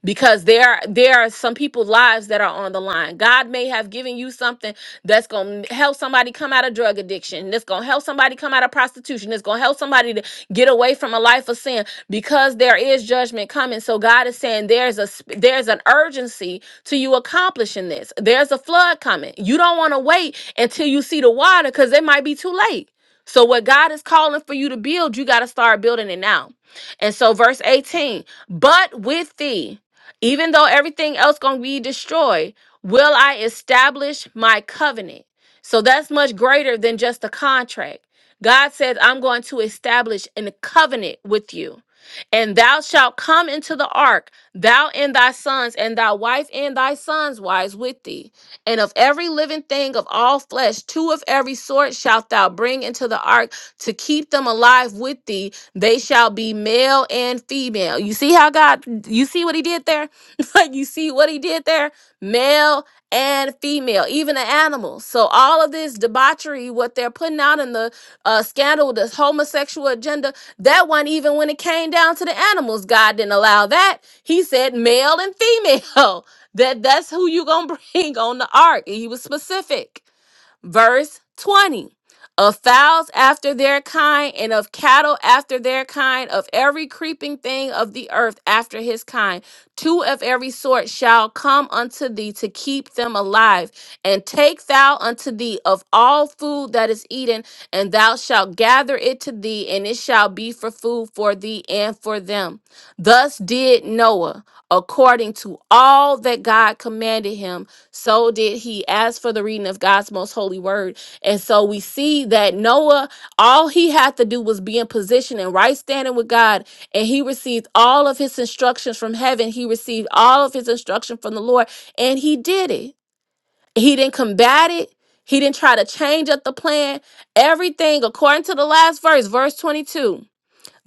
Speaker 1: because there are there are some people's lives that are on the line. God may have given you something that's gonna help somebody come out of drug addiction, that's gonna help somebody come out of prostitution, that's gonna help somebody to get away from a life of sin because there is judgment coming. So God is saying there's a sp- there's an urgency to you accomplishing this. There's a flood coming. You don't want to wait until you see the water because it might be too late. So what God is calling for you to build, you got to start building it now. And so verse 18, but with thee. Even though everything else going to be destroyed, will I establish my covenant? So that's much greater than just a contract. God says, I'm going to establish a covenant with you. And thou shalt come into the ark, thou and thy sons, and thy wife and thy sons' wives with thee. And of every living thing of all flesh, two of every sort shalt thou bring into the ark to keep them alive with thee. They shall be male and female. You see how God, you see what he did there? like you see what he did there? Male and female, even the animals. So all of this debauchery, what they're putting out in the uh, scandal, this homosexual agenda, that one, even when it came down to the animals, God didn't allow that. He said male and female. That that's who you gonna bring on the ark. And he was specific. Verse 20 of fowls after their kind, and of cattle after their kind, of every creeping thing of the earth after his kind. Two of every sort shall come unto thee to keep them alive. And take thou unto thee of all food that is eaten, and thou shalt gather it to thee, and it shall be for food for thee and for them. Thus did Noah, according to all that God commanded him so did he ask for the reading of God's most holy word. And so we see that Noah, all he had to do was be in position and right standing with God. And he received all of his instructions from heaven. He received all of his instruction from the Lord. And he did it. He didn't combat it. He didn't try to change up the plan. Everything according to the last verse, verse 22.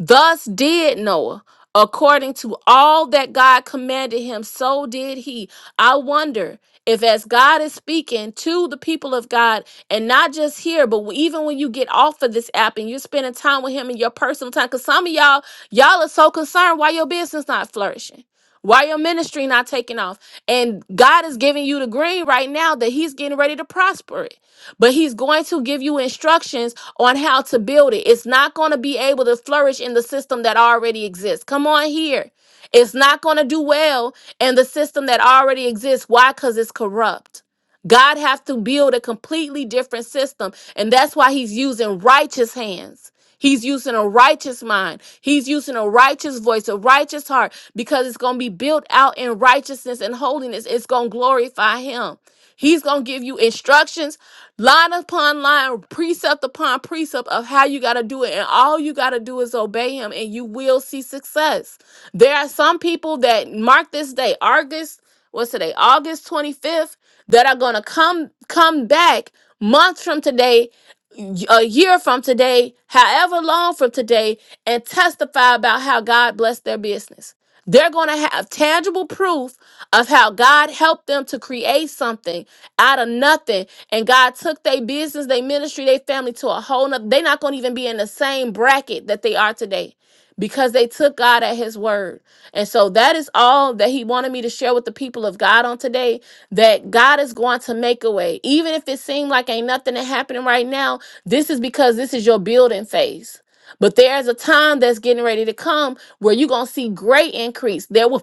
Speaker 1: Thus did Noah, according to all that God commanded him, so did he. I wonder if, as God is speaking to the people of God, and not just here, but even when you get off of this app and you're spending time with Him in your personal time, because some of y'all, y'all are so concerned why your business not flourishing. Why your ministry not taking off? And God is giving you the green right now that He's getting ready to prosper it but he's going to give you instructions on how to build it. It's not going to be able to flourish in the system that already exists. Come on here. It's not going to do well in the system that already exists. Why? Because it's corrupt. God has to build a completely different system. And that's why he's using righteous hands. He's using a righteous mind. He's using a righteous voice, a righteous heart, because it's going to be built out in righteousness and holiness. It's going to glorify him. He's going to give you instructions, line upon line, precept upon precept of how you got to do it. And all you got to do is obey him, and you will see success. There are some people that mark this day, August what's today august 25th that are going to come come back months from today y- a year from today however long from today and testify about how god blessed their business they're going to have tangible proof of how god helped them to create something out of nothing and god took their business their ministry their family to a whole nother they're not going to even be in the same bracket that they are today because they took God at his word. And so that is all that he wanted me to share with the people of God on today that God is going to make a way. Even if it seemed like ain't nothing that happening right now, this is because this is your building phase. But there's a time that's getting ready to come where you're going to see great increase. There were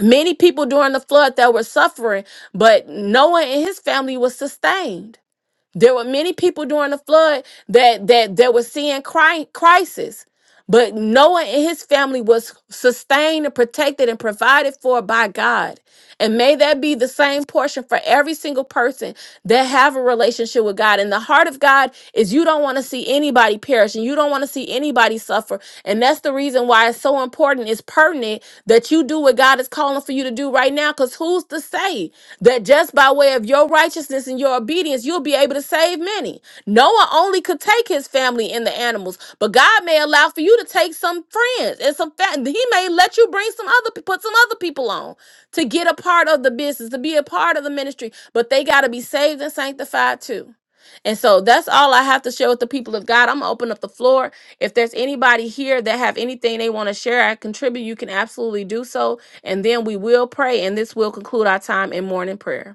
Speaker 1: many people during the flood that were suffering, but Noah and his family was sustained. There were many people during the flood that that that were seeing cri- crisis, but Noah and his family was sustained and protected and provided for by God. And may that be the same portion for every single person that have a relationship with God. And the heart of God is you don't want to see anybody perish and you don't want to see anybody suffer. And that's the reason why it's so important, it's pertinent that you do what God is calling for you to do right now. Because who's to say that just by way of say of your righteousness and your obedience, you'll be able to save many. Noah only could take his family and the animals, but God may allow for you to take some friends and some fa- He may let you bring some other put some other people on to get a part of the business, to be a part of the ministry, but they got to be saved and sanctified too. And so that's all I have to share with the people of God. I'm gonna open up the floor. If there's anybody here that have anything they want to share, I contribute. You can absolutely do so, and then we will pray, and this will conclude our time in morning prayer.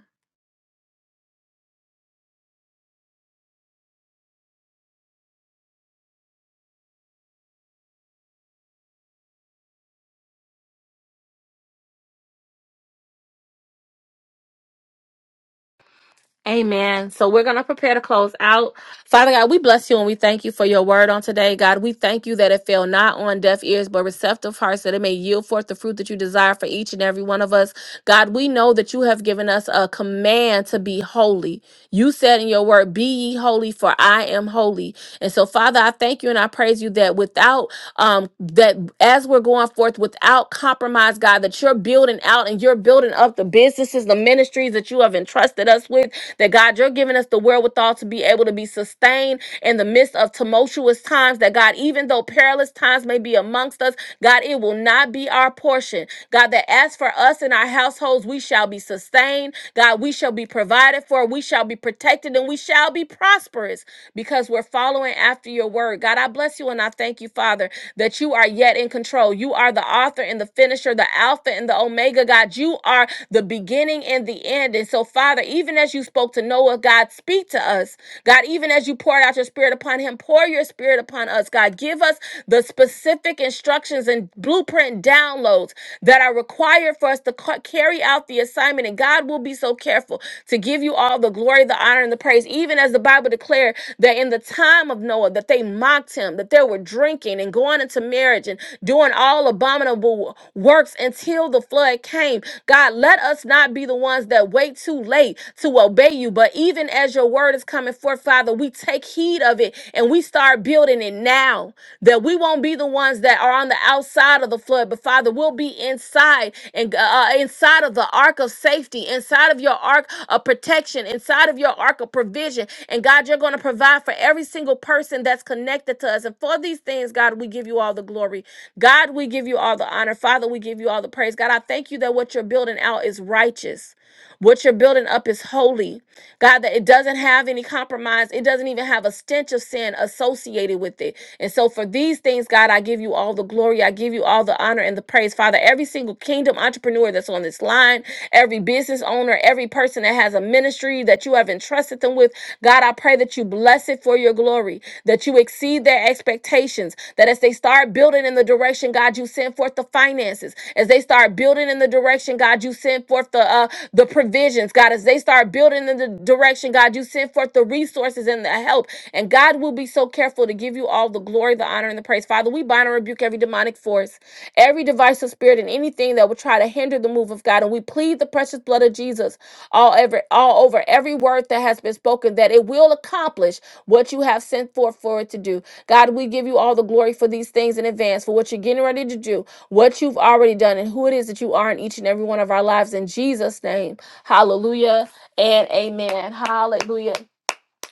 Speaker 1: Amen. So we're going to prepare to close out. Father God, we bless you and we thank you for your word on today. God, we thank you that it fell not on deaf ears, but receptive hearts, that it may yield forth the fruit that you desire for each and every one of us. God, we know that you have given us a command to be holy. You said in your word, Be ye holy, for I am holy. And so, Father, I thank you and I praise you that without, um, that as we're going forth without compromise, God, that you're building out and you're building up the businesses, the ministries that you have entrusted us with, that God, you're giving us the wherewithal wherewithal to be able to be sustained in the midst of tumultuous times. That God, even though perilous times may be amongst us, God, it will not be our portion. God, that as for us and our households, we shall be sustained. God, we shall be provided for, we shall be protected, and we shall be prosperous because we're following after your word. God, I bless you and I thank you, Father, that you are yet in control. You are the author and the finisher, the Alpha and the Omega, God. You are the beginning and the end. And so, Father, even as you spoke to Noah, Noah, God, speak to us. God, even as you poured out your spirit upon him, pour your spirit upon us. God, give us the specific instructions and blueprint and downloads that are required for us to ca- carry out the assignment. And God will be so careful to give you all the glory, the honor, and the praise. Even as the Bible declared that in the time of Noah, that they mocked him, that they were drinking and going into marriage and doing all abominable works until the flood came. God, let us not be the ones that wait too late way to obey you. But even as your word is coming forth, Father, we take heed of it and we start building it now that we won't be the ones that are on the outside of the flood, but Father, we'll be inside and uh, uh, inside of the ark of safety, inside of your ark of protection, inside of your ark of provision. And God, you're going to provide for every single person that's connected to us. And for these things, God, we give you all the glory. God, we give you all the honor. Father, we give you all the praise. God, I thank you that what you're building out is righteous. What you're building up is holy. God, that it doesn't have any compromise. It doesn't even have a stench of sin associated with it. And so for these things, God, I give you all the glory. I give you all the honor and the praise. Father, every single kingdom entrepreneur that's on this line, every business owner, every person that has a ministry that you have entrusted them with, God, I pray that you bless it for your glory, that you exceed their expectations, that as they start building in the direction, God, you send forth the finances, as they start building in the direction, the direction, God, you send forth the uh, the provisions, God. As they start building in the direction, God, you send forth the resources and the help. And God will be so careful to give you all the glory, the honor, and the praise. Father, we bind and rebuke every demonic force, every device of spirit, and anything that would try to hinder the move of God. And we plead the precious blood of Jesus all over, all over every word that has been spoken, that it will accomplish what you have sent forth for it to do. God, we give you all the glory for these things in advance for what you're getting ready to do what you've already done and who it is that you are in each and every one of our lives in Jesus' name. Hallelujah and amen. Hallelujah.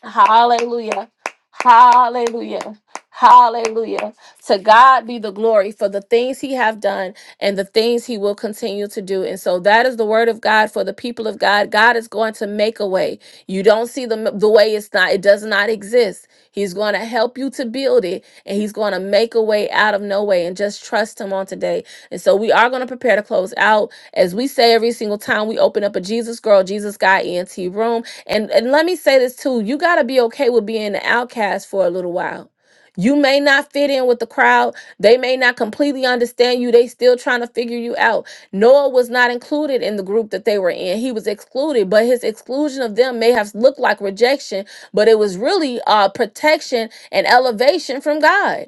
Speaker 1: Hallelujah. Hallelujah. Hallelujah. To God be the glory for the things he have done and the things he will continue to do. And so that is the word of God for the people of God. God is going to make a way. You don't see the, the way it's not, it does not exist. He's going to help you to build it and he's going to make a way out of no way and just trust him on today. And so we are going to prepare to close out. As we say every single time we open up a Jesus Girl, Jesus Guy ENT room, and and let me say this too, you got to be okay with being an outcast for a little while. You may not fit in with the crowd. They may not completely understand you. They still trying to figure you out. Noah was not included in the group that they were in. He was excluded, but his exclusion of them may have looked like rejection, but it was really uh protection and elevation from God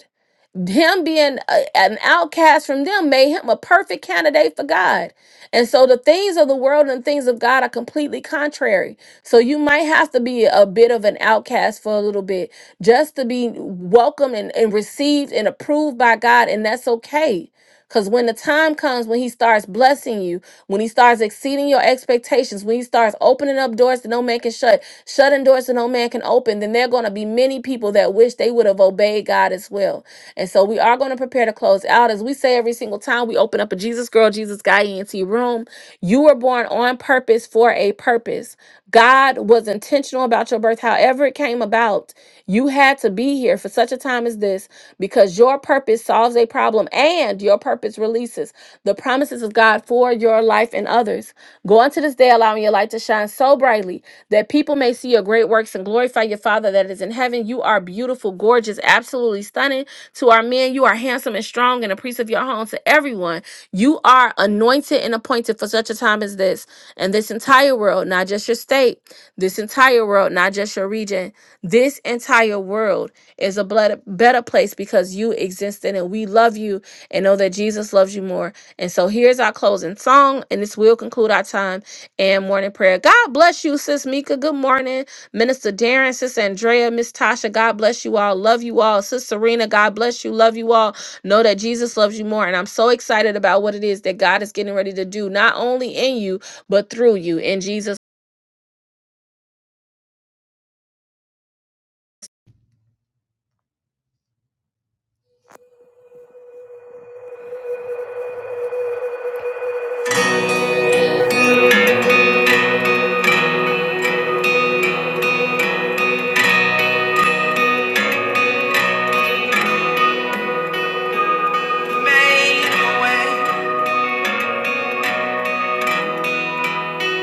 Speaker 1: him being a, an outcast from them made him a perfect candidate for God. And so the things of the world and things of God are completely contrary. So you might have to be a bit of an outcast for a little bit just to be welcomed and, and received and approved by God. And that's okay because when the time comes when he starts blessing you, when he starts exceeding your expectations, when he starts opening up doors that no man can shut, shutting doors that no man can open, then there are going to be many people that wish they would have obeyed God as well. And so we are going to prepare to close out. As we say every single time, we open up a Jesus Girl, Jesus Guy ENT room. You were born on purpose for a purpose. God was intentional about your birth, however it came about. You had to be here for such a time as this because your purpose solves a problem and your purpose releases the promises of God for your life and others. Go into this day, allowing your light to shine so brightly that people may see your great works and glorify your Father that is in heaven. You are beautiful, gorgeous, absolutely stunning to our men. You are handsome and strong and a priest of your home to everyone. You are anointed and appointed for such a time as this. And this entire world, not just your state, this entire world, not just your region. This entire world is a blood, better place because you exist in it. We love you and know that Jesus loves you more. And so here's our closing song, and this will conclude our time and morning prayer. God bless you, Sis Mika. Good morning, Minister Darren, Sis Andrea, Miss Tasha. God bless you all. Love you all. Sis Serena, God bless you. Love you all. Know that Jesus loves you more. And I'm so excited about what it is that God is getting ready to do, not only in you, but through you. In Jesus'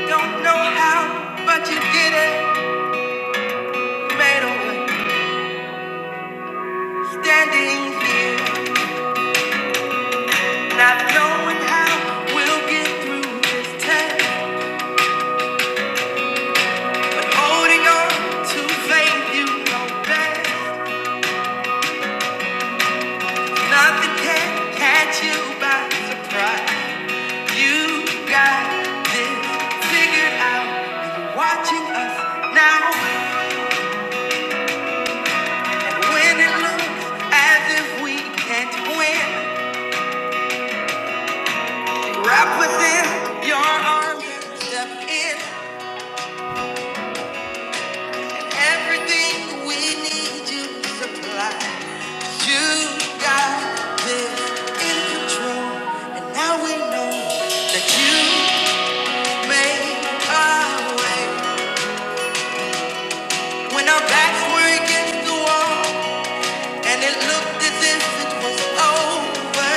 Speaker 1: Don't know how, but you did it. Made a way. Standing here, not knowing how we'll get through this test. Holding on to faith you know best. Nothing can catch you by surprise. You got this figured out. you're Watching us now, and when it looks as if we can't win, wrap within your arms and step in. Everything we need you supply. You got this in control, and now we know that you made our way when our backs were against the wall, and it looked as if it was over.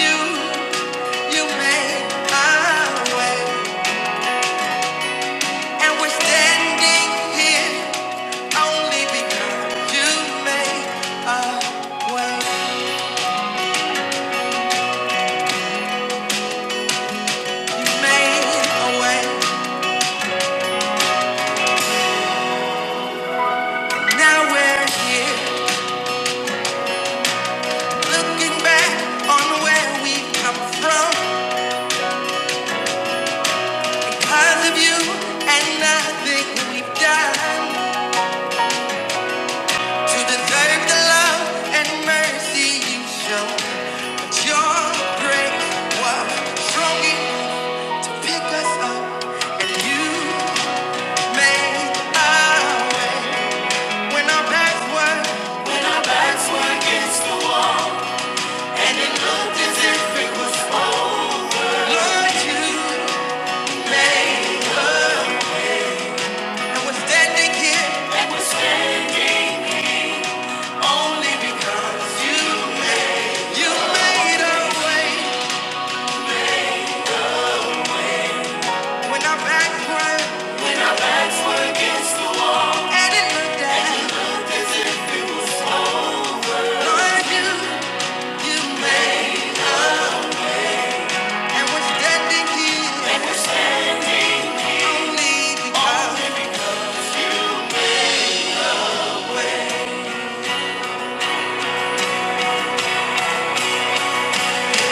Speaker 1: You, you made our way, and we're standing here only because you made our way. Made a way. Now we're here, looking back on where we come from. of you and nothing we've done to deserve the love and you showed your was only because you made a way when our back was you made and was still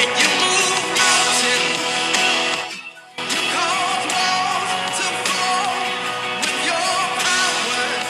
Speaker 1: you moved mountains, you caused walls to fall with your power.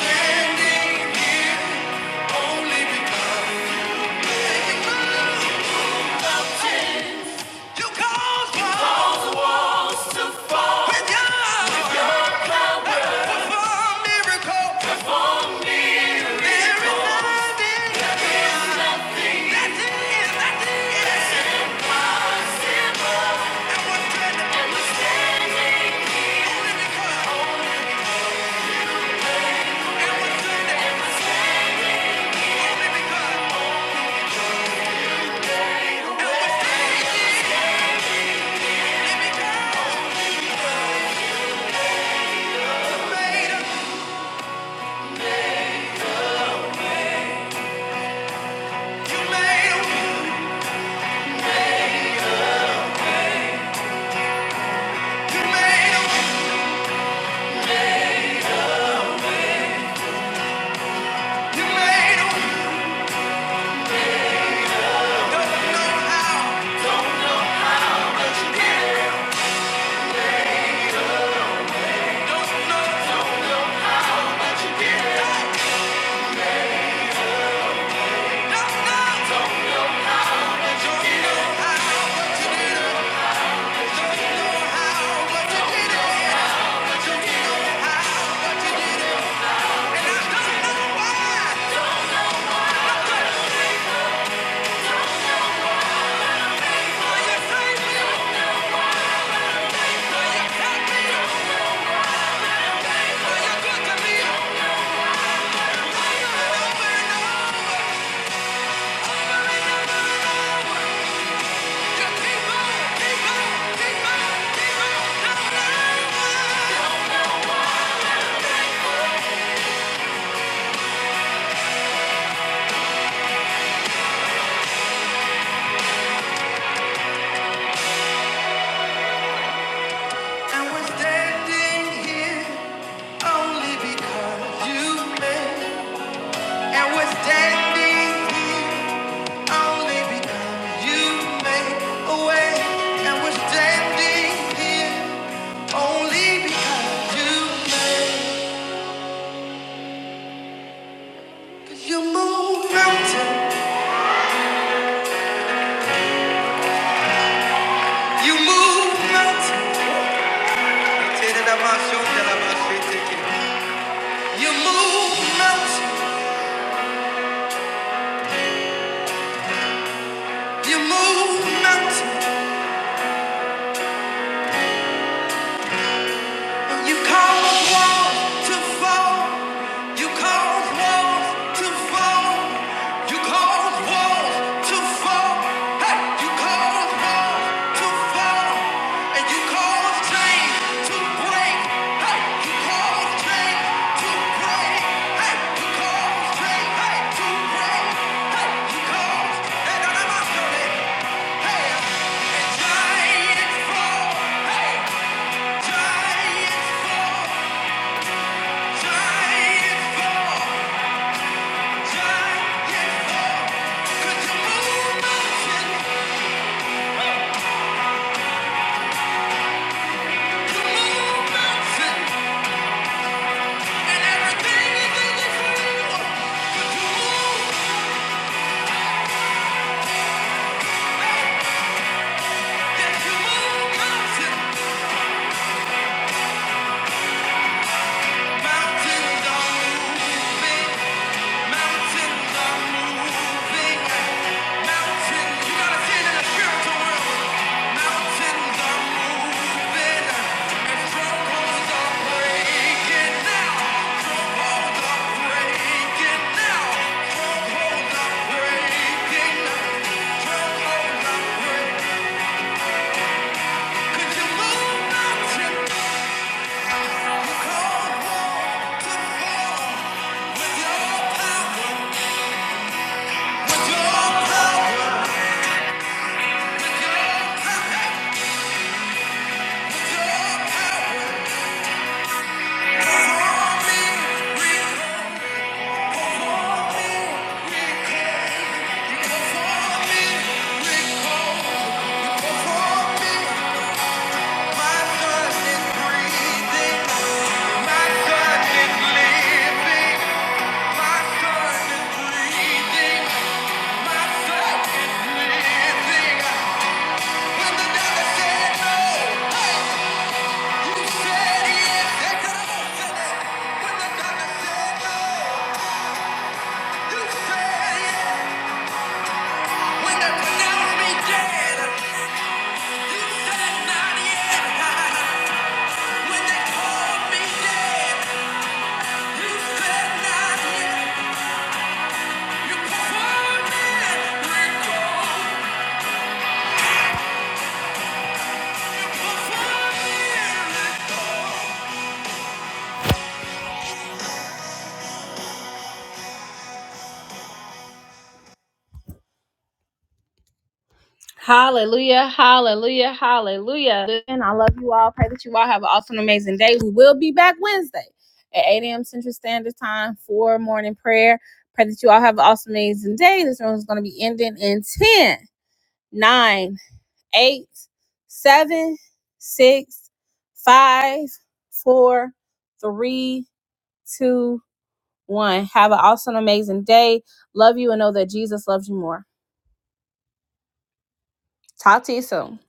Speaker 1: Standing with God for a miracle. And we're standing here only because you made. And we're standing here. Only because you made a way, and we're standing here. Only because you you move mountains, you move mountains, you move mountains, you move mountains. You cause walls to fall. You cause walls to fall. You cause walls to fall. Hey, you cause walls to fall. And you cause chains to break. Hey, you cause chains to break. Hey, you cause chains hey, to break. Hey, you cause. Hey, no, no, no, no, no. no. Hey, giants fall. Hey, giants fall. Mountains are moving, and strongholds are breaking now. Thank you. Yeah. Hallelujah, hallelujah, hallelujah. And I love you all. Pray that you all have an awesome, amazing day. We will be back Wednesday at 8 a.m. Central Standard Time for morning prayer. Pray that you all have an awesome, amazing day. This room is going to be ending in ten, nine, eight, seven, six, five, four, three, two, one. Have an awesome, amazing day. Love you and know that Jesus loves you more. Talk to you soon.